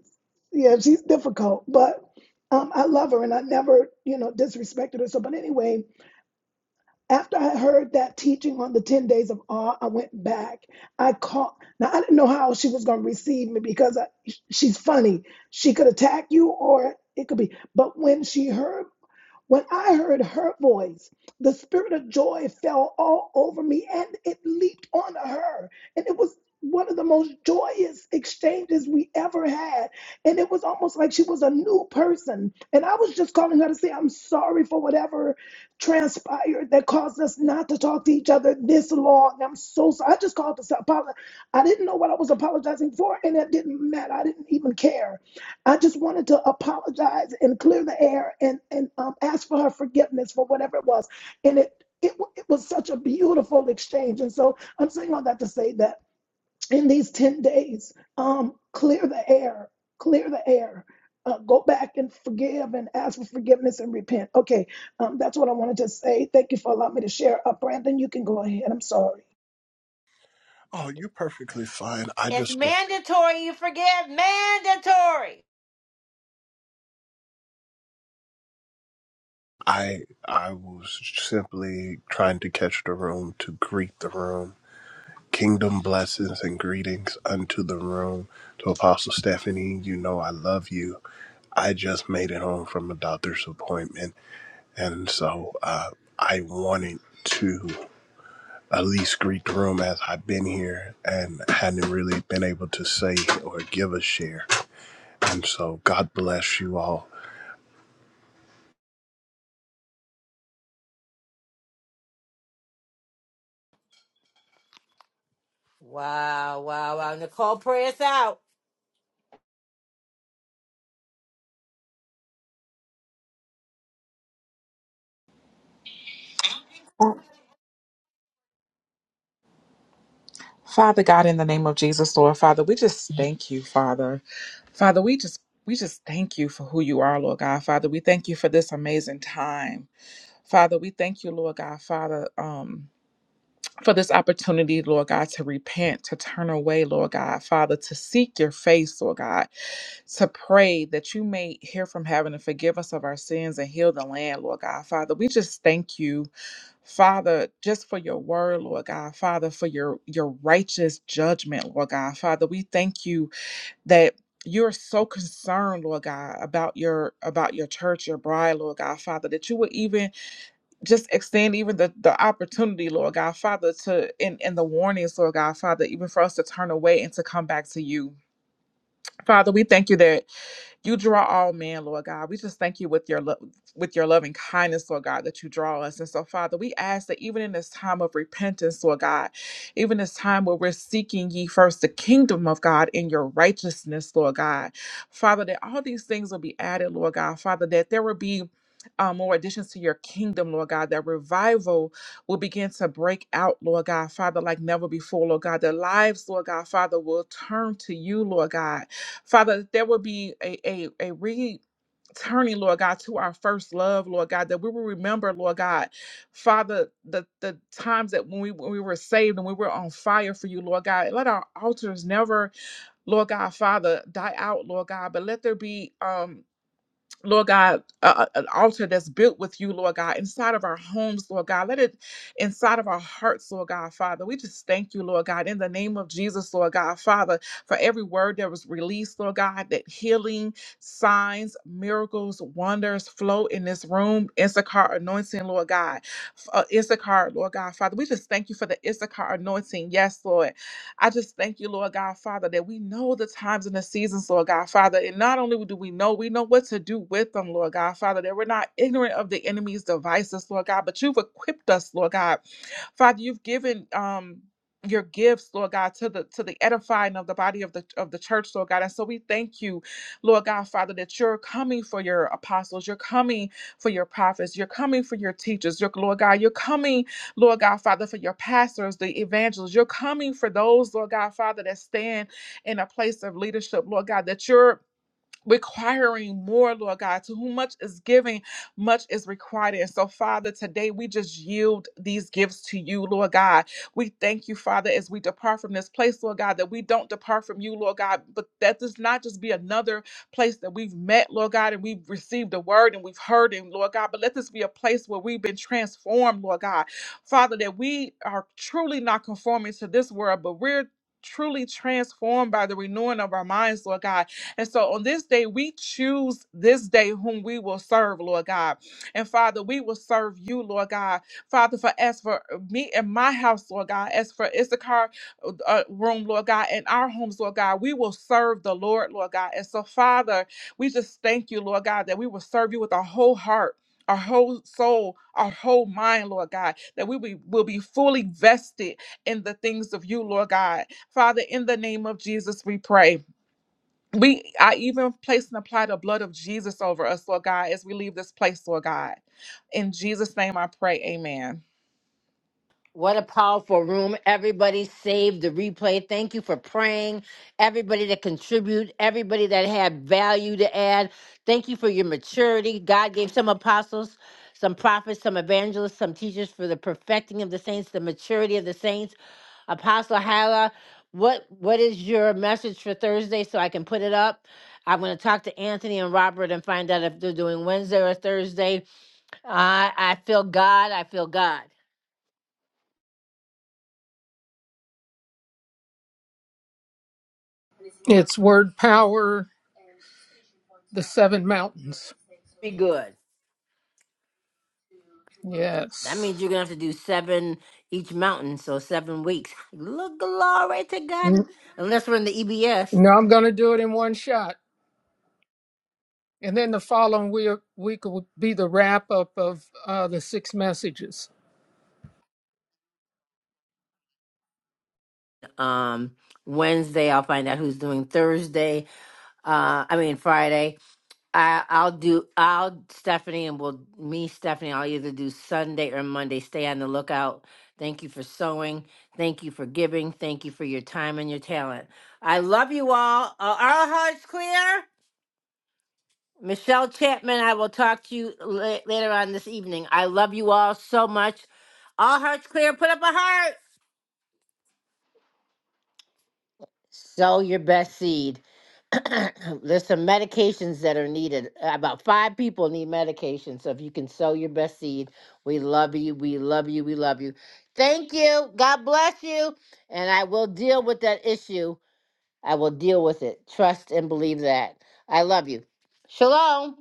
yeah, she's difficult, but um, I love her and I never, you know, disrespected her. So, but anyway, after I heard that teaching on the 10 days of awe, I went back. I called, now I didn't know how she was going to receive me because I, she's funny. She could attack you or it could be, but when she heard when I heard her voice, the spirit of joy fell all over me and it leaped on her. And it was one of the most joyous exchanges we ever had. And it was almost like she was a new person. And I was just calling her to say, I'm sorry for whatever transpired that caused us not to talk to each other this long. I'm so sorry. I just called to apologize. I didn't know what I was apologizing for, and it didn't matter. I didn't even care I just wanted to apologize and clear the air and and um, ask for her forgiveness for whatever it was, and it it wa- it was such a beautiful exchange. And so I'm saying all that to say that in these ten days, um, clear the air, clear the air. Uh, go back and forgive and ask for forgiveness and repent. Okay, um, that's what I wanted to say. Thank you for allowing me to share. Uh, Brandon, you can go ahead. I'm sorry.
Oh, you're perfectly fine. I
It's
just wa-
mandatory, you forgive. Mandatory.
I I was simply trying to catch the room to greet the room. Kingdom blessings and greetings unto the room. To Apostle Stephanie, you know I love you. I just made it home from a doctor's appointment, and so uh, I wanted to at least greet the room as I've been here and hadn't really been able to say or give a share. And so God bless you all.
Wow, wow, wow. Nicole, pray us out.
Father God, in the name of Jesus, Lord Father, we just thank you, Father. Father, we just we just thank you for who you are, Lord God. Father, we thank you for this amazing time. Father, we thank you, Lord God, Father, um, for this opportunity, Lord God, to repent, to turn away, Lord God, Father, to seek your face, Lord God. to pray that you may hear from heaven and forgive us of our sins and heal the land, Lord God. Father, we just thank you, Father, just for your word, Lord God. Father, for your your righteous judgment, Lord God. Father, we thank you that you're so concerned, Lord God, about your about your church, your bride, Lord God, Father, that you would even just extend even the, the opportunity, Lord God, Father, to in in the warnings, Lord God, Father, even for us to turn away and to come back to you. Father, we thank you that you draw all men, Lord God. We just thank you with your love, with your loving kindness, Lord God, that you draw us. And so, Father, we ask that even in this time of repentance, Lord God, even this time where we're seeking ye first the kingdom of God in your righteousness, Lord God, Father, that all these things will be added, Lord God, Father, that there will be uh, more additions to your kingdom, Lord God, that revival will begin to break out, Lord God, Father, like never before, Lord God. Their lives, Lord God, Father, will turn to you, Lord God. Father, there will be a, a, a returning, Lord God, to our first love, Lord God, that we will remember, Lord God, Father, the, the times that when we, when we were saved and we were on fire for you, Lord God. Let our altars never, Lord God, Father, die out, Lord God, but let there be. um Lord God, a, an altar that's built with you, Lord God, inside of our homes, Lord God. Let it inside of our hearts, Lord God, Father. We just thank you, Lord God, in the name of Jesus, Lord God, Father, for every word that was released, Lord God, that healing, signs, miracles, wonders flow in this room. Issachar anointing, Lord God. F- Uh, Issachar, Lord God, Father. We just thank you for the Issachar anointing. Yes, Lord. I just thank you, Lord God, Father, that we know the times and the seasons, Lord God, Father. And not only do we know, we know what to do with them, Lord God, Father, that we're not ignorant of the enemy's devices, Lord God, but you've equipped us, Lord God. Father, you've given um your gifts, Lord God, to the to the edifying of the body of the of the church, Lord God. And so we thank you, Lord God, Father, that you're coming for your apostles, you're coming for your prophets, you're coming for your teachers, your Lord God, you're coming Lord God, Father, for your pastors, the evangelists. You're coming for those, Lord God, Father, that stand in a place of leadership, Lord God, that you're requiring more, Lord God. To whom much is giving, much is required. And so, Father, today we just yield these gifts to you, Lord God. We thank you, Father, as we depart from this place, Lord God, that we don't depart from you, Lord God, but that does not just be another place that we've met, Lord God, and we've received a word and we've heard him, Lord God, but let this be a place where we've been transformed, Lord God. Father, that we are truly not conforming to this world, but we're truly transformed by the renewing of our minds, Lord God and so on this day, we choose this day whom we will serve, Lord God. And Father, we will serve you, Lord God. Father, for as for me and my house, Lord God, as for Issachar uh, uh, room, Lord God, and our homes, Lord God, we will serve the Lord, Lord God. And so, Father, we just thank you, Lord God, that we will serve you with our whole heart. Our whole soul, our whole mind, Lord God, that we be- will be fully vested in the things of you, Lord God. Father, in the name of Jesus, we pray. We I even place and apply the blood of Jesus over us, Lord God, as we leave this place, Lord God. In Jesus' name I pray, amen.
What a powerful room. Everybody saved the replay. Thank you for praying. Everybody that contribute, everybody that had value to add. Thank you for your maturity. God gave some apostles, some prophets, some evangelists, some teachers for the perfecting of the saints, the maturity of the saints. Apostle Hala, what what is your message for Thursday so I can put it up? I'm going to talk to Anthony and Robert and find out if they're doing Wednesday or Thursday. I I feel God. I feel God.
It's word power, the seven mountains.
Be good. That means
Yes.
you're gonna have to do seven each mountain, so seven weeks. Look, glory to God.
No,
Unless we're in the EBS.
I'm going to do it in one shot. And then the following week, week will be the wrap up of uh, the six messages.
Um, Wednesday I'll find out who's doing Thursday. Uh, I mean Friday. I I'll do I'll Stephanie and will me Stephanie. I'll either do Sunday or Monday. Stay on the lookout. Thank you for sewing. Thank you for giving. Thank you for your time and your talent. I love you all. Uh, our hearts clear. Michelle Chapman, I will talk to you la- later on this evening. I love you all so much. All hearts clear, put up a heart. Sow your best seed. [clears throat] There's some medications that are needed. About five people need medication. So if you can sow your best seed, we love you. We love you. We love you. Thank you. God bless you. And I will deal with that issue. I will deal with it. Trust and believe that. I love you. Shalom.